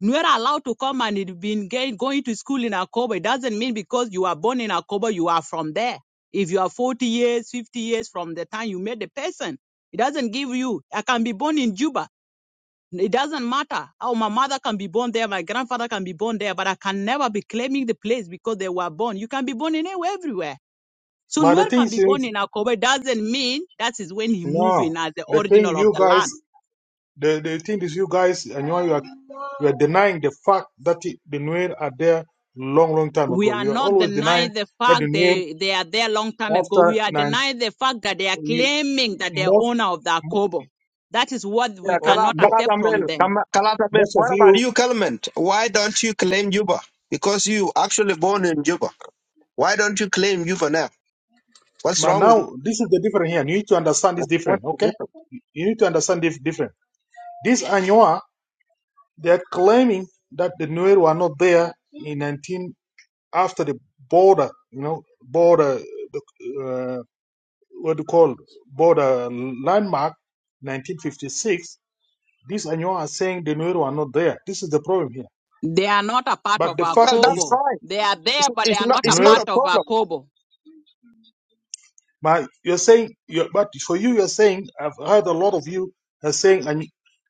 D: we're allowed to come and it been gain- going to school in Akobo. It doesn't mean because you are born in Akobo, you are from there. If you are 40 years, 50 years from the time you met the person, it doesn't give you. I can be born in Juba. It doesn't matter. Oh, my mother can be born there, my grandfather can be born there, but I can never be claiming the place because they were born. You can be born in anywhere, everywhere. So
E: But the
D: Nuer
E: thing
D: can be born
E: is,
D: in Akobo. It doesn't mean that is when he moved
E: no,
D: in as the
E: the thing
D: original of
E: you
D: the land.
E: guys, the, the thing is, you guys, and you are, you are you are denying the fact that it- the Nuer are there long, long time
D: we
E: ago.
D: are
E: You are
D: not
E: always denying
D: denying the
E: that the
D: fact
E: Nuer,
D: they, they are there a long time ago.
E: after
D: We are
E: nine,
D: denying the fact that they are
E: we,
D: claiming that they're
E: most,
D: owner of the Akobo. That is what we
F: Yeah.
E: mo-
F: Kala,
D: cannot
E: mo-
D: accept
F: Kalata
D: from
F: Mel.
D: them.
F: Kama- Kalata Mel.
E: most of
F: What about
E: you,
F: you, Kalman? Why don't you claim Juba? Because you actually born in Juba. Why don't you claim you for now? What's
E: but
F: wrong with
E: now
F: you?
E: this is the different here. You need to understand this different,
F: What's the
E: okay?
F: difference?
E: You need to understand this different. This Anyoa, they are claiming that the Nuer were not there in 19. after the border, you know, border, uh, what do you call border landmark, 1956. These Anywa are saying the Nuer are not there. This is the problem here.
D: They are not a part
E: But
D: of
E: the fact
F: Well, that's
E: is,
D: Akobo.
F: fine.
D: They are
F: It's,
D: there, but they
F: it's
D: are
F: not.
D: not a
F: It's
E: Nuer,
F: not
D: part
F: a
D: of
F: problem.
D: Akobo.
E: my, you're saying, you're, but for you, you're saying, I've heard a lot of you are saying and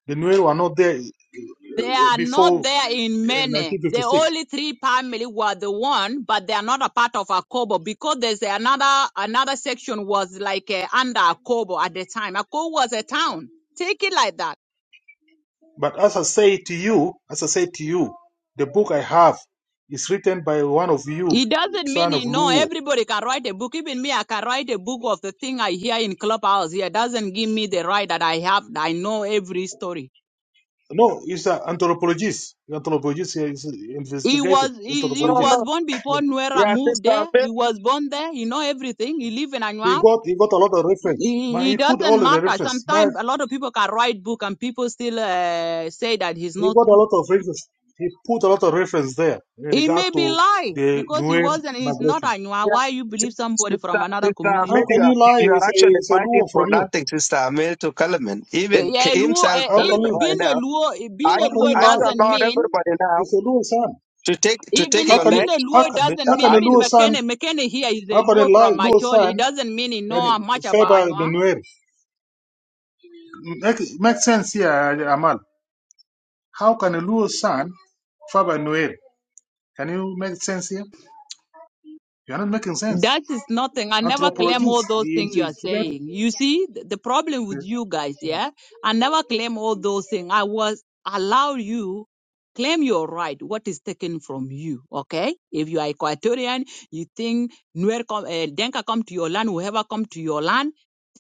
E: the Nuer are not there
D: They
E: uh,
D: are
E: before
D: not there in
E: uh,
D: many. The
E: 1956.
D: only three family were the one, but they are not a part of Akobo because there's another another section was like uh, under Akobo at the time. Akobo was a town. Take it like that
E: But as I say to you, as I say to you, the book I have is written by one of you,
D: It doesn't mean
E: son of
D: you know
E: Luo
D: everybody can write a book. Even me, I can write a book of the thing I hear in clubhouse. Here doesn't give me the right that I have. I know every story.
E: No, he's an anthropologist. Anthropologist he is
D: He
E: investigated.
D: was he, he
F: No,
E: Anthropologist.
D: was
F: no.
D: born before Nuera
F: Yeah,
D: moved
F: sister
D: there.
F: Ahmed.
D: He was born there. You know everything. He live in
E: He
D: Anua.
E: got he got a lot of reference. Man,
D: It
E: he put
D: doesn't
E: all of the
D: matter.
E: reference. Man,
D: Sometimes a lot of people can write book and people still uh, say that he's
E: he
D: not
E: got a
D: true.
E: lot of reference. He put a lot of reference there in
D: He
E: regard
D: may be
E: to
D: lie
E: the
D: because he
E: Nuer
D: wasn't. He's not
E: migration.
D: Anua.
F: Yeah,
D: Why you
F: sis-
D: believe somebody
F: sister,
D: from another
F: sister
E: How
F: Ahmed.
D: community?
F: You
E: can
F: are
E: you lie?
F: you are
E: It's a
F: actually
E: it's a
F: fighting
E: lure
F: for
E: from you.
F: nothing, sister Ahmed to Kalaman. Even K-
D: Yeah, a Luo,
F: himself,
D: eh,
E: How
D: if
E: can
F: Kalaman,
E: you
F: right
D: being a
F: now.
D: Luo,
F: Are
D: being a
E: how
F: you
E: can
D: Luo
E: you
F: are you
E: lie?
D: doesn't
F: allowed
D: mean,
F: everybody now
E: It's a lure son.
F: to take to take
D: even
E: How
D: if
F: your
E: can you
D: being
F: land?
D: a
E: how
D: Luo
E: can
F: Th-
D: doesn't
E: how can
D: mean,
F: Are
E: a
D: even
F: you
E: lure
D: McKenna
E: son
D: McKenna here is a
E: how can a
D: Luo
E: lie
D: from
E: lure
D: Macholi, it
E: son
D: doesn't mean he
E: and
D: know much about
E: favor the
D: Anywa.
E: Nuer? Make make sense here, Amal. How can a Luo son father Noel? Can you make sense here? You are not making sense.
D: That is nothing. I never claim all
E: Anthropologist,
D: those
E: he
D: things you are
E: investigated.
D: saying. You see, th- the problem with you guys, yeah? I never claim all those things. I was allow you claim your right, what is taken from you, okay? If you are Equatorian, you think Nuer come, uh, Denka come to your land, whoever come to your land,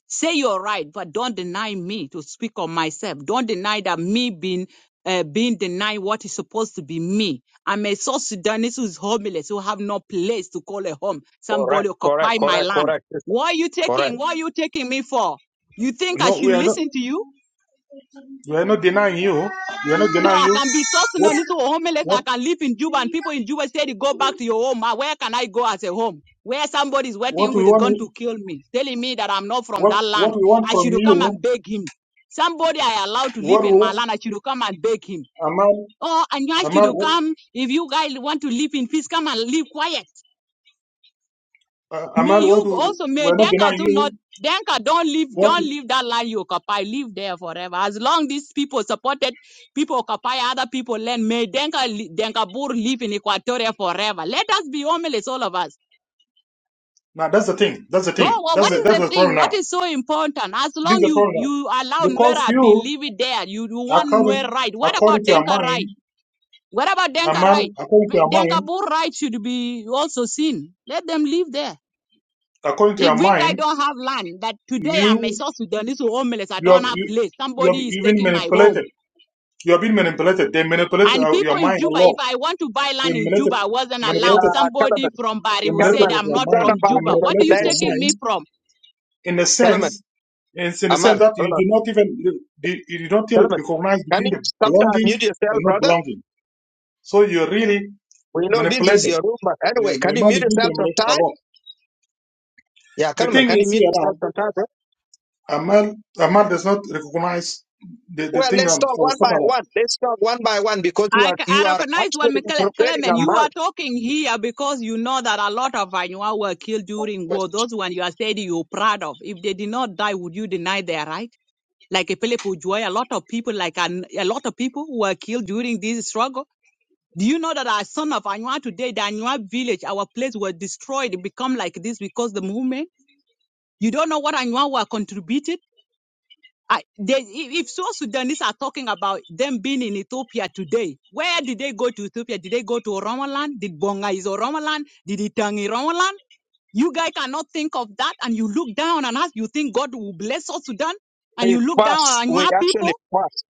D: Say you're right, but don't deny me to speak on myself. Don't deny that me being uh, being denied what is supposed to be me. I'm a South Sudanese who's homeless, who have no place to call a home.
F: correct?
D: Somebody
F: Correct.
D: occupy my
F: Correct.
D: land.
F: Correct, sister.
D: What are you
F: Correct.
D: taking? What are you taking me for? You think I
E: No, we
D: should
E: are not.
D: listen to you?
E: We are not denying you. We are not
D: So
E: denying
D: I
E: you.
D: can be South
E: What
D: Sudanese who are homeless.
E: what
D: I can live in Juba and people in Juba say, go back to your home. Ah, Where can I go as a home? Where somebody is
E: what
D: waiting
E: we
D: with a gun
E: want?
D: to kill me, telling me that I'm not from
E: What
D: that
E: what
D: land.
E: we want
D: I
E: from
D: should come
E: you?
D: and beg him. Somebody I allowed to live
E: What
D: in my
E: what
D: land, I should come and beg him.
E: Amal
D: Oh, and you
E: Amal
D: should
E: what
D: come. If you guys want to live in peace, come and live quiet.
E: uh,
D: May
E: Amal what
D: you
E: we
D: also
E: we
D: may
E: are not
D: Denka
E: denying
D: too
E: you.
D: not Denka don't leave
E: What
D: don't
E: We,
D: leave that land you occupy. Live there forever. As long these people supported people occupy other people land, may Denka li- Denka Bur live in Equatoria forever. Let us be homeless, all of us.
E: now? That's the thing. That's the thing.
D: Oh well,
E: That's
D: what
E: the,
D: is
E: that's
D: the
E: the
D: thing?
E: problem
D: What
E: now.
D: is so important? As
E: This is
D: long
E: the
D: you
E: problem
D: you allow
E: now because
D: Nwera been
E: you
D: living there, you, you want
E: according
D: Nwera right. What
E: according
D: about
E: to your
D: Denka right?
E: mind
D: What about
E: A
D: Denka right?
E: man, according to your
D: Denka
E: mind,
D: Bur right should be also seen. Let them live there.
E: according to
D: If
E: your
D: we guy
E: mind,
D: don't have land, that today I'm a
E: you
D: South Sudanese who homeless, I
E: you are
D: don't have
E: you
D: place.
E: you have
D: Somebody is
E: you've been
D: taking my
E: manipulated.
D: home.
E: You have been manipulated. They manipulated
D: And
E: uh,
D: people
E: your
D: in
E: mind a
D: Juba, if
E: lot.
D: I want to buy
E: They
D: land in
E: manipulated
D: Juba, I wasn't allowed.
E: manipulated
F: Yeah,
D: Somebody
F: Kalaman.
D: from Bari
E: they
D: who
E: manipulated
F: Kalaman.
D: said
E: of
D: I'm
E: your
F: It's
D: not
F: not
E: mind.
D: from
E: They
F: about
D: Juba. What are you
E: manipulated your
D: taking
F: manipulation.
D: me
E: mind
D: from?
E: in the
F: Kalaman.
E: sense in, in the sense that you
F: Amal.
E: do not even you, you you don't even
F: Solomon,
E: recognize
F: can
E: between
F: you
E: the
F: sometime
E: belonging
F: mute
E: and
F: yourself,
E: not
F: brother?
E: belonging. So you're really
F: We know this is
E: manipulated.
F: your room, but
E: Your,
F: anyway, can
E: your
F: you
E: mind
F: mute
E: is being
F: yourself
E: manipulated a
F: sometime?
E: lot.
F: Yeah,
E: The
F: Solomon,
E: thing
F: can you
E: is
F: mute
E: here
F: yourself
E: now.
F: sometime, bro?
E: Amal, Amal does not recognize the, the
F: Well,
E: thing
F: let's
E: I'm-
F: talk
E: I
F: one
E: was
F: by
E: talking
F: one.
E: about.
F: Let's talk one by one because you
D: I I
F: are you are
D: recognize well,
F: actually
D: Mikel-
F: preparing
D: Clement,
F: a
D: you are
F: mouth.
D: talking here because you know that a lot of Anua were killed during war. Those one you are saying you're proud of. If they did not die, would you deny their right? Like a Philip Ujoy, a lot of people, like an, a lot of people were killed during this struggle. Do you know that our son of Anua today, the Anua village, our place was destroyed, become like this because the movement? You don't know what Anua were contributed? I, they, if South Sudanese are talking about them being in Ethiopia today, where did they go to Ethiopia? Did they go to Oromaland? Did Bonga is Oromaland? Did Itangi Oromaland? You guys cannot think of that and you look down and ask, you think God will bless South Sudan? And
F: We
D: you look down
F: fast.
D: on
F: We
D: Anua people
F: actually fast.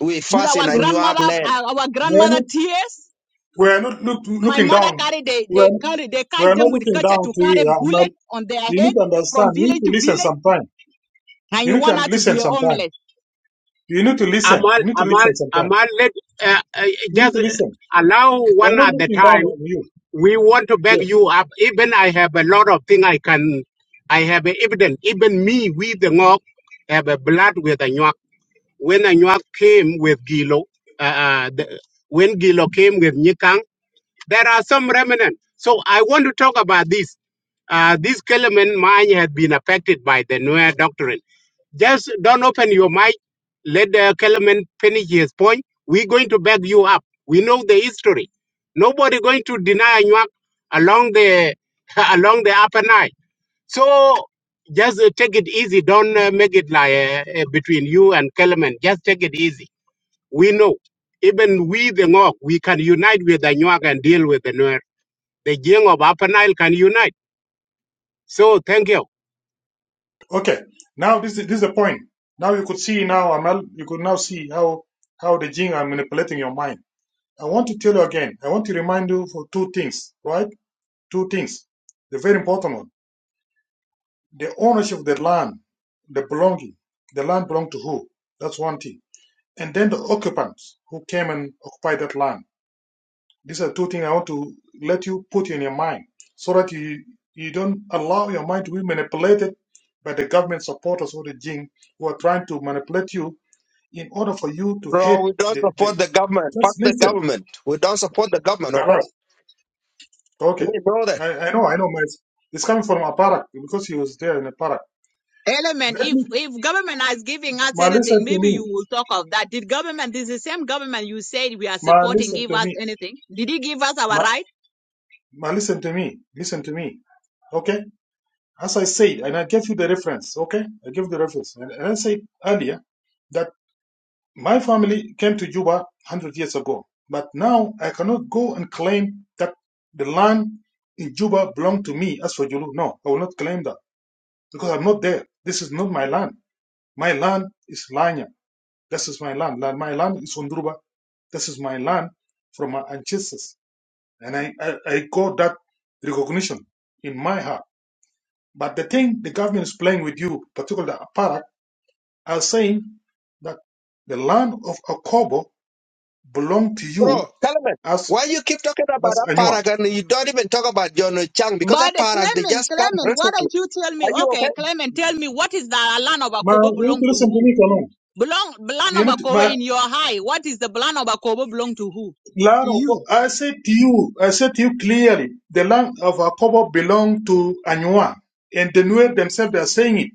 F: We
D: with
F: fast
D: our
F: in a new
D: grandmother,
F: land.
D: our
E: We are
D: grandmother
E: not,
D: tears?
E: we are not look,
D: My
E: looking
D: mother
E: down.
D: carried they
E: We are,
D: they carry they
E: we
D: catch
E: are not
D: them with
E: looking
D: culture
E: down
D: to
E: to you,
D: carry
E: Amal.
D: bullet on their
E: You
D: head
E: need to understand.
D: from
E: You need
D: village
E: to
D: to
E: listen
D: village,
E: sometime.
D: and
E: You
D: you
E: need to
D: want
E: un-
D: her to be
E: listen
D: a
E: sometime.
D: homeless.
E: You need to listen.
G: Amal,
E: You need to
G: Amal,
E: listen sometime.
G: Amal, let uh, uh,
E: You need
G: just
E: to listen.
G: allow
E: We are
G: one
E: not
G: at the
E: looking down
G: time.
E: on you.
G: We want to back
E: Yeah.
G: you up. Even I have a lot of thing I can, I have evidence. Even me, we the Ngok, have a blood with the Nyak. When the Nyak came with Gilo, uh, uh, the, when Gilo came with Nyikang. There are some remnants, So I want to talk about this. Uh, this Kelemen mine had been affected by the Nuer doctrine. Just don't open your mind. Let the Kelemen finish his point. We're going to back you up. We know the history. Nobody going to deny Anuak along the along the upper Nile. So just uh, take it easy. Don't uh, make it like uh, uh, between you and Kelemen. Just take it easy. We know even we the Ngok, we can unite with the Nuak and deal with the Nuer the Jing of Upper Nile can unite. So thank you.
E: Okay. Now this is this is the point. Now you could see now, Amal. You could now see how how the jinn are manipulating your mind. I want to tell you again. I want to remind you for two things, right? two things. The very important one, the ownership of the land, the belonging. The land belonged to who? That's one thing. And then the occupants who came and occupied that land. These are two things I want to let you put in your mind so that you, you don't allow your mind to be manipulated by the government supporters or the Jing who are trying to manipulate you in order for you to
F: Bro,
E: hate
F: we don't
E: the, the
F: support the government. Fuck
E: just
F: the
E: listen.
F: government. We don't support the government, okay?
E: Kalas.
F: You
E: Okay.
F: know that.
E: I, I know, I know, my it's coming from Aparak because he was there in Aparak.
D: Element,
E: Let
D: if
E: me
D: if government is giving us
E: Ma,
D: anything,
E: listen to
D: maybe you
E: me.
D: will talk of that. Did government this is the same government you said we are
E: Ma,
D: supporting
E: listen
D: give
E: to
D: us
E: me.
D: anything? Did he give us our
E: Ma,
D: right?
E: ma, listen to me. Listen to me. Okay? As I said, and I gave you the reference, okay? I gave the reference. And, and I said earlier that my family came to Juba 100 years ago. But now I cannot go and claim that the land in Juba belonged to me as for Julu. No, I will not claim that because I'm not there. This is not my land. My land is Lanya. This is my land. La- My land is Undruba. This is my land from my ancestors. And I, I, I got that recognition in my heart. But the thing the government is playing with you, particularly the APARAC, are saying that the land of Akobo belong to you
F: Bro, Kalaman,
E: as
F: why you keep talking about
E: as
F: that
E: Anua.
F: paragon and you don't even talk about John Chang because that
D: But uh,
F: paragon they
D: Clement,
F: just come
D: Clement, why
F: recently.
D: don't you tell me?
F: Are you
D: Okay,
F: okay?
D: Clement, tell me what is the land of
E: Ma,
D: Akobo
E: you need
D: belong
E: to
D: to
E: listen to
D: who?
E: me, Kalam.
D: Belong land
E: You
D: of
E: need to,
D: Akobo
E: my
D: in your high. What is the land of Akobo belong to who?
E: land
D: To
E: of
D: you.
E: I said to you, I said to you clearly, the land of Akobo belong to Anua, and the Nuer themselves they are saying it.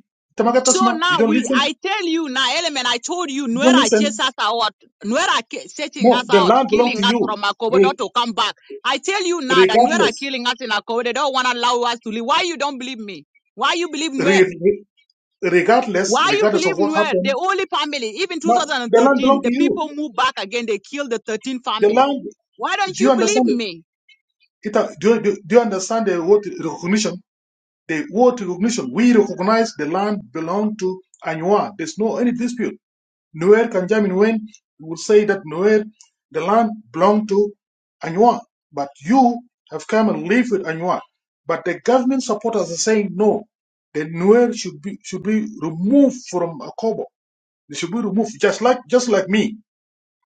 D: So
E: Tamagatasma, you
D: now
E: don't
D: we,
E: listen.
D: I tell you now, element, I told you,
E: You don't
D: Nuera chased
E: listen.
D: us out. Nuera ki- setting
E: No,
D: us
E: the
D: out,
E: land belong to
D: killing us
E: you,
D: from Akobo
E: re-
D: not to come back. I tell you now that Nuera
E: regardless.
D: killing us in Akobo. They don't want to allow us to leave. Why you don't believe me? Why you believe
E: Re-
D: Nuera?
E: re- regardless,
D: Why you
E: regardless
D: believe
E: of what
D: Nuer? The
E: happened,
D: only family, even
E: but the land
D: 2013,
E: belonged to
D: the
E: you.
D: people moved back again. They killed the 13
E: The
D: family.
E: land,
D: Why don't
E: do you
D: you believe
E: understand?
D: me?
E: It, uh, do, do, do you understand the word recognition? The word recognition. We recognize the land belonged to Anywa. There's no any dispute. Nuer Kanjamin Wen would say that Nuer, the land belonged to Anywa. But you have come and lived with Anywa. But the government supporters are saying no. The Nuer should be should be removed from Akobo They should be removed, just like just like me.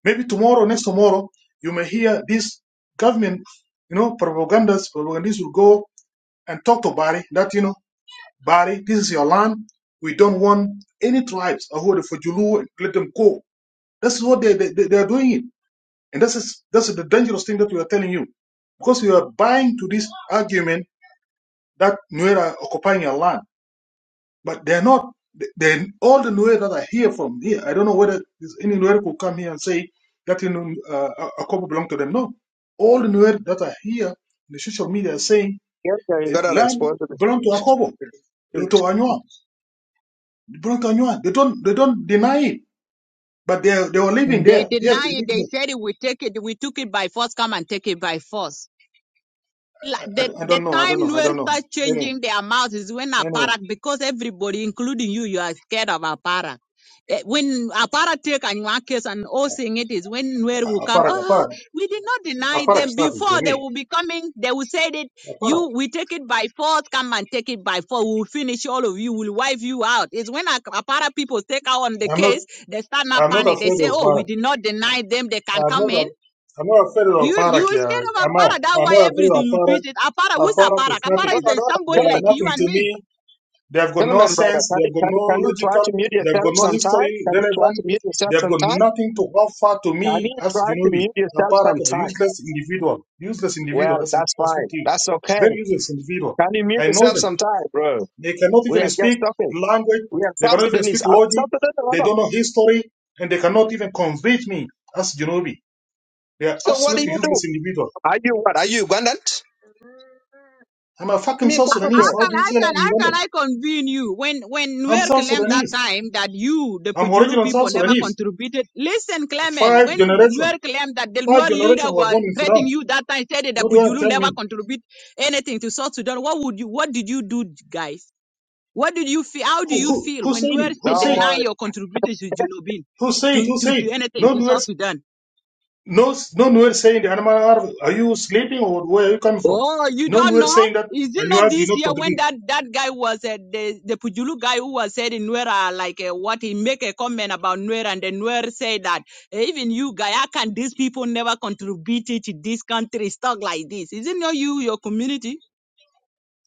E: Maybe tomorrow, next tomorrow, you may hear this government, you know, propagandas, propagandists will go and talk to Bari that you know, Bari, this is your land. We don't want any tribes who are for Julu. Let them go. That's what they they, they are doing it, and this is this is the dangerous thing that we are telling you, because you are buying to this argument that Nuer are occupying your land. But they're not. They all the Nuer that I hear from here. I don't know whether there's any Nuer could come here and say that you know uh, a couple belong to them. No, all the Nuer that are here in the social media are saying
F: Yes, sir, you
E: the
F: gotta
E: land
F: respond to me.
E: belong to Akobo, to
F: Mm.
E: Anywa, belong to Anywa. They don't they don't deny it, but they are- they were living
D: They
E: there. Yes,
D: deny
E: they
D: it.
E: living
D: They
E: there.
D: said it. We take it. We took it by force. Come and take it by force. like
E: I,
D: the
E: I, I
D: the
E: don't know. I
D: time
E: don't know. I
D: Nuer
E: don't know.
D: start
E: Anyway,
D: changing their mouth is when
E: anyway,
D: Aparak, because everybody, including you, you are scared of Aparak. Eh, When Aparak take Anua case and all saying it is when Nuer will come,
E: Aparak,
D: oh,
E: Aparak,
D: we did not deny
E: Aparak
D: them
E: started to
D: before they
E: me.
D: will be coming. They will say that
E: Aparak.
D: you, we take it by force, come and take it by force. We will finish all of you, we'll wipe you out. It's when Ak- Aparak people take out on the
E: I'm not
D: case, they start not
E: I'm not
D: panic. They
E: afraid
D: say,
E: of
D: oh,
E: Aparak.
D: we did not deny them. They can
E: I'm
D: come
E: not.
D: in
E: A, I'm not afraid of
D: you
E: Parak.
D: you is
E: Yeah,
D: scared of
E: I'm. Not,
D: Akpara. That's
E: I'm
D: why
E: not afraid
D: everything
E: of
D: you
E: aparak.
D: treat it. Akpara,
E: Aparak
D: who's Akpara?
E: is nothing.
D: Akpara
F: no, no.
D: is a,
F: hold on.
E: They
D: somebody
E: are
D: like you
E: nothing
D: and
E: to
D: me.
E: me. They have got no
F: Kalaman, Kalaman, brother,
E: sense.
F: can
E: They
F: you,
E: have got
F: can, you-
E: no
F: can you try
E: logical.
F: to mute
E: They have got
F: yourself
E: no
F: sometime?
E: history
F: Can you try
E: relevant.
F: to mute
E: They
F: yourself
E: have got
F: sometime?
E: nothing to offer to
F: Can
E: me
F: you
E: as
F: try to
E: Genobi.
F: mute
E: Aparak,
F: yourself
E: Parak, a
F: sometime?
E: useless individual. Useless individual.
F: Well,
E: That's a
F: that's
E: that's what
F: fine.
E: it is.
F: That's
E: Very
F: okay.
E: useless individual.
F: Can you mute
E: I know
F: yourself
E: them.
F: sometime, bro?
E: They cannot
F: We
E: even
F: are just
E: speak
F: talking.
E: language.
F: We are
E: They
F: South
E: cannot even speak
F: Sudanese. Are we
E: logic.
F: South Sudanese or
E: They
F: not?
E: don't know history, and they cannot even convince me as Genobi. They're
F: So what do
E: absolutely
F: you do?
E: useless individuals.
F: Are you what? Are you Ugandan?
E: I'm a
F: I
E: fucking
F: mean,
E: South
F: come
D: H-
F: on, bro.
D: How
E: Sudanese. How
D: can
E: do you
D: I
E: say
D: can
E: I'm
D: how can
E: Ugandan?
D: I convene you when when
E: I'm
D: Nuer
E: South
D: claimed that
E: Sudanese.
D: time that you the
E: I'm
D: Pujulu
E: original South
D: people never
E: Sudanese.
D: contributed? Listen, Clement,
E: Five
D: when
E: generation.
D: Nuer claimed that the
E: Five
D: Nuer
E: generation
D: leader
E: were
D: was
E: born in Sudan.
D: threatening you that time, said that
E: What do
D: the
E: you want to
D: Pujulu
E: tell
D: never
E: me?
D: contribute anything to South Sudan. What would you what did you do, guys? What did you feel? How do
E: Who
D: you
E: who
D: feel
E: who
D: when
E: said
D: Nuer
E: it?
D: say
E: Who
F: Don't
E: said?
D: deny
F: worry.
D: your contribution to Junobin,
E: Who said?
D: to
E: Who
D: to
E: said?
D: to
E: No
D: anything to
E: one
D: South
E: was-
D: Sudan?
E: no no one was saying the animal are, are you sleeping or where are you coming from?
D: Oh, you
E: No one
D: don't
E: was
D: know?
E: saying that
D: Is it
E: and
D: not
E: you did
D: this
E: not
D: year when
E: contribute.
D: that, that guy was uh, the the Pujulu guy who was said in Nuera like uh, what he make a comment about Nuera and then Nuera say that "Eh, even you guy, how can these people never contributed to this country stuff like this? Is it not you your community?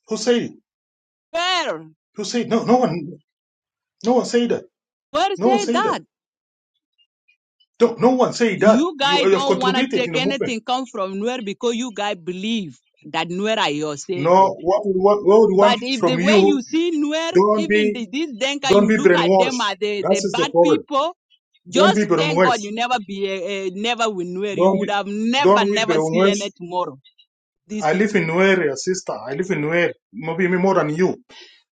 E: Who said it?
D: Where
E: Who said no no one no one said that.
D: where
E: No one
D: say
E: said that.
D: that
E: No, no one said that.
D: you guy
E: You, you have
D: don't wanna
E: contributed in
D: take
E: the movement.
D: anything come from Nuera because you guy believe that Nuera is your savior.
E: No, what we want, what we want
D: But if the
E: from
D: way
E: you,
D: you see Nuer,
E: don't
D: even
E: be,
D: the, this Denka,
E: don't
D: you
E: be
D: look at them
E: brainwashed.
D: as the,
E: That
D: the
E: is the
D: bad
E: problem.
D: people,
E: Don't be
D: just thank God
E: brainwashed.
D: you never be, a, a, never with Nuer. You
E: Don't
D: would
E: be,
D: have never,
E: don't be
D: never seen
E: brainwashed.
D: it tomorrow, these
E: I live in
D: people.
E: Nuer, sister. I live in Nuer. Maybe me more than you.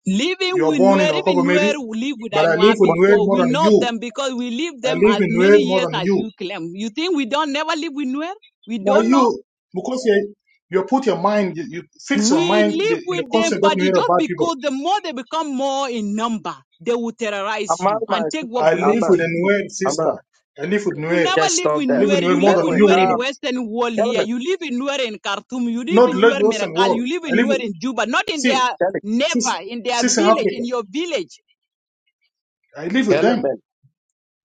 D: Living
E: You are
D: with
E: born in
D: Nuer,
E: Okobo,
D: even Nuer
E: maybe,
D: who live with
E: but I live
D: Anua
F: What,
E: in Nuer
D: before,
E: more
D: we
E: than
D: know
E: you.
D: them because we live
E: I live
D: them as
E: in Nuer
D: many
E: more
D: years
E: than
D: as
E: you.
D: you claim. You think we don't never live with Nuer? We
E: Now
D: don't know.
E: you, because you, you put your mind, you, you fix your
D: We
E: mind in the,
D: live
E: in the
D: with them,
E: concept of
D: but it's
E: Nuer
D: just
E: about people.
D: because the more they become more in number, they will terrorize
F: I'm on
D: you
F: my
D: and take
F: sister.
D: what
E: I
F: I'm
E: live
D: belongs
F: on.
D: to
E: with a
D: you
E: Nuer
F: I'm
E: sister.
F: on.
E: I live with
D: You
E: Nuer.
D: never
F: Just
D: live
F: stop
E: I
D: in
F: that.
E: live
D: Nuer.
E: in Nuer
D: You
E: more
D: live
E: than
F: Anyway,
D: in
E: you
D: Nuer in
F: uh,
E: even.
D: Western World here.
F: Kelvin,
D: You live in Nuer in Khartoum. You live
E: not
D: in
E: Lagos
D: Nuer
E: Western
D: Miracal.
E: world.
D: You live
E: I
D: in
E: live
D: Nuer
E: with,
D: in Juba. Not in
E: see,
D: their
F: Kelvin,
E: since,
D: never in their
E: since in
D: village
E: Africa,
D: in your village.
E: I live with them.
F: Kelvin,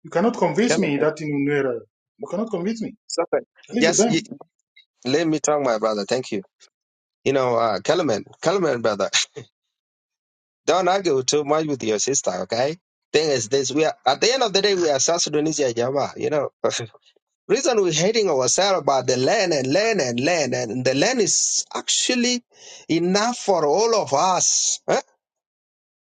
E: You cannot convince
F: Kelvin,
E: me that in Unera, you cannot convince me.
F: something.
E: I live with
F: Yes, y
E: them.
F: let me talk, my brother. Thank you. You know, uh, Kelvin, Kelvin, brother, don't argue too much with your sister, okay? Thing is this, we are, at the end of the day, we are South Sudanese, yeah, Jama, you know. Reason we're hating ourselves about the land and land and land, and the land is actually enough for all of us. huh?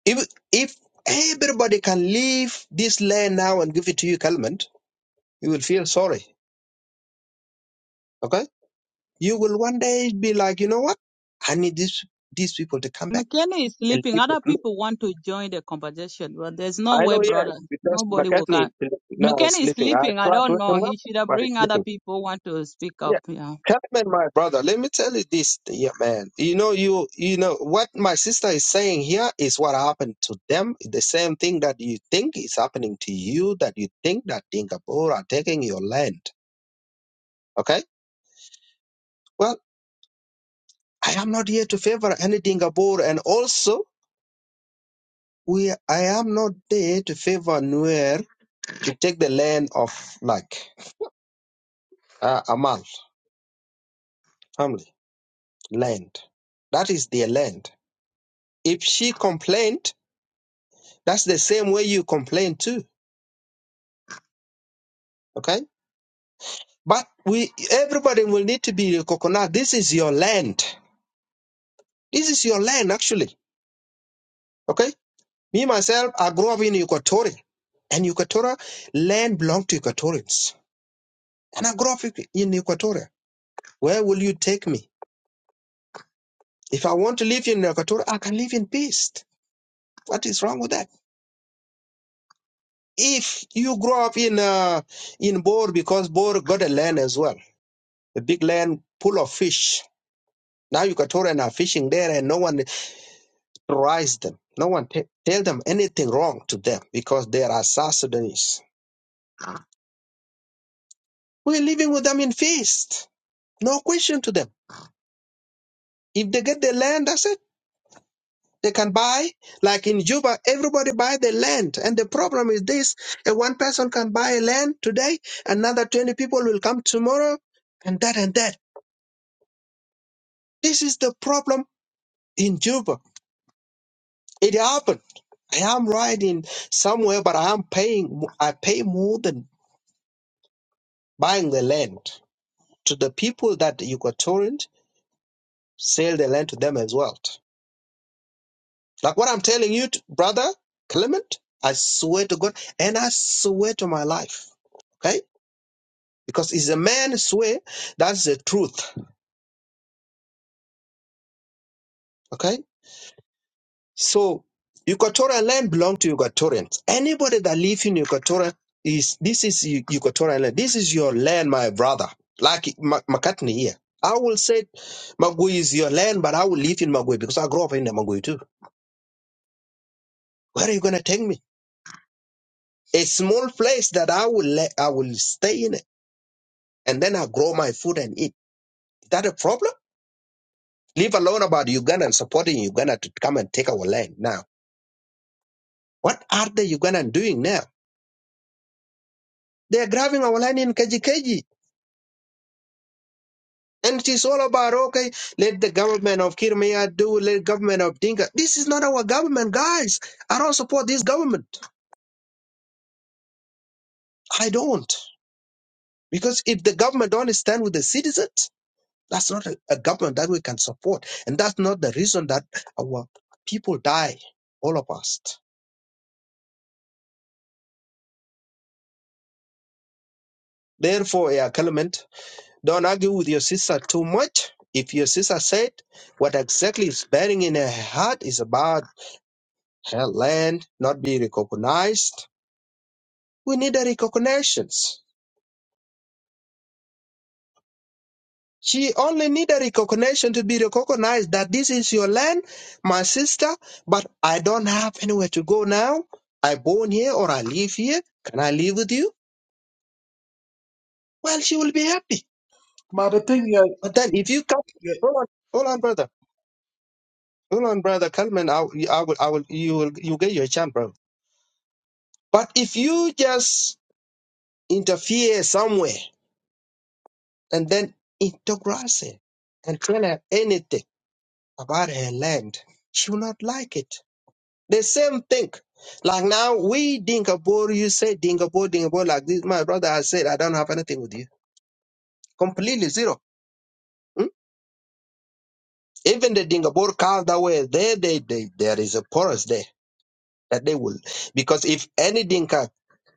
F: If if everybody can leave this land now and give it to you, Kalman, you will feel sorry. Okay? You will one day be like, you know what? I need these these people to come back
D: McKenna is
F: and
D: sleeping.
F: live with
D: Other
F: me.
D: people want to join the conversation, but there's no
F: I
D: way,
F: know, yes,
D: brother.
F: because
D: Nobody will
F: McCartney
D: come.
F: now is
D: McKenna is
F: sleeping. I
D: sleeping. I
F: tried to
D: don't
F: wake
D: know.
F: him up,
D: He should have
F: but he's
D: bring
F: sleeping.
D: other people want to speak up.
F: Yeah.
D: Yeah.
F: Hapman, my brother, let me tell you this, yeah, man. You know, you you know what my sister is saying here is what happened to them. The same thing that you think is happening to you, that you think that Dingabur are taking your land. Okay? Well, I am not here to favor any Dingabur, and also we I am not there to favor Nuer to take the land of like uh, Amal family land. That is their land. If she complained, that's the same way you complain too Okay? But we everybody will need to be recognized. This is your land. This is your land actually. Okay? Me myself, I grew up in Equatorial. And Equatorial land belonged to Equatorians. And I grew up in Equatoria. Where will you take me? If I want to live in Equatoria, I can live in peace. What is wrong with that? If you grow up in uh, in Bor because Bor got a land as well, a big land full of fish. Now Equatorian are fishing there, and no one. terrorize them. No one te- tell them anything wrong to them because they are South Sudanese. We're living with them in feast. No question to them. If they get the land, that's it. They can buy. Like in Juba, everybody buy the land. And the problem is this. A one person can buy land today. Another 20 people will come tomorrow and that and that. This is the problem in Juba. It happened. I am riding somewhere, but I am paying, I pay more than buying the land. to the people that you got torrent, sell the land to them as well. Like what I'm telling you, t- brother Clement, I swear to God and I swear to my life. Okay? Because it's a man's swear, that's the truth. Okay? So Equatorial land belong to Equatorians. Anybody that live in Equatorial is this is Eu- Equatorial land. This is your land, my brother. Like Ma- McCartney here. I will say Magui is your land, but I will live in Magui because I grew up in the Magui too. Where are you gonna take me? A small place that I will let, I will stay in it, and then I grow my food and eat. Is that a problem? Leave alone about Uganda and supporting Uganda to come and take our land now. What are the Ugandan doing now? They are grabbing our land in Kajikeji. And it is all about, okay, let the government of Kirmaya do, let government of Dinka. This is not our government, guys. I don't support this government. I don't. Because if the government don't stand with the citizens, That's not a, a government that we can support. And that's not the reason that our people die, all of us. Therefore, yeah, Clement, don't argue with your sister too much. If your sister said what exactly is bearing in her heart is about her land not being recognized, we need a recognition. She only need a recognition to be recognized that this is your land, my sister, but I don't have anywhere to go now. I born here or I live here. Can I live with you? well, she will be happy.
E: But the thing, yeah,
F: But then if you come,
E: yeah
F: hold on, hold on, brother, hold on, brother, Kalman, I, will- I will, I will, you will, you get your chance, bro. But if you just interfere somewhere and then integrate her and tell her anything about her land, she will not like it. The same thing. Like now, we Dingabor, you say Dingabor, Dingabor, like this. My brother has said, I don't have anything with you. Completely zero. Hmm? Even the Dingabor cows that were there, they, they, there is a porous there that they will. Because if any Dinka,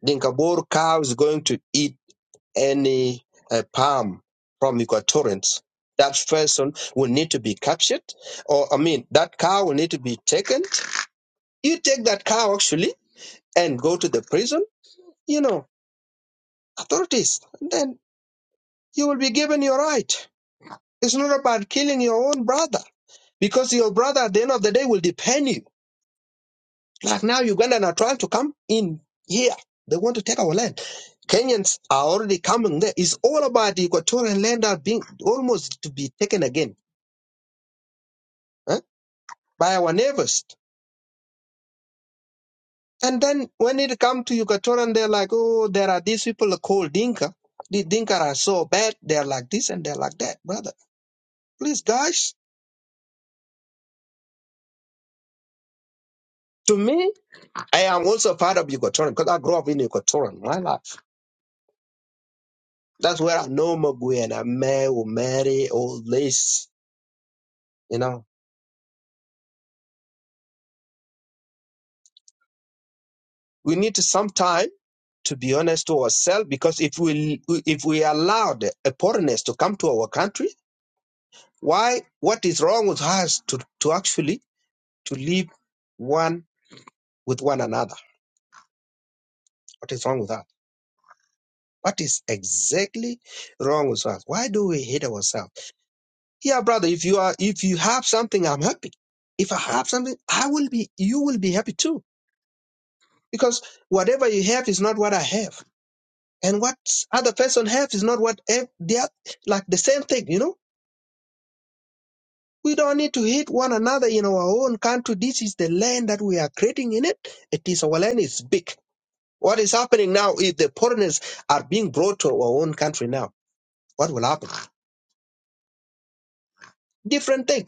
F: Dinka Boer cow is going to eat any uh, palm from Equatorians, that person will need to be captured, or I mean, that cow will need to be taken. You take that cow actually and go to the prison, you know, authorities, then you will be given your right. It's not about killing your own brother because your brother at the end of the day will depend you Like now, Ugandan are trying to come in here. They want to take our land. Kenyans are already coming there. It's all about the Equatorian land are being almost to be taken again huh, by our neighbors. And then when it comes to Equatorian, they're like, oh, there are these people called Dinka. The Dinka are so bad. They're like this and they're like that, brother. Please, guys. To me, I am also part of Equatorian because I grew up in Equatorian. My life. That's where I know Magui and I met Mary, all this. You know, we need some time to be honest to ourselves because if we if we allowed a foreigners to come to our country why what is wrong with us to, to actually to live one with one another what is wrong with that what is exactly wrong with us why do we hate ourselves yeah brother if you are if you have something i'm happy if i have something i will be you will be happy too because whatever you have is not what i have and what other person have is not what ev- the oth- like the same thing you know we don't need to hate one another in our own country this is the land that we are creating in it it is our land It's big what is happening now if the foreigners are being brought to our own country now what will happen different thing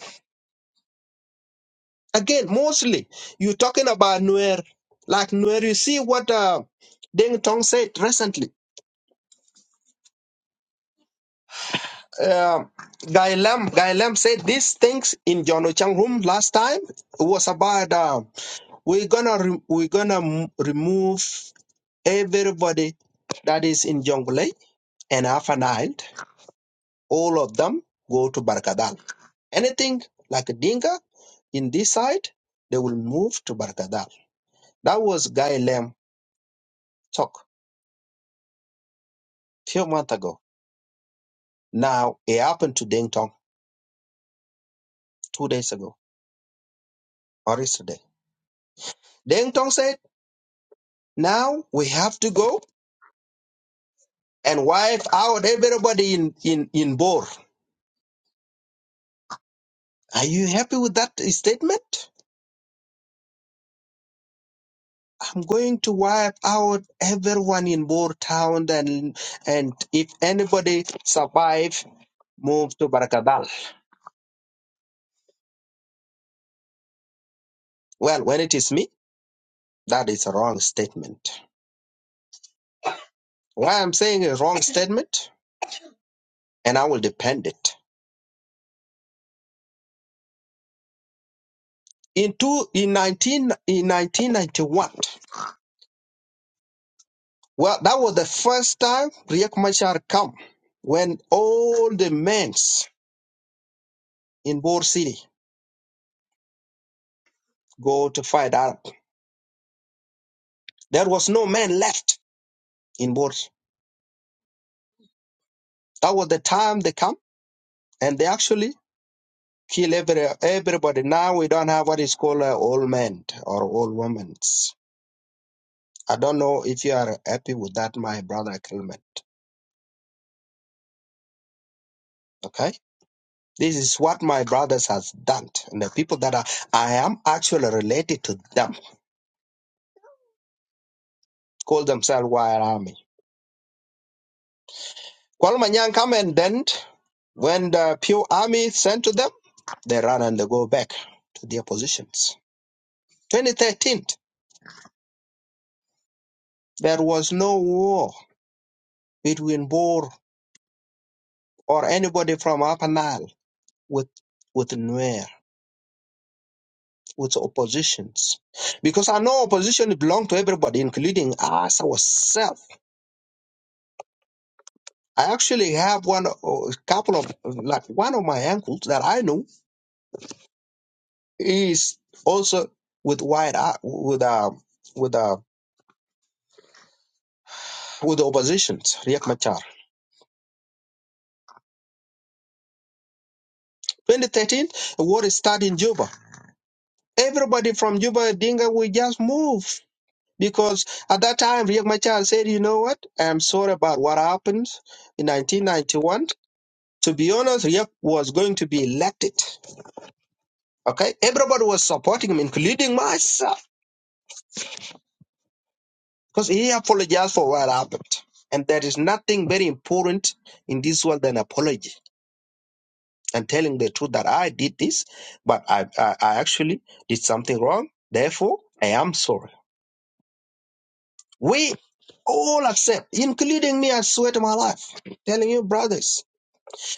F: again mostly you're talking about Nuer like Nuer you see what uh, Deng Tong said recently uh, Guy Lam Guy Lam said these things in John Ochang room last time it was about uh, We're gonna re- we're gonna m- remove everybody that is in Jonglei and Alpha Nile. All of them go to Barkadal. Anything like a Dinka in this side, they will move to Barkadal. That was Guy Lem talk a few months ago. Now it happened to Deng Tong two days ago or yesterday. Deng Tong said, "Now we have to go and wipe out everybody in in in Bor." Are you happy with that statement? I'm going to wipe out everyone in Boer town and and if anybody survive, move to Barakadal. Well, when it is me, that is a wrong statement. Why I'm saying a wrong statement, and I will defend it. In two, in nineteen in nineteen ninety one, well, that was the first time Riek Machar come when all the men in Boer City go to fight Arab. There was no man left in Boer. That was the time they come and they actually kill every everybody. Now we don't have what is called uh, old men or old women. I don't know if you are happy with that, my brother Clement. Okay, this is what my brothers has done, and the people that are, I am actually related to them call themselves Wire Army. Kwalmanyang come and then when the Pew Army sent to them, they run and they go back to their positions. 2013, there was no war between Boer or anybody from Upper Nile with with Nuer, with oppositions. Because I know opposition belong to everybody, including us, ourselves. I actually have one a couple of like one of my uncles that I know is also with white Ar- with uh with uh with the oppositions, Riek Machar. 2013, a war started in Juba. Everybody from Juba, Dinga, we just move. Because at that time, Riek Machar said, you know what? I'm sorry about what happened in 1991. To be honest, Riek was going to be elected. Okay, everybody was supporting him, including myself, because he apologized for what happened. And there is nothing very important in this world than apology and telling the truth that I did this, but I, I, I actually did something wrong. Therefore, I am sorry. We all accept, including me, I swear to my life, telling you, brothers,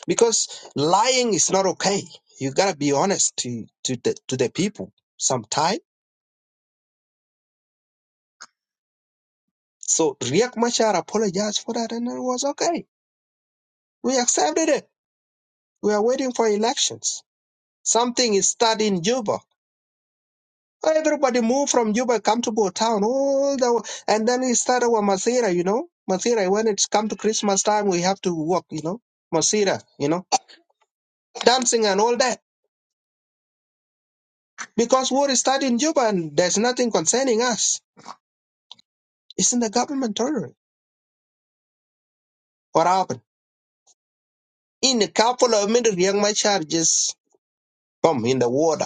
F: because lying is not okay. You gotta be honest to, to the to the people sometimes So Riek Machar apologized for that and it was okay. We accepted it. We are waiting for elections. Something is started in Juba. Everybody moved from Juba, come to Bo Town, all the and then we started with Masira, you know. Masira, when it's come to Christmas time, we have to walk, you know. Masira, you know, dancing and all that. Because war is started in Juba and there's nothing concerning us. It's in the government territory. What happened? In a couple of minutes, Riek Machar just boom in the water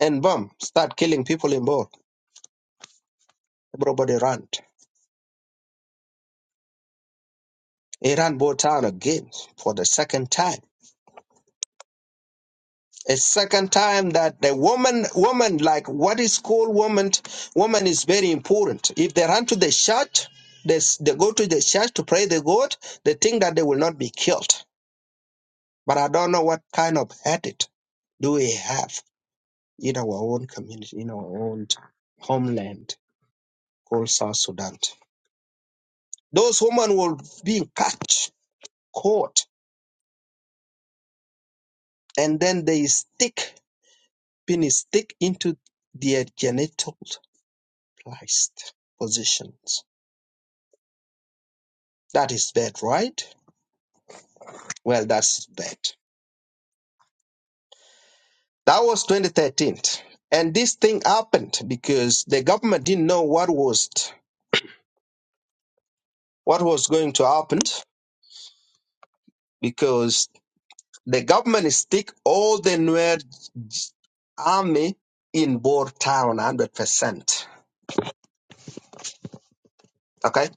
F: and boom, start killing people in Bor. Everybody ran. He ran Bor town again for the second time. A second time that the woman, woman, like what is called woman, woman is very important. If they run to the church, they, s- they go to the church to pray the God, they think that they will not be killed. But I don't know what kind of habit do we have in our own community, in our own homeland called South Sudan. Those women will be catch, caught and then they stick penis stick into their genital placed positions. That is bad, right? Well, that's bad. That was 2013, and this thing happened because the government didn't know what was what was going to happen because the government stick all the Nuer army in Boer town 100 percent. Okay.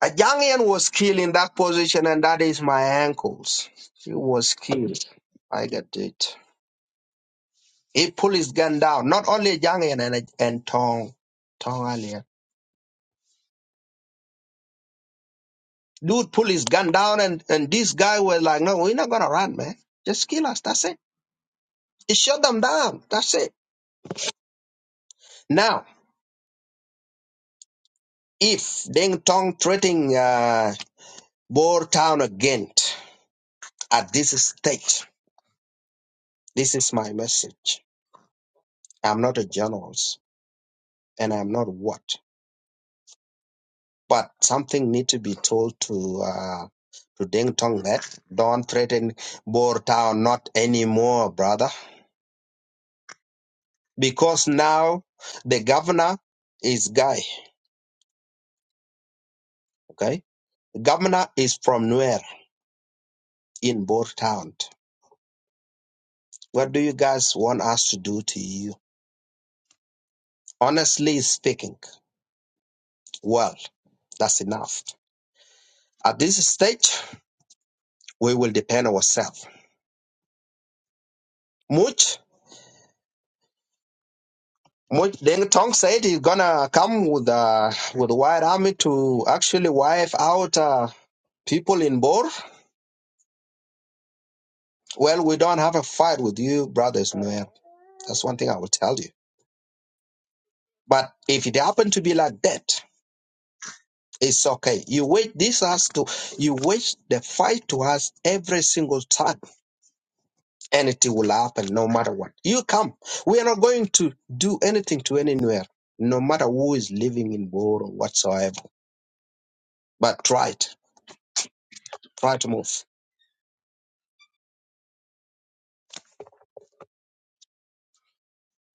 F: A Jangian was killed in that position, and that is my ankles. He was killed. I get it. He pulled his gun down. Not only Jangian and and Tong, Tong earlier. Dude pulled his gun down, and and this guy was like, "No, we're not gonna run, man. Just kill us. That's it." He shot them down. That's it. Now, if Deng Tong threatening uh, Boer Town again at this stage, this is my message. I'm not a journalist, and I'm not what. but something need to be told to uh, to Deng Tong that don't threaten Boer Town not anymore, brother, because now the governor is guy. Okay, the governor is from nowhere in Boer Town. What do you guys want us to do to you? Honestly speaking, well, that's enough. At this stage, we will depend ourselves. much. Mo- Deng Tong said he's gonna come with uh, with the white army to actually wipe out uh, people in Bor. Well, we don't have a fight with you, brothers. Nuer. That's one thing I will tell you. But if it happened to be like that, it's okay. You wait this has to you wait the fight to us every single time, and it will happen no matter what. You come. We are not going to do anything to anywhere, no matter who is living in Bor or whatsoever. But try it. Try to move.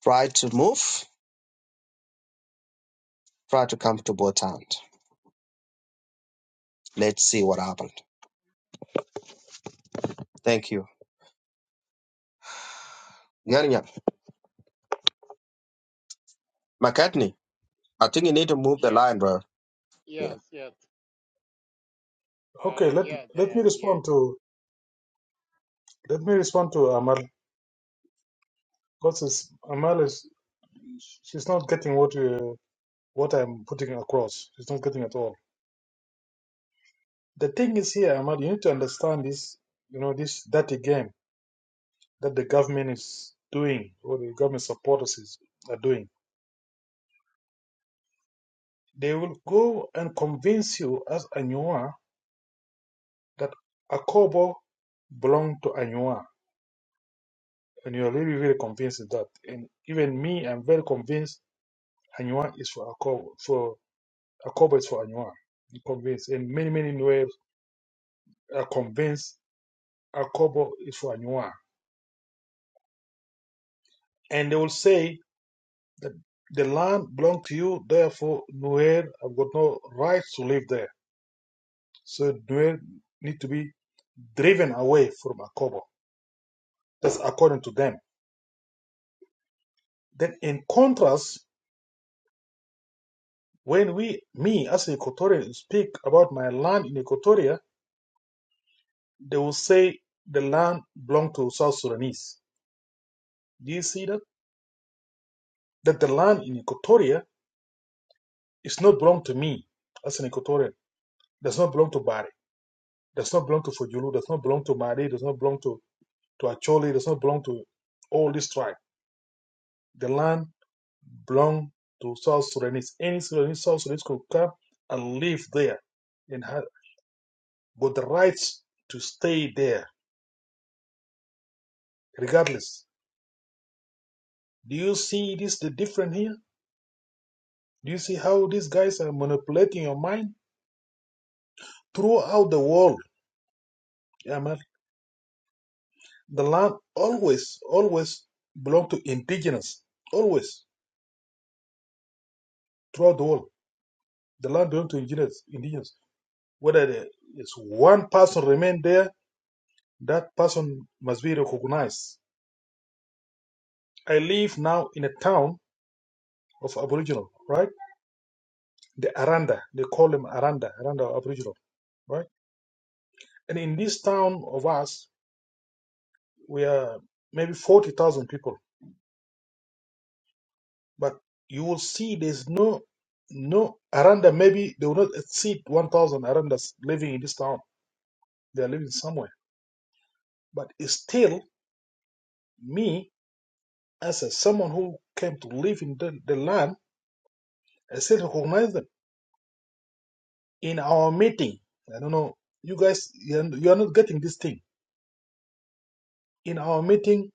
F: Try to move, try to come to both hands. Let's see what happened. Thank you. Gernyang. McCartney, I think you need to move the
G: Yes,
F: line, bro. Yeah.
G: yes, yes. Uh,
E: okay, let,
G: yes,
E: let
G: I
E: me
G: am here.
E: respond to, let me respond to Amal. Because it's, Amal is, she's not getting what you, what I'm putting across. She's not getting at all. The thing is here, Amal, you need to understand this, you know, this dirty game that the government is doing, or the government supporters is, are doing They will go and convince you as Anywa that Akobo belonged to Anywa. And you're really, really convinced of that. And even me, I'm very convinced Anywa is for Akobo. For Akobo is for Anywa. I'm convinced. And many, many Nuer are convinced Akobo is for Anywa. And they will say that the land belongs to you, therefore Nuer have got no right to live there. So Nuer need to be driven away from Akobo. That's according to them Then, in contrast, when we, me as an Equatorian, speak about my land in Equatoria, they will say the land belongs to South Sudanese. Do you see that? That the land in Equatoria is not belong to me as an Equatorian. Does not belong to Bari. Does not belong to Fujulu. Does not belong to Mari. Does not belong to to Acholi. Does not belong to all this tribe. The land belongs to South Sudanese. Any Sudanese, South Sudanese could come and live there and have got the rights to stay there regardless. Do you see this the different here? Do you see how these guys are manipulating your mind throughout the world? Yeah, man. The land always, always belong to indigenous. Always throughout the world, the land belong to indigenous. Indigenous. Whether there is one person remain there, that person must be recognized. I live now in a town of Aboriginal, right? The Aranda, they call them Aranda, Aranda Aboriginal, right? And in this town of us, we are maybe 40,000 people, but you will see there's no, no Aranda, maybe they will not exceed 1,000 Arandas living in this town. They are living somewhere. But it's still, me, as a, someone who came to live in the, the land, I still recognize them. In our meeting, I don't know, you guys, you are you are not getting this thing. In our meeting,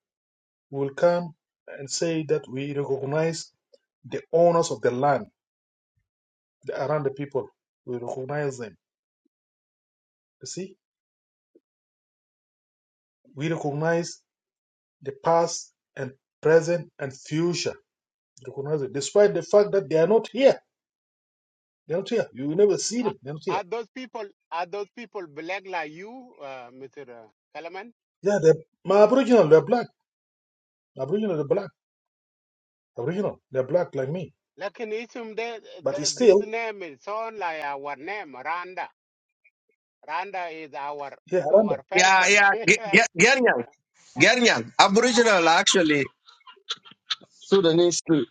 E: we will come and say that we recognize the owners of the land, the Aranda people. We recognize them. You see? We recognize the past and present and future. Recognize it, despite the fact that they are not here. They're not here. You will never see them.
G: Are,
E: They're not here.
G: are those people? Are those people black like you, uh, Mister Kalaman?
E: Yeah, they're my Aboriginal. They're black. Aboriginal. They're black. Aboriginal. They're black like me.
G: Like in Isum, they,
E: But
G: they,
E: it's
G: this
E: still,
G: name is sound like our name, Randa. Randa is our
E: here around them.
G: our
F: Yeah,
G: person.
F: yeah. Ge- Ge- Gernyang. Gernyang. Aboriginal, actually. Sudanese too.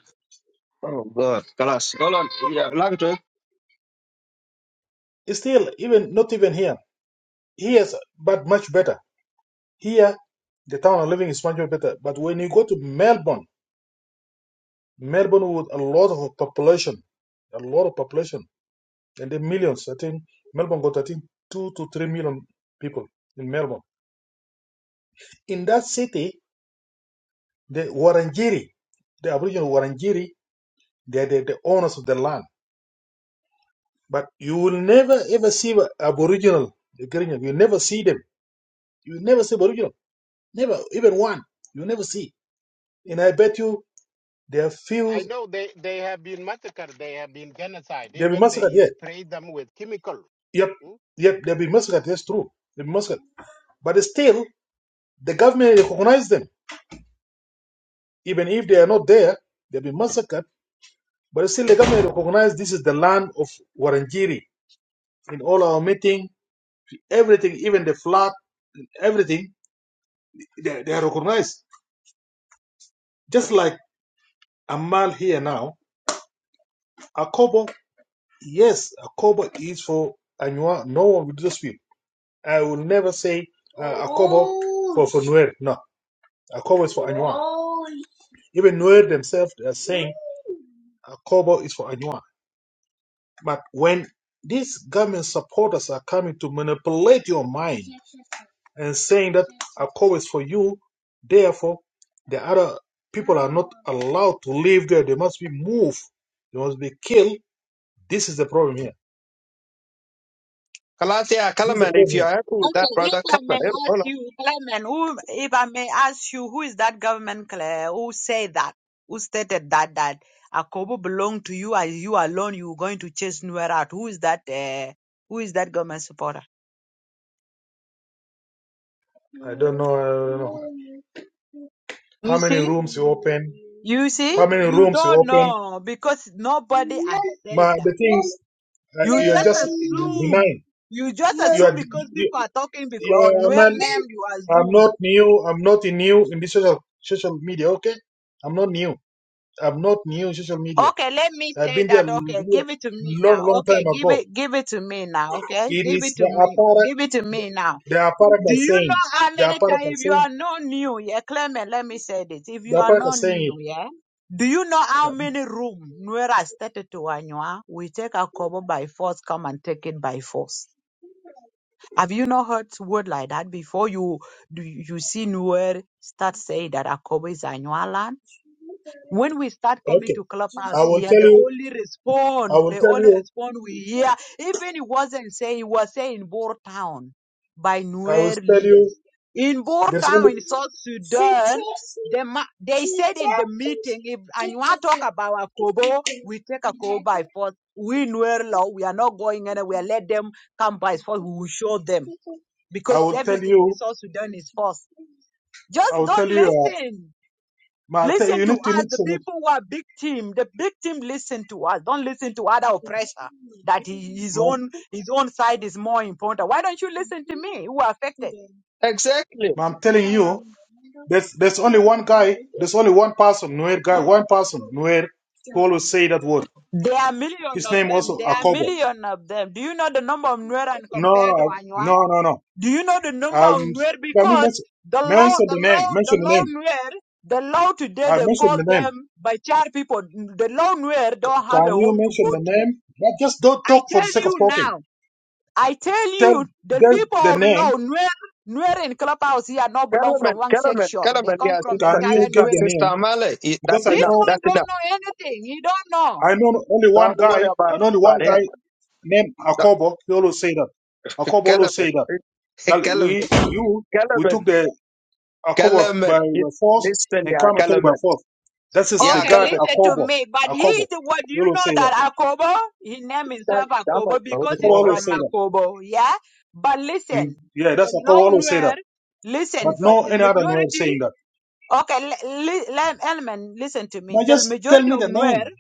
F: Oh, God. Kalas. Hold on. Yeah, like to.
E: It's still even not even here. Here is but much better. Here, the town of living is much better. But when you go to Melbourne, Melbourne with a lot of population, a lot of population. and then millions. I think Melbourne got I think two to three million people in Melbourne. In that city, the Wurundjeri, the Aboriginal Wurundjeri, they are the, the owners of the land. But you will never ever see a Aboriginal the Garinger. You never see them. You never see Aboriginal. Never, even one. You never see. And I bet you there are few.
G: I know they they have been massacred. They have been genocide.
E: They'll be
G: Even
E: massacred.
G: they
E: Yeah.
G: spray them with chemical.
E: Yep.
G: Hmm?
E: Yep. They'll be massacred. That's true. They'll be massacred. But still, the government recognize them, even if they are not there. They'll be massacred But still, the government recognized this is the land of Warangiri. In all our meeting, everything, even the flood, everything, they, they are recognized. Just like Amal here now, Akobo, yes, Akobo is for Anywa. No one will dispute. I will never say uh, Akobo oh. for, for Nuer. No, Akobo is for Anua. Even Nuer themselves are saying Akobo is for Anywa. But when these government supporters are coming to manipulate your mind and saying that Akko is for you, therefore the other people are not allowed to live there. They must be moved. They must be killed. This is the problem here.
F: Kalas, yeah.
E: This is the
F: Kalaman, if
E: problem.
F: you are
E: here.
F: happy with that,
D: Okay, if
F: brother, come
D: I
F: on.
D: may
F: Eh, Hold
D: ask
F: on.
D: you, Clement, who, if I may ask you, who is that government, Claire, who said that, who stated that, that Akobo belonged to you and you alone, you were going to chase Nuer out? Who is that, uh, who is that government supporter?
E: I don't know. I don't know
D: You
E: how many
D: see?
E: rooms you open.
D: You see?
E: How many
D: You
E: rooms you
D: don't
E: open?
D: know because nobody has
E: Ma,
D: said
E: the
D: that.
E: things uh,
D: You
E: you're
D: just
E: just
D: assume.
E: denying.
D: You just
E: You
D: assume
E: are.
D: because people are talking because, or
E: Yeah,
D: Nuer
E: man,
D: name, you
E: I'm
D: assume.
E: not new. I'm not new in this social social media. Okay, I'm not new. I'm not new in social media.
D: Okay, let me
E: I've
D: say
E: been there
D: that. Okay,
E: l-
D: give it to me
E: long,
D: now.
E: long
D: Okay,
E: time
D: give
E: ago.
D: it, give it to me now. Okay,
E: It
D: give
E: is
D: it to
E: the
D: me,
E: apparat.
D: give it to me now.
E: The apparat
D: Do
E: are
D: you
E: saying.
D: know how
E: The
D: many
E: apparat
D: times
E: are
D: if you
E: saying.
D: are not new, yeah, Clement? Let me say this: if
E: The
D: you are
E: apparat are
D: not
E: saying
D: new, yeah, do you know how many room Nuera started to Anywa? We take our cover by force, come and take it by force. Have you not heard word like that before? You do you see Nuer start saying that our cover is Anywa land? When we start
E: it.
D: coming
E: Okay,
D: to
E: I
D: Clubhouse
E: will
D: here,
E: tell
D: the
E: you.
D: only
E: I
D: response,
E: will
D: the
E: tell
D: only
E: you.
D: response we hear, even it wasn't saying, it was saying Boer Town by
E: I will
D: Nuer
E: tell you.
D: leaders. In Boer
E: There's
D: Town
E: only.
D: in South Sudan, the, ma- they said in the meeting, if Anua talk about Akobo, we take Akobo by force. We Nuer law, we are not going anywhere. Let them come by force. We will show them
E: I
D: because
E: will tell
D: everything in
E: you.
D: South Sudan is force.
E: I
D: Just
E: will tell
D: don't
E: you. Uh,
D: listen
E: ma,
D: Listen
E: you need
D: to
E: to
D: us, the
E: listen.
D: people who are victim. The victim listen to us. Don't listen to other oppressor that he- his own
E: Man,
D: his own side is more important. Why don't you listen to me who are affected?
F: Exactly.
E: But I'm telling you, there's there's only one guy, there's only one person, Nuer guy, one person, Nuer, who always say that word.
D: There are million
E: His
D: of
E: name
D: them.
E: also
D: There are
E: Akobo.
D: million of them. Do you know the number of Nuer and compared to
E: No,
D: Anua?
E: no, no, no.
D: Do you know the number of
E: Um,
D: Nuer?
E: can you
D: Because
E: mention,
D: the law,
E: mention
D: the
E: the name?
D: law, the
E: Mention the
D: law
E: name.
D: Nuer, the law today
E: Uh,
D: they
E: mention the
D: call
E: name.
D: them by Bachar people. The law Nuer don't have a
E: Can you
D: home to
E: mention
D: go
E: the
D: to.
E: name? But just don't
D: I
E: talk for the
D: tell
E: sake of
D: you
E: talking.
D: now. I tell
E: Tell
D: you, the
E: them
D: people
E: the
D: of Law,
E: name.
D: Nuer, Nuer in Clubhouse here not belong from
F: Kalaman,
D: one
F: Kalaman,
D: section. They
F: Kalaman.
D: come
F: Yeah,
D: from
E: Can
F: sister,
E: you
D: entire
E: give
F: sister,
D: Nuer.
E: the
F: sister
E: name?
F: Amale. Eh, That's
E: Because I
D: This
F: enough.
E: know
D: man
F: That's
D: don't
F: enough.
D: know anything. He don't know.
E: I know only one
F: Don't
E: guy,
F: worry
E: and
F: about,
E: only one
F: about him.
E: guy named
F: No,
E: Akobo. He always say that. Akobo always say that.
F: Kalaman.
E: Gal-
F: Kalaman.
E: We, you, we
F: Kalaman,
E: took the Akobo
F: Kalaman.
E: by by force
F: Listen,
E: and
F: yeah,
E: come and took it by
F: Kalaman.
E: force. That is the
F: Yeah,
D: Okay,
E: guy
F: Kalaman.
D: listen to
E: Akobo.
D: me. But he
E: Akobo.
D: is the one. Do
E: You
D: you
E: always say
D: know
E: that.
D: that Akobo? He named
F: This guy
D: himself
F: is dumb as
D: Akobo
F: well.
D: because
E: Akobo
D: he's
F: Tomorrow, eh?
E: always
D: from
E: say that.
D: Akobo. Yeah? But
E: Mm.
D: listen,
E: Yeah,
D: the
E: that's
D: Law
E: Akobo always say
D: Nuer,
E: that. But
D: listen for
E: no
D: the
E: any other Noel
D: majority.
E: saying that.
D: Okay, le, le, Elman, listen to me.
E: Now
D: The
E: just tell
D: majority
E: me
D: of
E: the
D: Nuer
E: name.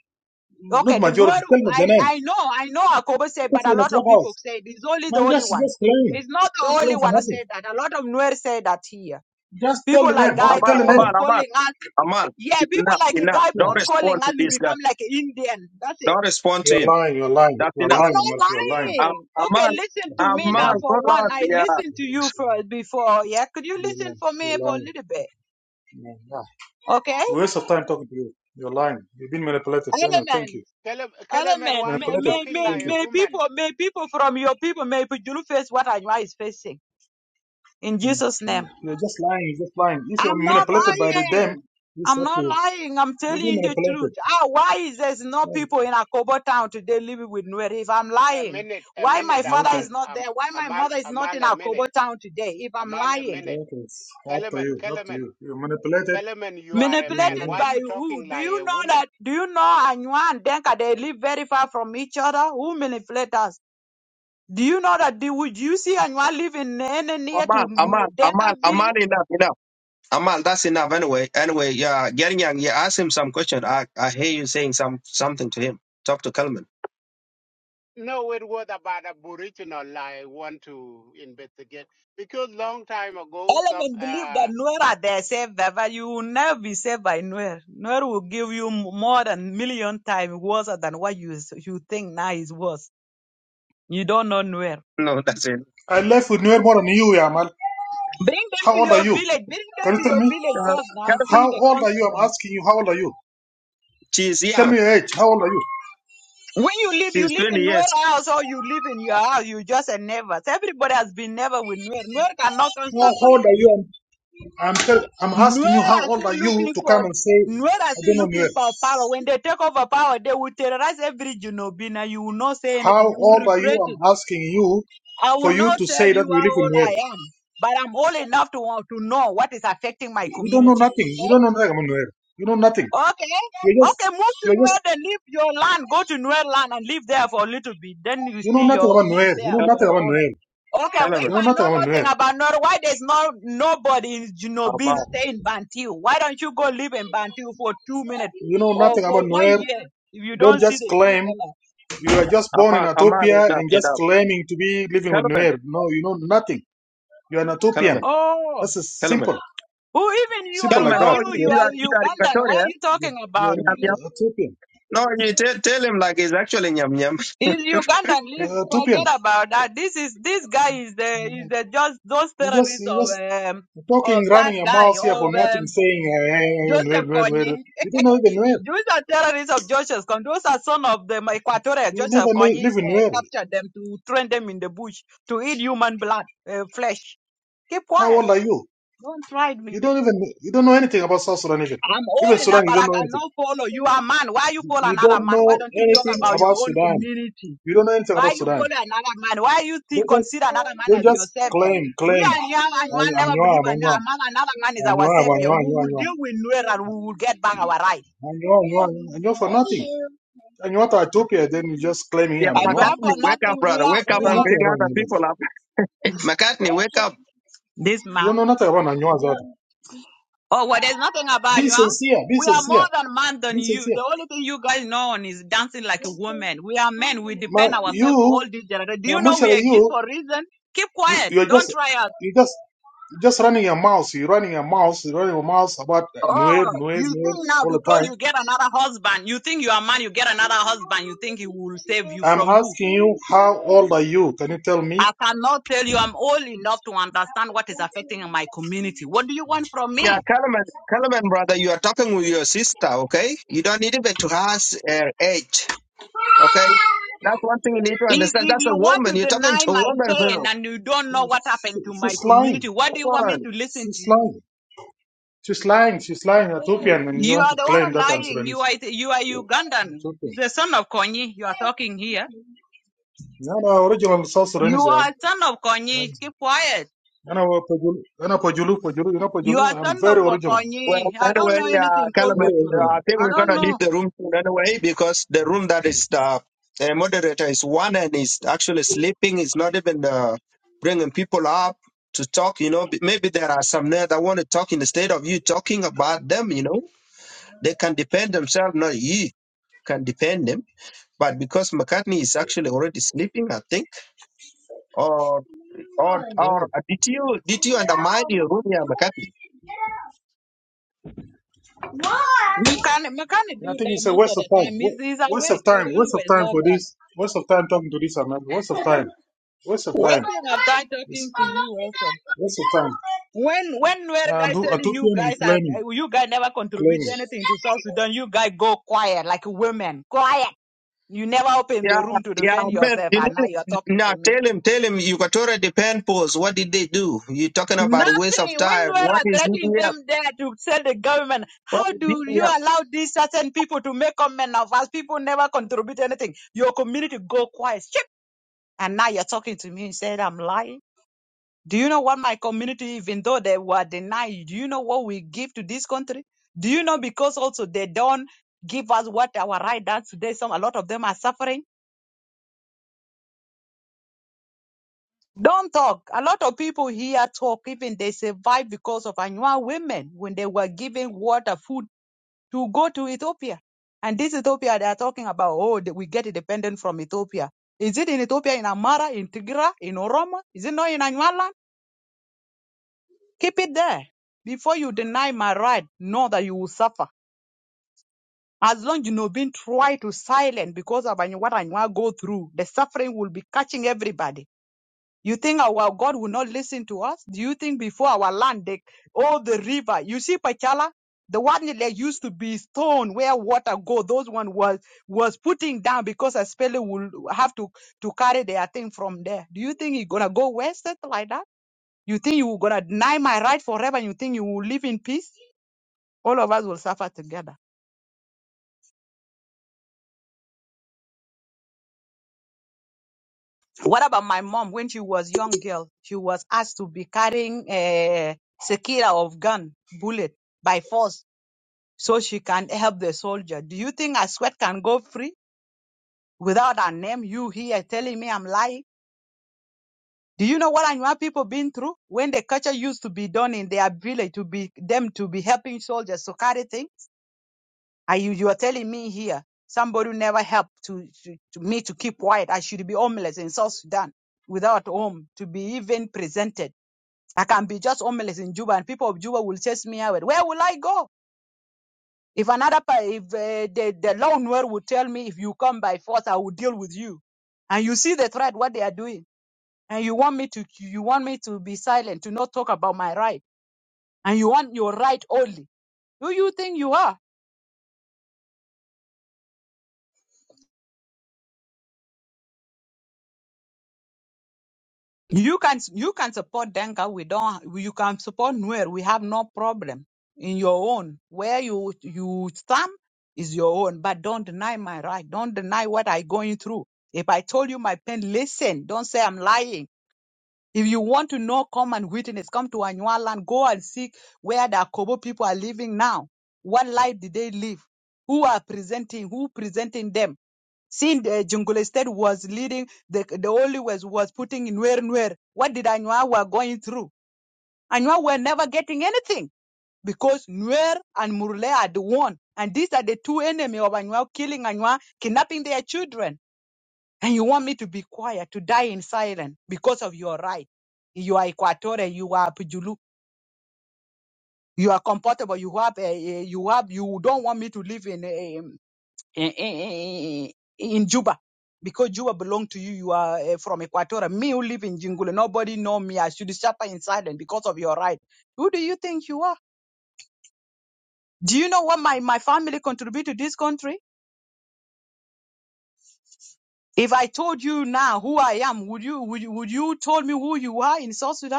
D: Okay,
E: Not
D: the
E: majority.
D: Nueru,
E: Tell me the
D: I,
E: name.
D: I know, I know Akobo said,
E: Because
D: but a
E: in a
D: lot of people
E: clubhouse.
D: say it's only the
E: Man,
D: only
E: just
D: one.
E: just claim.
D: It's not
E: Don't
D: the only
E: claim for
D: one who
E: nothing.
D: said that. A lot of Nuer say that here.
E: Just tell
D: People
E: the
D: like
E: name. Okay,
D: Guy
E: tell
F: Amal,
E: the
D: Bull
E: name.
F: Amal, Amal,
D: calling us.
F: Amal.
D: Yeah, people
F: Enough,
D: like a
F: enough.
D: Guy
E: Yeah.
D: Bull
F: Don't
D: calling
F: respond to
D: us, we
F: this guy.
D: become like an Indian. That's it.
F: Don't respond to
E: You're
F: him.
E: lying. You're lying.
F: That's
E: You're
D: I'm
F: enough.
E: lying. Mark,
D: not
E: You're lying.
F: Um,
D: lying. Okay,
F: Amal,
D: listen
E: You're
D: to me
F: Amal,
D: now
E: lying.
D: for
F: hold
D: one.
F: on,
D: I
F: yeah.
D: listened to you first before. Yeah, could you listen for
E: You're
D: me for a
E: lying.
D: little bit?
E: You're lying.
D: Okay?
E: Waste of time talking to you. You're lying. You've been manipulated. Anyway, thank you.
D: Element.
G: Kalaman,
D: Element.
G: why are
D: May,
G: you
E: Manipulated.
D: may,
G: talking
D: may,
E: Thank
G: like a
E: you.
D: may
G: woman?
D: people, may people from your people, may Pujulu face what Anwa is facing. in
E: Mm.
D: Jesus'
E: Yeah.
D: name.
E: You're just lying. You're just lying. If you're
D: I'm not
E: manipulated by the them,
D: lying.
E: it's
D: I'm
E: up to
D: not
E: you.
D: lying. I'm
E: You've
D: telling
E: been
D: you the truth.
E: manipulated.
D: Ah, why is there's no people
E: Yeah.
D: in Akobo town today living with Nuer if I'm
G: a
D: lying?
G: minute, a
D: Why my
G: minute,
D: father
G: Amal,
E: Okay.
D: is not
G: um,
D: there? Why my
G: Amal,
D: mother is not in
G: Amal, a minute,
D: Akobo town today if I'm
G: Amal, a
D: lying?
G: minute.
E: Okay. It's up to
G: Kellerman,
E: you. Up to
G: Kellerman,
E: you. You're manipulated.
G: Kellerman, you are a
E: Been
G: man.
D: Manipulated
G: Why
E: manip-
D: by
G: you
D: who?
G: talking
D: Do
G: like a
D: you know
G: woman?
D: that? Do you know
G: Huh?
D: Anywa and Denka, they live very far from each other? Who manipulate us? Do you know that? Do, would you see Anywa live in any near
F: Amal,
D: to
F: Amal,
D: Denka
F: Amal, Amal,
D: village?
F: enough, enough. Amal, that's enough. Anyway, anyway, yeah. Yang, yeah, ask him some question. I, I hear you saying some something to him. Talk to Kalman.
G: No, it was about aboriginal I want to investigate because long time ago, some
D: Element believe
G: uh,
D: that Nuer are their savior, but you will never be saved by Nuer. Nuer will give you m- more than million times worse than what you s- you think now is worse. You don't know Nuer.
F: No, that's it.
E: I left with Nuer more than you, Yamal.
D: Bring them
E: How
D: to
E: old are
D: your
E: you?
D: village. Bring them
E: Can you
D: to
E: tell
D: your
E: me?
D: village
F: Uh,
D: first now and
F: Kalman,
D: see
E: How
D: the
E: old are you? I'm
D: consequence.
E: asking you. How old are you?
F: she's
E: Tell
F: young.
E: me your age. How old are you?
D: When you live, you
F: She's
D: live
F: 20
D: in Nuer
F: years.
D: house or you live in your house. You just a neighbors. Everybody has been never with Nuer. Nuer cannot come start
E: How old are
D: fighting
E: you?
D: you.
E: I'm I'm, tell, I'm
D: Nuer
E: asking you. How
D: are
E: old
D: still
E: are you
D: looking
E: to
D: for
E: come and say
D: Nuer are
E: I
D: still
E: don't know Nuer?
D: looking for power. When they take over power, they will terrorize every Junobina. You will not say
E: How
D: anything. You will
E: old are you?
D: regret it.
E: I'm asking you
D: I will
E: for you
D: not
E: to
D: tell
E: say that
D: you
E: you
D: how
E: live in
D: old
E: Nuer.
D: I am, but I'm old enough to want to know what is affecting my
E: You don't know
D: community.
E: nothing.
D: Okay.
E: You don't know nothing about Nuer. You know nothing.
D: Okay.
E: You're just,
D: Okay, move to
E: you're
D: Nuer
E: just,
D: and leave your land. Go to Nuer land and live there for a little bit. Then you
E: you know
D: see your
E: nothing about
D: live
E: Nuer. You
D: there
E: know
D: for
E: nothing
F: Kalman,
D: your
E: about
D: own.
E: Nuer.
D: Okay, well,
F: Kalman.
D: if
E: You know
D: I know
E: nothing about Nuer.
D: nothing about Nuer, why there's no nobody in you know being
F: Aman,
D: stay in Bantu? Why don't you go live in Bantu for two minutes
E: You know
D: or
E: nothing
D: for
E: about
D: one
E: Nuer.
D: year if you
E: Don't
D: don't see
E: just
D: the true
E: claim
D: color?
E: you are just born
F: Aman,
E: in
F: Aman,
E: Ethiopia
F: enough,
E: and just
F: enough.
E: claiming to be living with
F: Kellerman,
E: Nuer. No, you know nothing. You're an Ethiopian.
F: Kellerman,
D: Oh,
E: That's as
F: Kellerman.
E: simple,
D: who even you?
E: simple
D: I
E: like
F: Kellerman,
D: know
E: that.
F: oh,
D: you.
F: you,
D: You
E: You're,
F: you are you
D: are
F: are in
D: Ugandan. What are
F: Equatorial.
D: you talking
E: you're
D: about?
F: Yum,
E: an
D: Please.
F: yum.
E: Ethiopian.
F: No, you tell tell him like he's actually yum, yum.
D: Is Uganda leave?
E: you Ethiopian.
D: Forget about that. This is this guy is the is the just those
E: You just,
D: terrorists
E: you
D: of
E: just
D: um
E: talking,
D: of that
E: running your
D: guy
E: mouth here for
D: of
E: nothing,
D: um,
E: saying, eh, where,
D: Joseph
E: where. Nuer,
D: Kony.
E: You don't know even where.
D: Those are terrorists of Joseph Kony. Those are son of the Equatorial
E: You
D: Joseph
E: never kn-
D: Kony
E: live in
D: uh,
E: where.
D: captured them to train them in the bush to eat human blood uh, flesh. Keep
E: How
D: quiet.
E: old are you?
D: Don't try
E: You
D: me.
E: don't even, you don't know anything about South Sudan even.
D: I'm
E: Even
D: old
E: Sudan,
D: enough,
E: you
D: but
E: don't
D: I
E: know anything.
D: cannot follow. You are a man. Why you follow
E: You
D: another
E: don't
D: man? Why
E: know
D: don't you talk
E: anything
D: about your
E: about
D: own
E: Sudan.
D: community?
E: You don't know anything about
D: Why you follow
E: Sudan.
D: another man? Why you th-
E: Don't just,
D: consider another man
E: don't
D: as your
E: just
D: savior?
E: claim,
D: We
E: claim.
D: are young and one
E: I- I'm
D: never
E: Nuer,
D: believe in
E: I'm Nuer.
D: another, another man is
E: I'm
D: our
E: Nuer, I'm Nuer, I'm
D: savior. We
E: Nuer,
D: will
E: I'm Nuer.
D: deal with Nuer and we will get back our right.
E: for nothing. And you want to Ethiopia, then you just claim here,
F: Yeah,
E: I'm
D: And
E: Nuer.
D: you for
F: McCartney, wake up,
D: nothing, we
F: brother.
D: are,
F: Wake
E: You
F: up
D: we
E: know
F: and
D: are
F: bring
E: nothing about
F: other
E: Nuer.
F: people up. McCartney, wake up.
D: this
E: You don't
D: man.
E: know nothing about Nanywa Zadu.
D: Oh, well, there's nothing about
E: Be
D: you. huh?
E: sincere, be
D: We are
E: sincere,
D: more than man than
E: be
D: you.
E: sincere.
D: The only thing you guys know on is dancing like a woman. We are men. We
E: My,
D: depend ourselves for
E: you,
D: all this generation. Do you know
E: Michelle,
D: we exist
E: you,
D: for a reason? Keep
E: you,
D: quiet.
E: you're
D: Don't
E: just,
D: try us.
E: you just, just running your mouth. You're running your mouth. You're running your mouth about uh, Nuer,
D: Oh,
E: Nuer,
D: you
E: Nuer
D: think now
E: all the
D: because
E: time.
D: you get another husband, you think you are a man, you get another husband, you think he will save you
E: I'm
D: from who?
E: asking you, how old are you? Can you tell me?
D: I cannot tell you. I'm old enough to understand what is affecting my community. What do you want from
F: Yeah,
D: me?
F: Kellerman, Kellerman, brother, you are talking with your sister, okay? You don't need even to ask her age, okay? That's one thing you need to
D: If,
F: understand.
D: if
F: That's a
D: you want to
F: woman. You're talking
D: deny
F: to a
D: my
F: woman,
D: pain
F: bro.
D: and you don't know what happened to my
E: She's
D: community,
E: lying.
D: what do
F: Come
D: you want
F: on.
D: me to listen to
E: She's
D: you?
E: lying. She's lying. She's lying. Ethiopian, and you
D: You
E: want
D: are
E: to
D: the one
E: claim that I'm
D: lying. You
E: Sudanese.
D: are you are Ugandan. He's
E: Ethiopian.
D: the son of Konyi. You are talking here.
E: No, no, original South
D: You
E: Sudanese. Yeah.
D: are son of Konyi.
E: I'm,
D: Keep quiet.
E: I'm, I'm, Pajulu, I'm Pajulu, Pajulu, you know
D: You are
E: Pajulu? I'm
D: son
E: very
D: of a
E: original.
D: Konyi.
F: Well,
D: I don't
F: anyway,
D: know
F: uh,
D: anything called
E: What
F: Calaman,
E: else
F: uh,
E: gonna
D: Kujulu.
F: I think
D: I
F: we're
D: don't
F: gonna leave
D: know.
F: the room soon anyway because the room that is the, the moderator is one and is actually sleeping. Is not even uh, bringing people up to talk. You know, B- maybe there are some there that want to talk instead of you talking about them. You know, they can defend themselves, not you can defend them. But because McCartney is actually already sleeping, I think, or or or uh,
E: Yeah.
F: did you did you undermine your room, yeah, McCartney?
D: We can we can not
E: I
D: do
E: think
D: that
E: it's a
D: most
E: waste
D: of
E: of
D: the
E: time.
D: time. He's,
E: Wa-
D: he's
E: Waste of
D: awake. He
E: time.
D: will
E: Waste of
D: always
E: time
D: love
E: for
D: that.
E: this. Waste of time talking to this America. Waste of time. Waste of time.
D: Wasting of time
E: It's
D: talking to you also.
E: waste of time.
D: When when were
E: And
D: guy
E: who- at
D: telling
E: 2
D: you
E: p.m.
D: guys uh,
E: claiming,
D: you guys never contribute
E: claiming.
D: anything to South Sudan, you guys go quiet like women. Quiet. You never open
F: Yeah,
D: the room to
F: yeah,
D: defend
F: man.
D: yourself
F: You
D: and
F: need
D: now
F: to
D: you're talking
F: now
D: to me.
F: tell him, tell him you got already pen pose. What did they do? You're talking about
D: Nothing.
F: waste of
D: When
F: time.
D: we
F: What
D: are
F: is
D: threatening
F: EDF?
D: them there to tell the government,
F: What
D: how
F: is
D: do you
F: EDF?
D: allow these certain people to make comment of us? People never contribute anything. Your community go quiet. Ship. And now you're talking to me and said I'm lying. Do you know what my community, even though they were denied, do you know what we give to this country? Do you know because also they don't give us what our right are today? Some a lot of them are suffering. Don't talk. A lot of people here talk, even they survive because of Anua women when they were giving water, food to go to Ethiopia. And this Ethiopia they are talking about, oh, that we get independent from Ethiopia. Is it in Ethiopia, in Amara, in Tigra, in Oromo? Is it not in Anyualand? Keep it there. Before you deny my right, know that you will suffer. As long as you know being tried to silent because of Anyuwa- what Anywa go through, the suffering will be catching everybody You think our God will not listen to us? Do you think before our land, they, all the river, you see Pachala, the one that used to be stone where water go, those one was was putting down because a speller will have to to carry their thing from there. Do you think he gonna go wasted like that? You think you gonna deny my right forever? You think you will live in peace? All of us will suffer together. What about my mom when she was young girl? She was asked to be carrying a sekira of gun bullet by force so she can help the soldier. Do you think a sweat can go free without a name? You here telling me I'm lying? Do you know what Anua people been through when the culture used to be done in their village to be them to be helping soldiers to carry things? Are you you are telling me here somebody who never helped to, to, to me to keep quiet? I should be homeless in South Sudan without home to be even presented. I can be just homeless in Juba and people of Juba will chase me out. Where will I go? If another, per- if uh, the, the lone word would tell me, if you come by force, I will deal with you. And you see the threat, what they are doing. And you want me to, you want me to be silent, to not talk about my right. And you want your right only. Who you think you are? You can, you can support Denka. We don't, you can support Nuer. We have no problem in your own. Where you, you stand is your own, but don't deny my right. Don't deny what i going through. If I told you my pain, listen. Don't say I'm lying If you want to know, come and witness. Come to Anyualand. Go and see where the Akobo people are living now. What life did they live? Who are presenting? Who presenting them? Since the Jungle State was leading, the, the only was, was putting in Nuer Nuer. What did Anywa were going through? Anywa were never getting anything because Nuer and Murle are the one. And these are the two enemy of Anywa, killing Anywa, kidnapping their children. And you want me to be quiet, to die in silence because of your right. You are Equatorial, you are Pijulu, you are comfortable, you have, eh, eh, you have, you don't want me to live in, eh, in, in, in Juba. Because Juba belong to you, you are eh, from Equatorial. Me who live in Jingule, nobody know me. I should suffer in silence because of your right. Who do you think you are? Do you know what my, my family contribute to this country? If I told you now who I am, would you would you, would you told me who you are in South Sudan?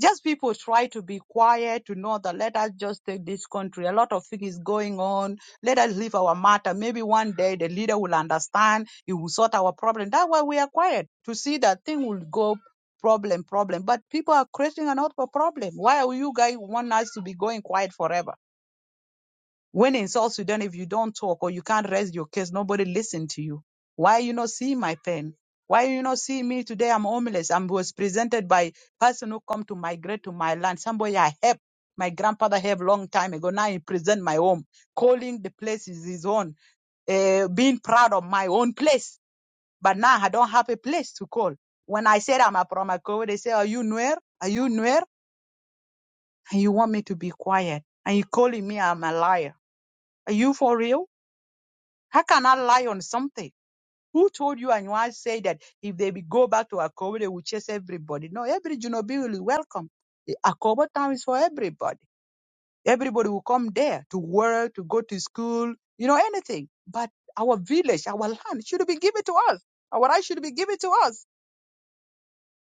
D: just people try to be quiet to know that let us just take this country. A lot of things is going on. Let us leave our matter. Maybe one day the leader will understand. He will sort our problem. That's why we are quiet to see that thing will go problem problem. But people are creating another problem. Why are you guys want us to be going quiet forever? When in South Sudan, if you don't talk or you can't raise your case, nobody listen to you. Why you not see my pain? Why you not see me today? I'm homeless. I was presented by person who come to migrate to my land. Somebody I help. My grandfather helped long time ago. Now he present my home, calling the place is his own, uh, being proud of my own place. But now I don't have a place to call. When I said I'm a Promako, they say, are you Nuer? Are you Nuer? And you want me to be quiet. And you calling me I'm a liar. Are you for real? How can I lie on something? Who told you and why say that if they be- go back to Akobo, they will chase everybody? No, every Junobi will be welcome. The Akobo town is for everybody. Everybody will come there to work, to go to school, you know, anything. But our village, our land should be given to us. Our rights should be given to us.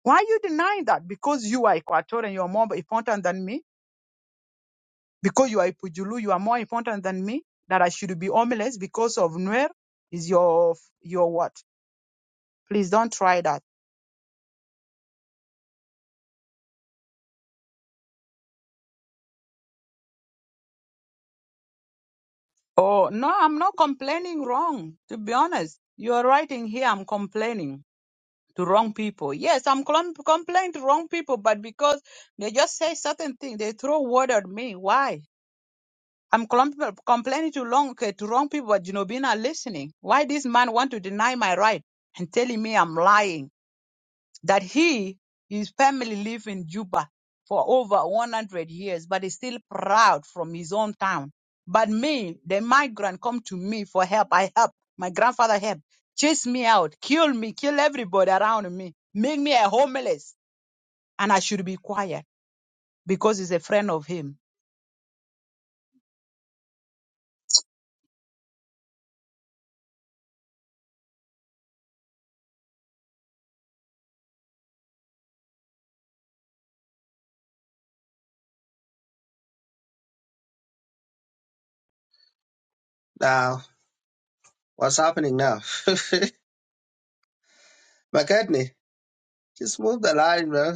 D: Why are you denying that? Because you are Equatorian, you are more important than me. Because you are Ipujulu, you are more important than me. That I should be homeless because of Nuer is your, your what? Please don't try that. Oh, no, I'm not complaining wrong. To be honest, you're writing here, I'm complaining to wrong people. Yes, I'm com- complaining to wrong people, but because they just say certain things, they throw word at me. Why? I'm clum- complaining to wrong, to wrong people, but you know, being not listening. Why this man want to deny my right and telling me I'm lying? that he, his family live in Juba for over 100 years, but is still proud from his own town. But me, the migrant come to me for help. I help. My grandfather help. Chase me out. Kill me. Kill everybody around me. Make me a homeless. And I should be quiet because he's a friend of him.
F: Now, what's happening now? McCartney, just move the line, bro.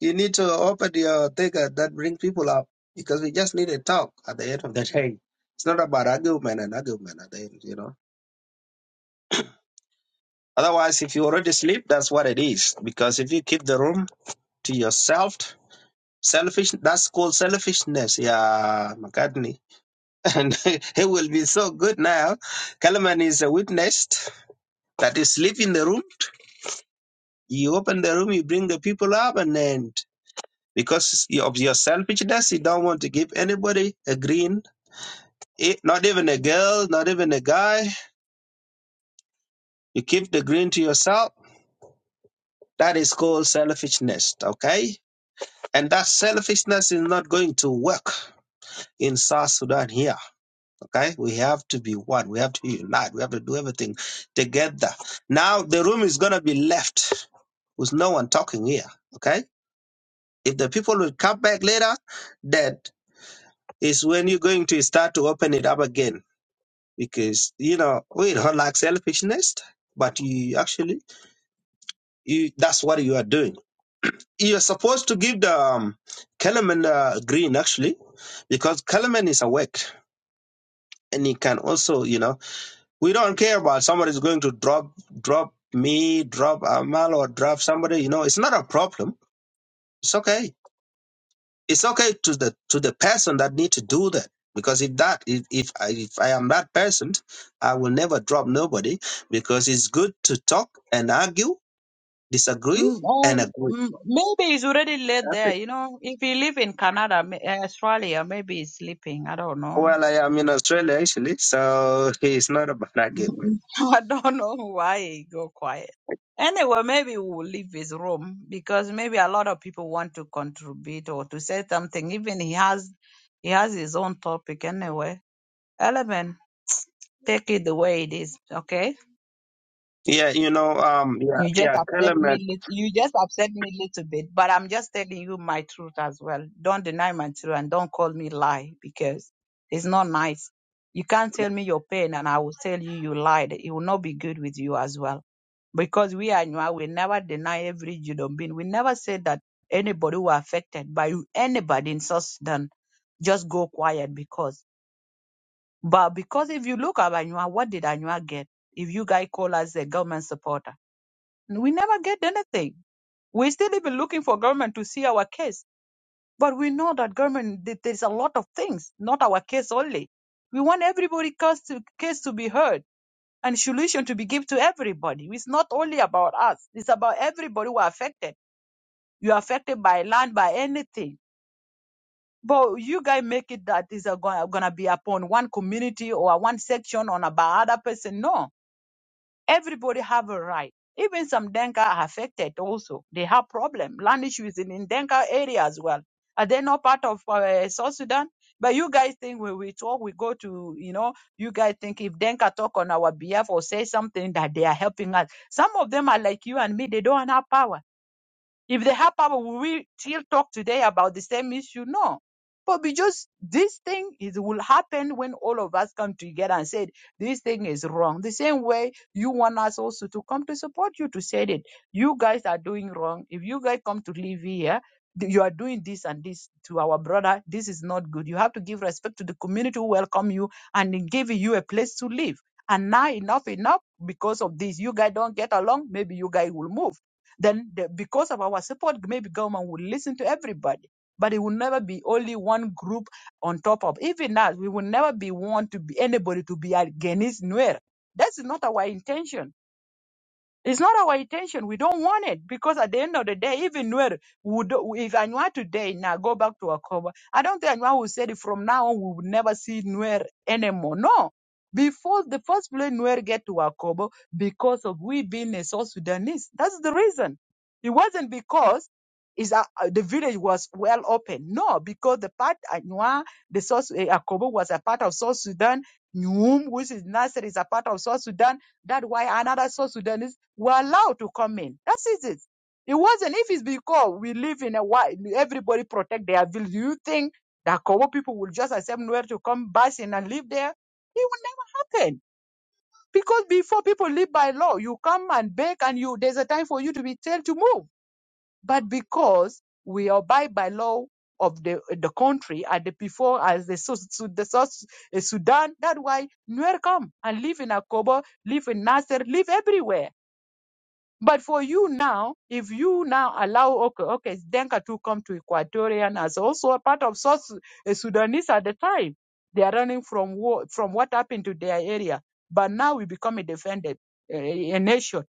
F: You need to open your thinker that bring people up because we just need a talk at the end of the day. It's not about argument and argument at the end, you know. Otherwise, if you already sleep, that's what it is. Because if you keep the room to yourself, Selfish. That's called selfishness. Yeah, McCartney. And he will be so good now. Kalman is a witness that you sleep in the room. You open the room. You bring the people up, and then because of your selfishness, you don't want to give anybody a green. eh, Not even a girl. Not even a guy. You keep the green to yourself. That is called selfishness. Okay, and that selfishness is not going to work in South Sudan here Okay, we have to be one. We have to unite. We have to do everything together. Now the room is gonna be left with no one talking here. Okay, if the people will come back later, that is when you're going to start to open it up again because you know we don't like selfishness, but you actually you that's what you are doing. You're supposed to give the um, Kellerman uh, green actually because Kellerman is awake and he can also you know We don't care about somebody's going to drop drop me, drop Amal, or drop somebody. You know, it's not a problem. It's okay. It's okay to the to the person that need to do that. Because if that if if I, if I am that person, I will never drop nobody. Because it's good to talk and argue, disagree
D: Mm,
F: and
D: um,
F: agree.
D: mm, maybe he's already late
F: That's
D: there.
F: it.
D: You know, if he live in Canada, ma- Australia, maybe he's sleeping. I don't know.
F: Well, I am in Australia actually, so it's not about argument.
D: I don't know why he go quiet. Anyway, maybe we'll leave his room because maybe a lot of people want to contribute or to say something. Even he has he has his own topic anyway. Element, take it the way it is, okay?
F: Yeah, you know, um, yeah,
D: You just
F: yeah,
D: upset
F: element,
D: me. lit- You just upset me a little bit, but I'm just telling you my truth as well. Don't deny my truth and don't call me lie because it's not nice. You can't tell me your pain and I will tell you you lied. It will not be good with you as well, because we are Nwa. We never deny every human being. We never say that anybody who affected by anybody in South Sudan just go quiet because. But because if you look at Anua, what did Anua get? If you guys call us a government supporter. We never get anything. We're still even looking for government to see our case. But we know that government, th- there's a lot of things, not our case only. We want everybody' case to, case to be heard and solution to be given to everybody. It's not only about us. It's about everybody who are affected. You're affected by land, by anything. But you guys make it that is going to be upon one community or one section on about other person. No Everybody have a right. Even some Denka are affected also. They have problem. Land issues in, in Denka area as well. Are they not part of uh, South Sudan? But you guys think when we talk, we go to, you know, you guys think if Denka talk on our behalf or say something that they are helping us. Some of them are like you and me. They don't have power if they have power, will we still talk today about the same issue? No. But because this thing is will happen when all of us come together and said this thing is wrong. The same way you want us also to come to support you to say it. You guys are doing wrong. If you guys come to live here, th- you are doing this and this to our brother. This is not good. You have to give respect to the community who welcome you and give you a place to live. And now enough enough because of this. You guys don't get along. Maybe you guys will move then the, because of our support, maybe government will listen to everybody. But it will never be only one group on top of. Even us, we will never be want to be anybody to be against Nuer. That's not our intention it's not our intention. We don't want it because at the end of the day, even where would if Anwar today now go back to Akoba, I don't think Anwar will say that from now on. We will never see Nuer anymore. No, before the first place Nuer get to Akoba because of we being a South Sudanese. That's the reason. It wasn't because is uh, uh, the village was well open. No, because the part Anwar, the South eh, Akobo was a part of South Sudan. Nyum, which is Nasser, is a part of South Sudan that's why another South Sudanese were allowed to come in. That's it. It wasn't if it's because we live in a wide, everybody protect their village. Do you think that Kobo people will just accept nowhere to come busing and live there? It will never happen. Because before people live by law, you come and beg and you there's a time for you to be told to move. But because we abide by law of the the country and the before as the, Su- Su- the South uh, Sudan, that's why Nuer come and live in Akobo, live in Nasser, live everywhere. But for you now, if you now allow okay, okay, Denka to come to Equatorian as also a part of South Su- uh, Sudanese at the time, they are running from war, from what happened to their area. But now we become a defended uh, a nation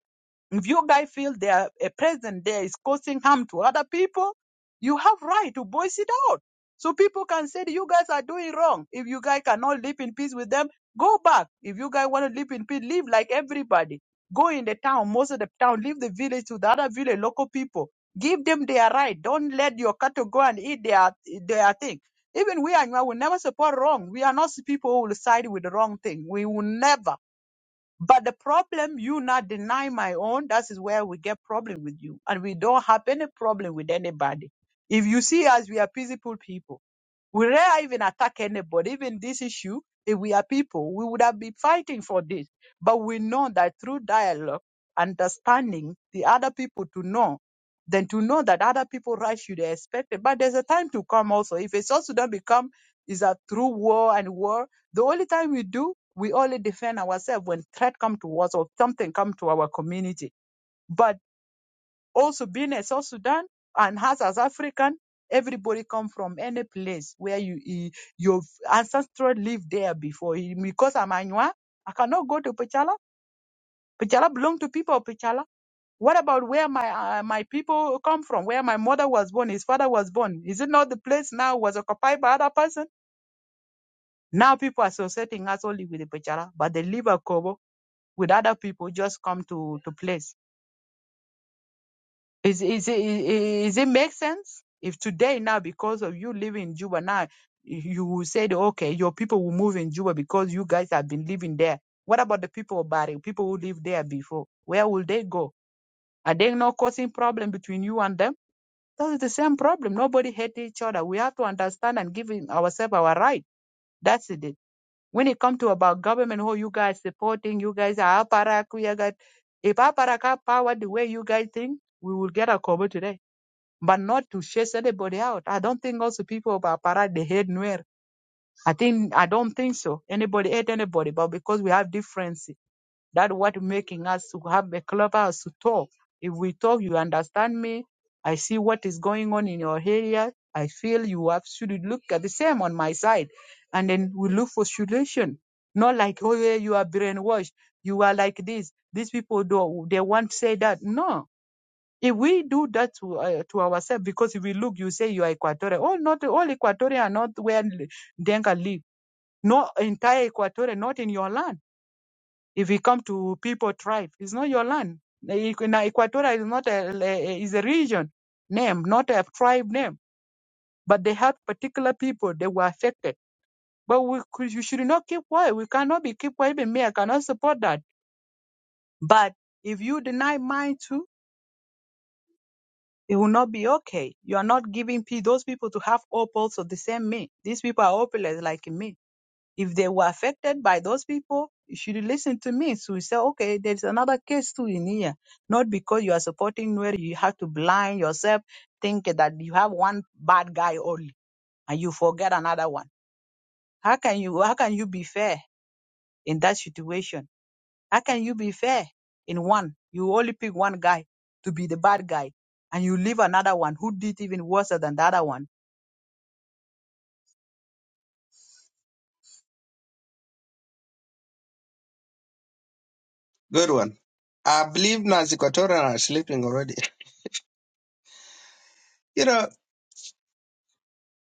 D: if you guys feel there a presence there is causing harm to other people, you have right to voice it out. So people can say you guys are doing wrong. If you guys cannot live in peace with them, go back. If you guys want to live in peace, live like everybody. Go in the town, most of the town, leave the village to the other village, local people. Give them their right. Don't let your cattle go and eat their their thing. Even we are we will never support wrong. We are not people who will side with the wrong thing. We will never. But the problem, you not deny my own, that is where we get problem with you. And we don't have any problem with anybody. If you see us, we are peaceful people. We rarely even attack anybody. Even this issue, if we are people, we would have been fighting for this. But we know that through dialogue, understanding the other people to know, then to know that other people rights should be expected. But there's a time to come also. If it's also don't become is that through war and war, the only time we do, we only defend ourselves when threat come to us or something come to our community. But also being a South Sudan and us as African, everybody come from any place where you eh, your ancestral lived there before. Eh, Because I'm Anua, I cannot go to Pichala. Pichala belong to people of Pichala. What about where my uh, my people come from? Where my mother was born, his father was born. Is it not the place now was occupied by other person? Now people are associating us only with the Pichala, but the liver cover with other people just come to to place. Is is it is it make sense? If today now because of you living in Juba now you will say that, okay your people will move in Juba because you guys have been living there. What about the people of Bari, people who lived there before? Where will they go? Are they not causing problem between you and them? That is the same problem. Nobody hate each other. We have to understand and give in- ourselves our right. That's it. When it comes to about government, who you guys supporting, you guys are aparak, we are got- if aparak have power the way you guys think, we will get a cover today but not to chase anybody out. I don't think also people of Aparat they hate Nuer. I think I don't think so. Anybody hate anybody, but because we have difference, that what making us to have a clubhouse to talk. If we talk, you understand me. I see what is going on in your area. I feel you have should look at the same on my side, and then we look for solution. Not like oh yeah, you are brainwashed. You are like this. These people do they want to say that no if we do that to, uh, to ourselves, because if we look, you say you are Equatorial. All not all Equatorial are not where L- Denga live. No entire Equatorial, not in your land. If we come to people tribe, it's not your land. Equatorial is not a, a- is a region name, not a tribe name. But they have particular people that were affected. But we, could- you should not keep quiet. We cannot be keep quiet. Even me, I cannot support that. But if you deny mine too It will not be okay. You are not giving pe- those people to have hope also the same me. These people are hopeless like me. If they were affected by those people, you should listen to me. So you say, okay, there's another case too in here. Not because you are supporting where you have to blind yourself, think that you have one bad guy only and you forget another one. How can you how can you be fair in that situation? How can you be fair in one? You only pick one guy to be the bad guy, and you leave another one who did even worse than the other one.
F: good one. I believe Nancy Quatorn are sleeping already. You know,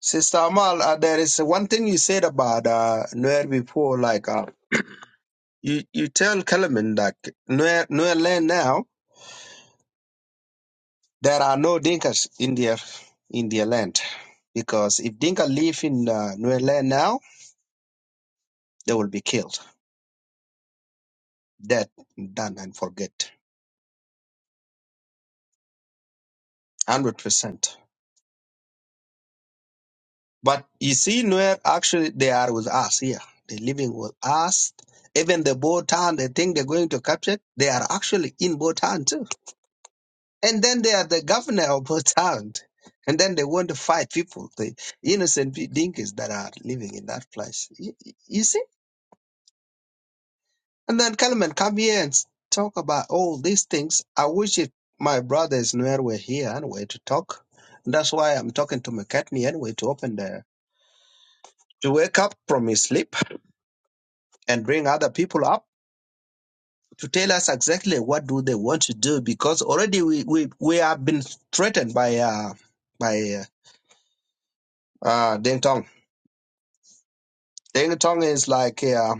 F: Sister Amal, uh, there is one thing you said about uh, Nuer before, like uh, you, you tell Kellerman that Nuer, Nuer land now, there are no Dinkas in their, in their land. Because if Dinka live in uh, Nuer land now, they will be killed. Dead, done, and forget. 100%. But you see, Nuer, actually, they are with us here. They're living with us. Even the Botan, they think they're going to capture, they are actually in Botan too And then they are the governor of a town. And then they want to fight people, the innocent pe- dinkies that are living in that place. You, you see? And then Kalaman come here and s- talk about all these things. I wish it, my brothers Nuer were here anyway to talk. And that's why I'm talking to McCartney anyway to open the, to wake up from his sleep and bring other people up to tell us exactly what do they want to do because already we, we, we have been threatened by, uh, by, uh, uh, Deng Tong Ding Tong is like, yeah,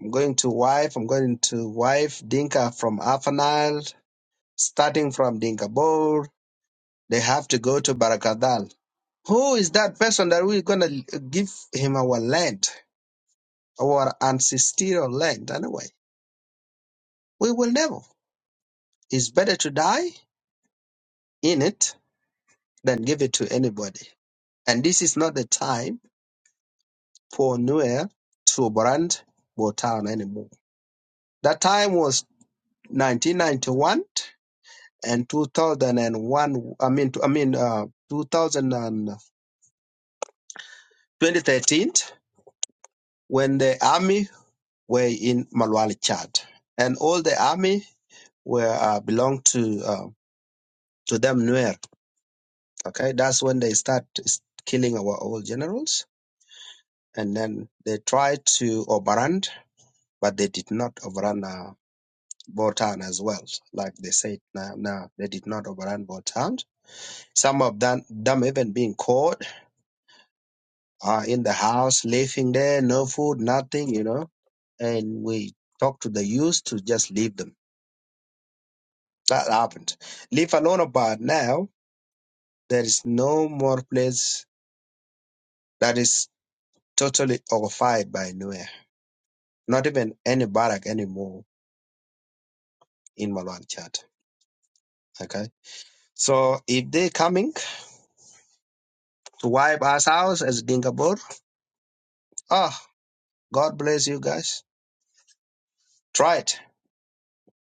F: I'm going to wife, I'm going to wife Dinka from Afanal, starting from Dinkabur. They have to go to Barakadal. Who is that person that we're going to give him our land, our ancestral land anyway? We will never. It's better to die in it than give it to anybody. And this is not the time for Nuer to brand Botan anymore. That time was 1991 and 2001 i mean i mean uh 2000 2013 when the army were in malwali chad and all the army were uh, belonged to uh, to them nuer okay that's when they start s- killing our old generals and then they tried to overrun but they did not overrun uh, Botan as well, like they said. Now, now they did not overrun Botan. Some of them, them even being caught uh, in the house, living there, no food, nothing, you know. And we talk to the youth to just leave them. That happened. Leave alone about now, there is no more place that is totally occupied by nowhere. Not even any barrack anymore in Malwan Chat. Okay. So if they coming to wipe us out as Dingabur, ah, God bless you guys. Try it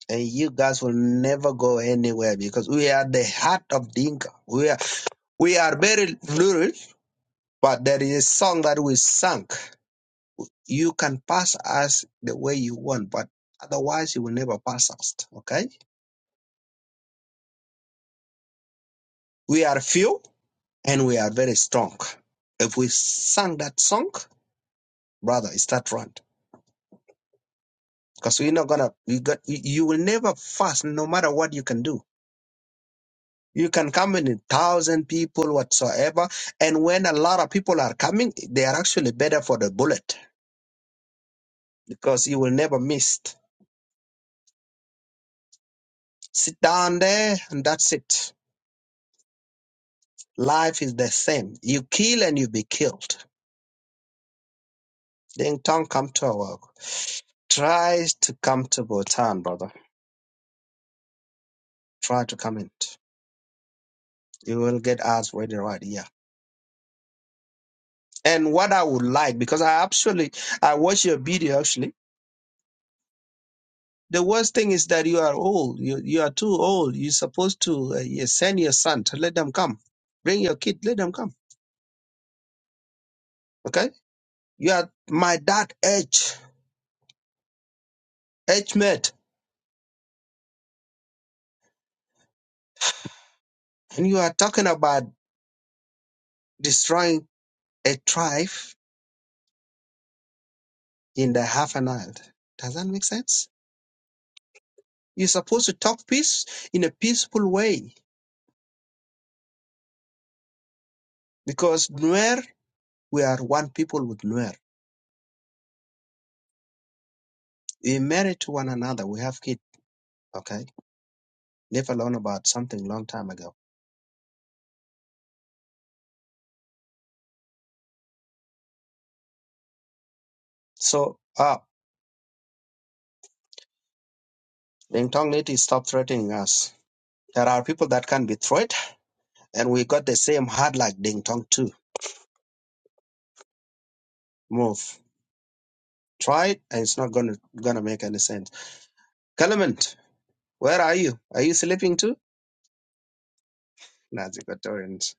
F: and you guys will never go anywhere because we are the heart of Dinka. We We are very little, but there is a song that we sang. You can pass us the way you want, but otherwise you will never pass us. Okay? We are few and we are very strong. If we sang that song, brother, it's that run. Because we're not gonna you got you will never fast no matter what you can do. You can come in a thousand people whatsoever, and when a lot of people are coming, they are actually better for the bullet because you will never miss. Sit down there, and that's it. Life is the same. You kill and you be killed. Ding Tong, come to our work. Try to come to Bhutan, brother. Try to come in. You will get asked where the right here. And what I would like, because I actually I watched your video actually. The worst thing is that you are old. You you are too old. You're supposed to uh, you send your son to let them come. Bring your kid, let them come. Okay? You are my dad age, age mate, and you are talking about destroying a tribe in the half an hour. Does that make sense? You're supposed to talk peace in a peaceful way because Nuer, we are one people with Nuer. We're married to one another. We have kids, okay? Leave alone about something long time ago. So, ah, the Tong native stop threatening us. There are people that can be threatened, and we got the same heart like Ding Tong too. Move. Try it, and it's not gonna gonna make any sense. Clement, where are you? Are you sleeping too? Nazi Equatorians.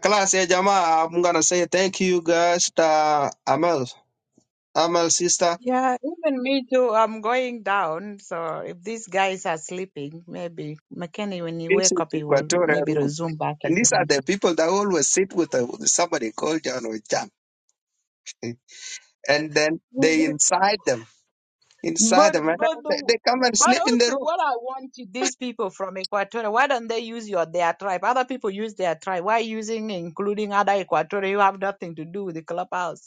F: Class ya jamaa, I'm gonna say thank you guys to Amal, Amal sister.
D: Yeah, even me too. I'm going down. So if these guys are sleeping, maybe McKinney when he
F: This
D: wake
F: is
D: up, he will
F: Equatorial
D: maybe
F: Room.
D: resume back
F: And
D: his
F: these are
D: room.
F: the people that always sit with, uh, with somebody called John or Jack. And then they inside them, inside
D: But
F: them, and then
D: but
F: they,
D: the,
F: they come and
D: but
F: sleep in the
D: also
F: room.
D: what I want to these people from Equatorial, why don't they use your their tribe? Other people use their tribe. Why using including other Equatorial? You have nothing to do with the clubhouse.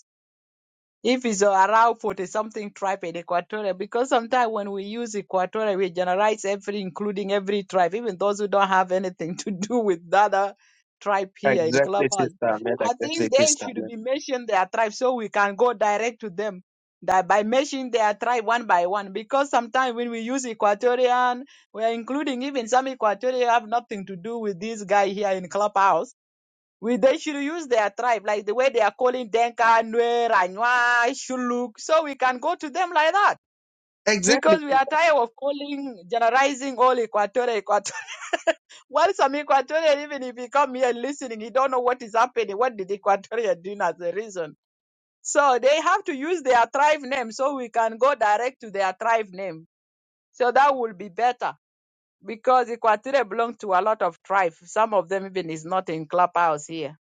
D: if it's around 40 something tribe in Equatorial, because sometimes when we use Equatorial, we generalize every, including every tribe, even those who don't have anything to do with the other tribe here in
F: Exactly,
D: Clubhouse.
F: sister man.
D: I
F: Exactly,
D: think they
F: sister
D: should
F: man.
D: be mentioned their tribe so we can go direct to them that by mentioning their tribe one by one, because sometimes when we use Equatorian, we are including even some Equatorial have nothing to do with this guy here in Clubhouse we they should use their tribe, like the way they are calling Denka, Nuer, Anywa, Shuluk, so we can go to them like that.
F: Exactly,
D: Because we are
F: sister.
D: tired of calling, generalizing all Equatorial Equatorial. While some Equatorial, even if he come here listening, he don't know what is happening. What did Equatorial do as a reason? So they have to use their tribe name so we can go direct to their tribe name. So that will be better because Equatorial belong to a lot of tribes. Some of them even is not in clubhouse here.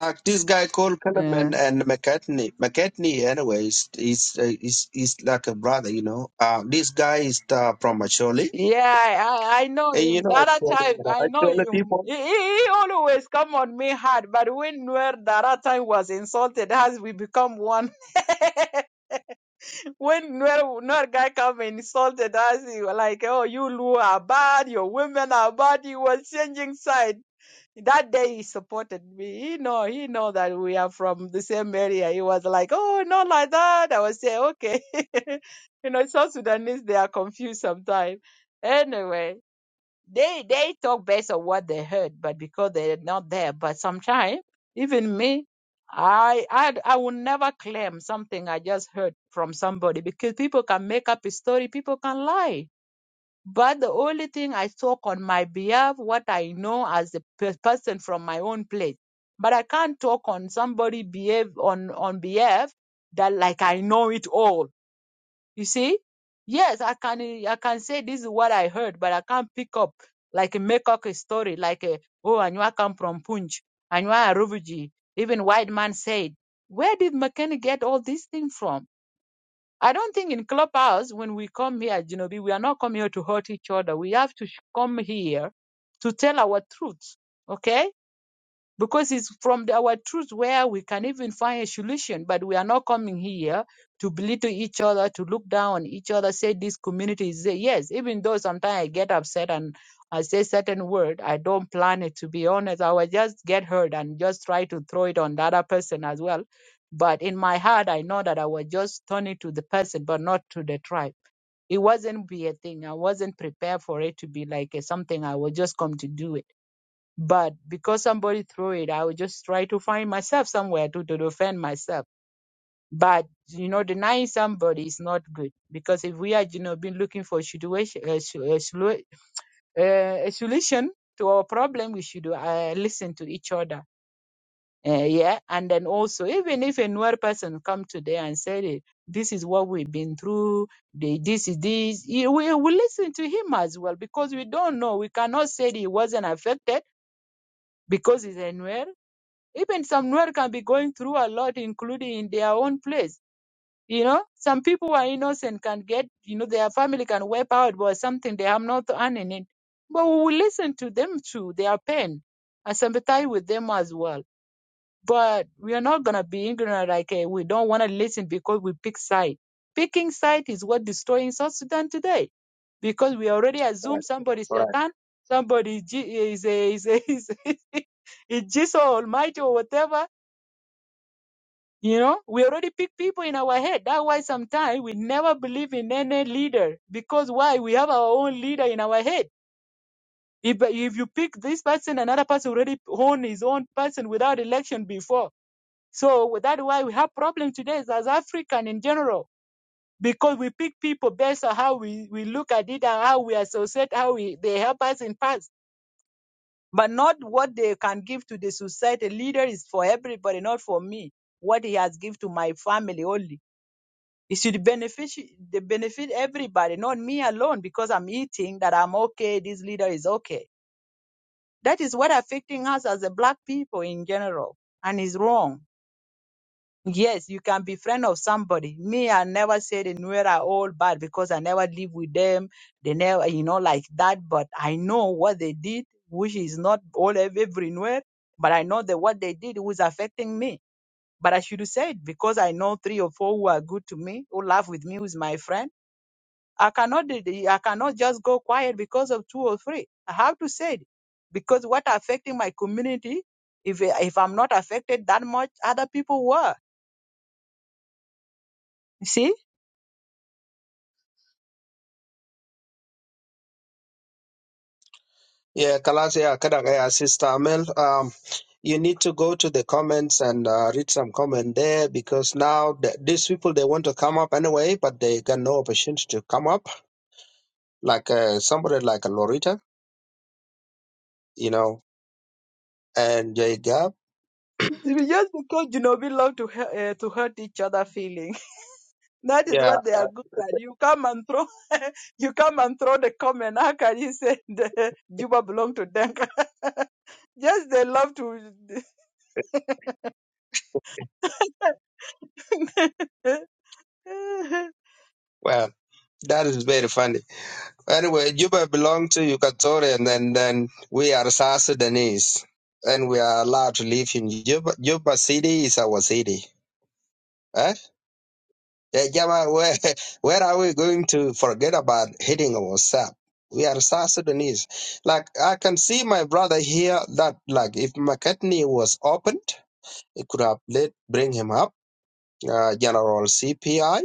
F: Uh, this guy called Kellerman and McCartney. McCartney, anyways, is is is like a brother, you know. Uh, this guy is uh, from Macholi
D: Yeah, I, I know
F: Hey, you
D: him. The
F: know,
D: other
F: actually,
D: time,
F: you know,
D: I know
F: actually
D: him.
F: people.
D: He, he, he always come on me hard, but when Nuer the other time was insulted us, we become one. when Nuer, Nuer guy come and insulted us, he was like, oh, you Luo are bad, your women are bad. He was changing side. That day he supported me. He know, he know that we are from the same area. He was like, oh, not like that. I was saying, okay. you know, South Sudanese, they are confused sometimes. Anyway. They they talk based on what they heard, but because they're not there. But sometimes, even me, I I I will never claim something I just heard from somebody because people can make up a story, people can lie. But the only thing I talk on my behalf, what I know as a pe- person from my own place. But I can't talk on somebody behave on on behalf that like I know it all you see? Yes, I can I can say this is what I heard, but I can't pick up like a make up a story like a, oh Anua come from Punj, Anua a refugee. Even white man said, where did McKenna get all these things from? I don't think in clubhouse when we come here, you we are not come here to hurt each other. We have to sh- come here to tell our truth. Okay? because it's from the- our truth where we can even find a solution. But we are not coming here to belittle each other, to look down on each other, say this community is there. Yes, even though sometimes I get upset and I say certain word, I don't plan it to be honest. I will just get hurt and just try to throw it on the other person as well. But in my heart, I know that I was just turning to the person, but not to the tribe. It wasn't be a thing. I wasn't prepared for it to be like a, something I was just come to do it but because somebody threw it, I would just try to find myself somewhere to, to defend myself. But you know, denying somebody is not good because if we are, you know, been looking for a situation, a, sol- a, solu- uh, a solution to our problem, we should uh, listen to each other. Uh, yeah, and then also, even if a newer person come today and said it, this is what we've been through. The, this is this. you- We we listen to him as well because we don't know. We cannot say that he wasn't affected because he's a newer Even some Nuer can be going through a lot, including in their own place. You know, some people who are innocent can get, you know, their family can wipe out by something. They have not earning it. But we will listen to them too, their pain, and sympathize with them as well. But we are not going to be ignorant like eh, we don't want to listen because we pick side. Picking side is what destroying South Sudan today because we already
F: All
D: assume
F: right.
D: somebody is
F: All right.
D: Satan, somebody is, Je- is, a- is, a- is, a- is Jesus Almighty or whatever you know, we already pick people in our head. That's why sometimes we never believe in any leader because why? We have our own leader in our head. If if you pick this person, another person already own his own person without election before. So that's why we have problem today as African in general because we pick people based on how we, we look at it and how we associate, how we they help us in past, but not what they can give to the society. Leader is for everybody, not for me. What he has give to my family only It should benefit the benefit everybody, not me alone, because I'm eating that I'm okay, this leader is okay. That is what affecting us as a black people in general, and is wrong. Yes, you can be friend of somebody. Me, I never said the Nuer are all bad because I never live with them. They never, you know, like that. But I know what they did, which is not all ev- every Nuer. But I know that what they did was affecting me. But I should say it because I know three or four who are good to me, who laugh with me, who's my friend I cannot I cannot just go quiet because of two or three. I have to say it because what affecting my community. If if I'm not affected that much, other people were. You See,
F: Yeah, Kalas, yeah, Kadang, yeah, Sister Amel, um, you need to go to the comments and uh, read some comment there because now th- these people, they want to come up anyway, but they got no opportunity to come up, like uh, somebody like a Lorita, you know, and J Gab.
D: It's just because you know we love to hu- uh, to hurt each other feeling. That is
F: Yeah,
D: what they
F: uh,
D: are good at. You come and throw, you come and throw the comment. How can you say the Juba belong to Denka? Yes, they love to.
F: well, that is very funny. Anyway, Juba belong to Equatorian, and then we are South Sudanese, and we are allowed to live in Juba. Juba city is our city. Eh? Yeah, Jama, where, where are we going to forget about hitting ourselves? We are South Sudanese. Like, I can see my brother here that, like, if McCartney was opened, it could have let bring him up, uh, General CPI.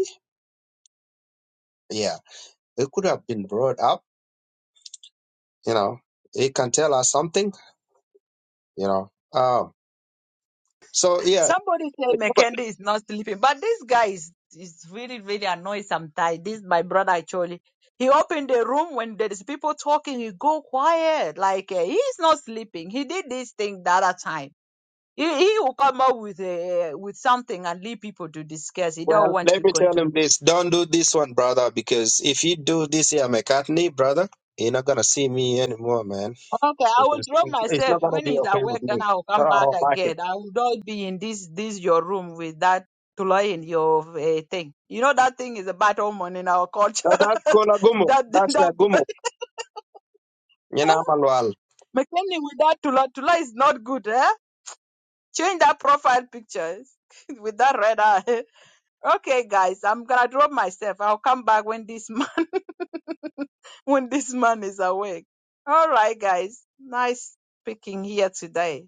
F: Yeah, it could have been brought up, you know. It can tell us something, you know. um. So yeah,
D: Somebody say
F: but-
D: Mekende is not sleeping, but this guy is, is really, really annoyed sometimes. This my brother actually. He opened the room when there is people talking. He go quiet, like uh, he's not sleeping. He did this thing the other time. He, he will come up with uh, with something and leave people to discuss. He don't
F: well,
D: want
F: let
D: to
F: me tell him
D: contribute.
F: this: don't do this one, brother, because if you do this here, McCartney, brother, you're not gonna see me anymore, man.
D: Okay, I will
F: Because
D: drop
F: it's, it's
D: myself.
F: not gonna
D: When
F: be
D: he's
F: okay with
D: awake, then
F: me.
D: I will
F: So
D: come
F: I
D: back
F: don't like it.
D: again. I will not be in this this your room with that tulay in your uh, thing. You know that thing is a bad omen in our culture.
F: So that's gonna gumo.
D: that
F: That's a
D: that
F: gumo. You know, Malwal.
D: McKinney with that tulay tulay is not good. Eh? Change that profile picture with that red eye. Okay, guys, I'm gonna drop myself. I'll come back when this man when this man is awake. All right, guys. Nice speaking here today.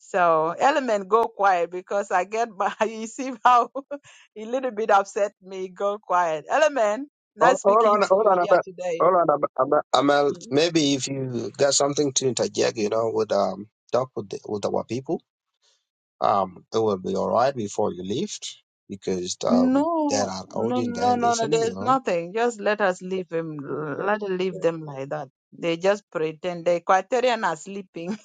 D: So element go quiet because I get my you see how a little bit upset me go quiet. Element,
F: Hold
D: nice
F: hold
D: speaking
F: on,
D: to
F: hold
D: you
F: on,
D: here
F: about,
D: today.
F: hold on, about, about, Amal.
D: Mm.
F: Maybe if you got something to interject, you know, with um, talk with the, with our people, um, it will be all right before you leave, because um, there
D: No,
F: are
D: no,
F: audience there
D: no, no, no.
F: listening, you
D: There's
F: know.
D: nothing. Just let us leave him. Let us leave them like that. They just pretend the Equatorian are sleeping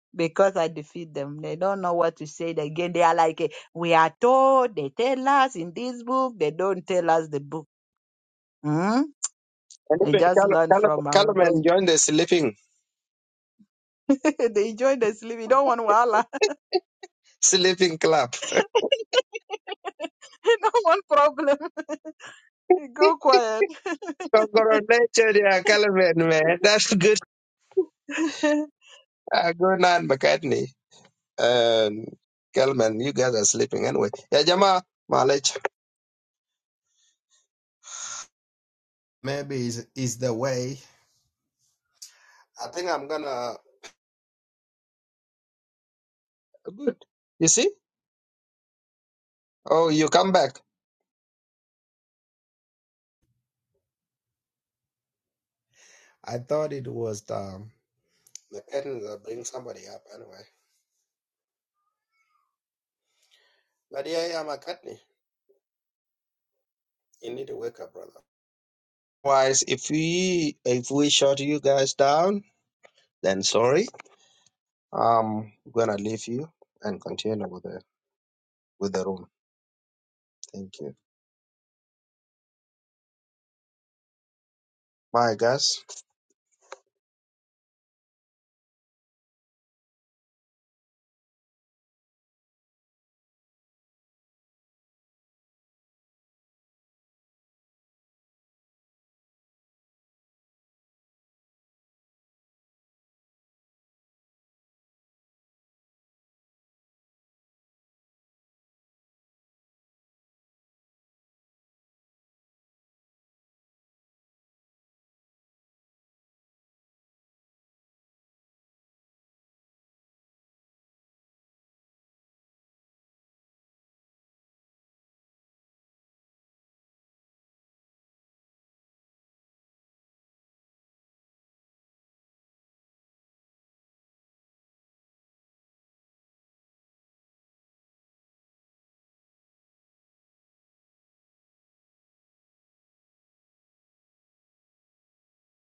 D: because I defeat them. They don't know what to say again. They are like, eh, we are told. They tell us in this book. They don't tell us the book. Hmm?
F: And
D: They
F: even
D: just
F: Callum,
D: learn
F: Callum,
D: from our those.
F: Callum joined the sleeping
D: they enjoy the sleep. You don't want wahala.
F: sleeping club.
D: You don't want problem. Go quiet.
F: Congratulations, yeah, Callum, man. That's good. Uh, good night, McCartney. And Callum, you guys are sleeping anyway. Yeah, Jama, Malech. Maybe is is the way. I think I'm gonna. Good. You see? Oh, you come back. I thought it was the McCartney will bring somebody up anyway. But yeah, yeah, McCartney. You need to wake up, brother. Otherwise, if we if we shut you guys down, then sorry. Um, I'm gonna leave you and continue with the with the room. Thank you. Bye, guys.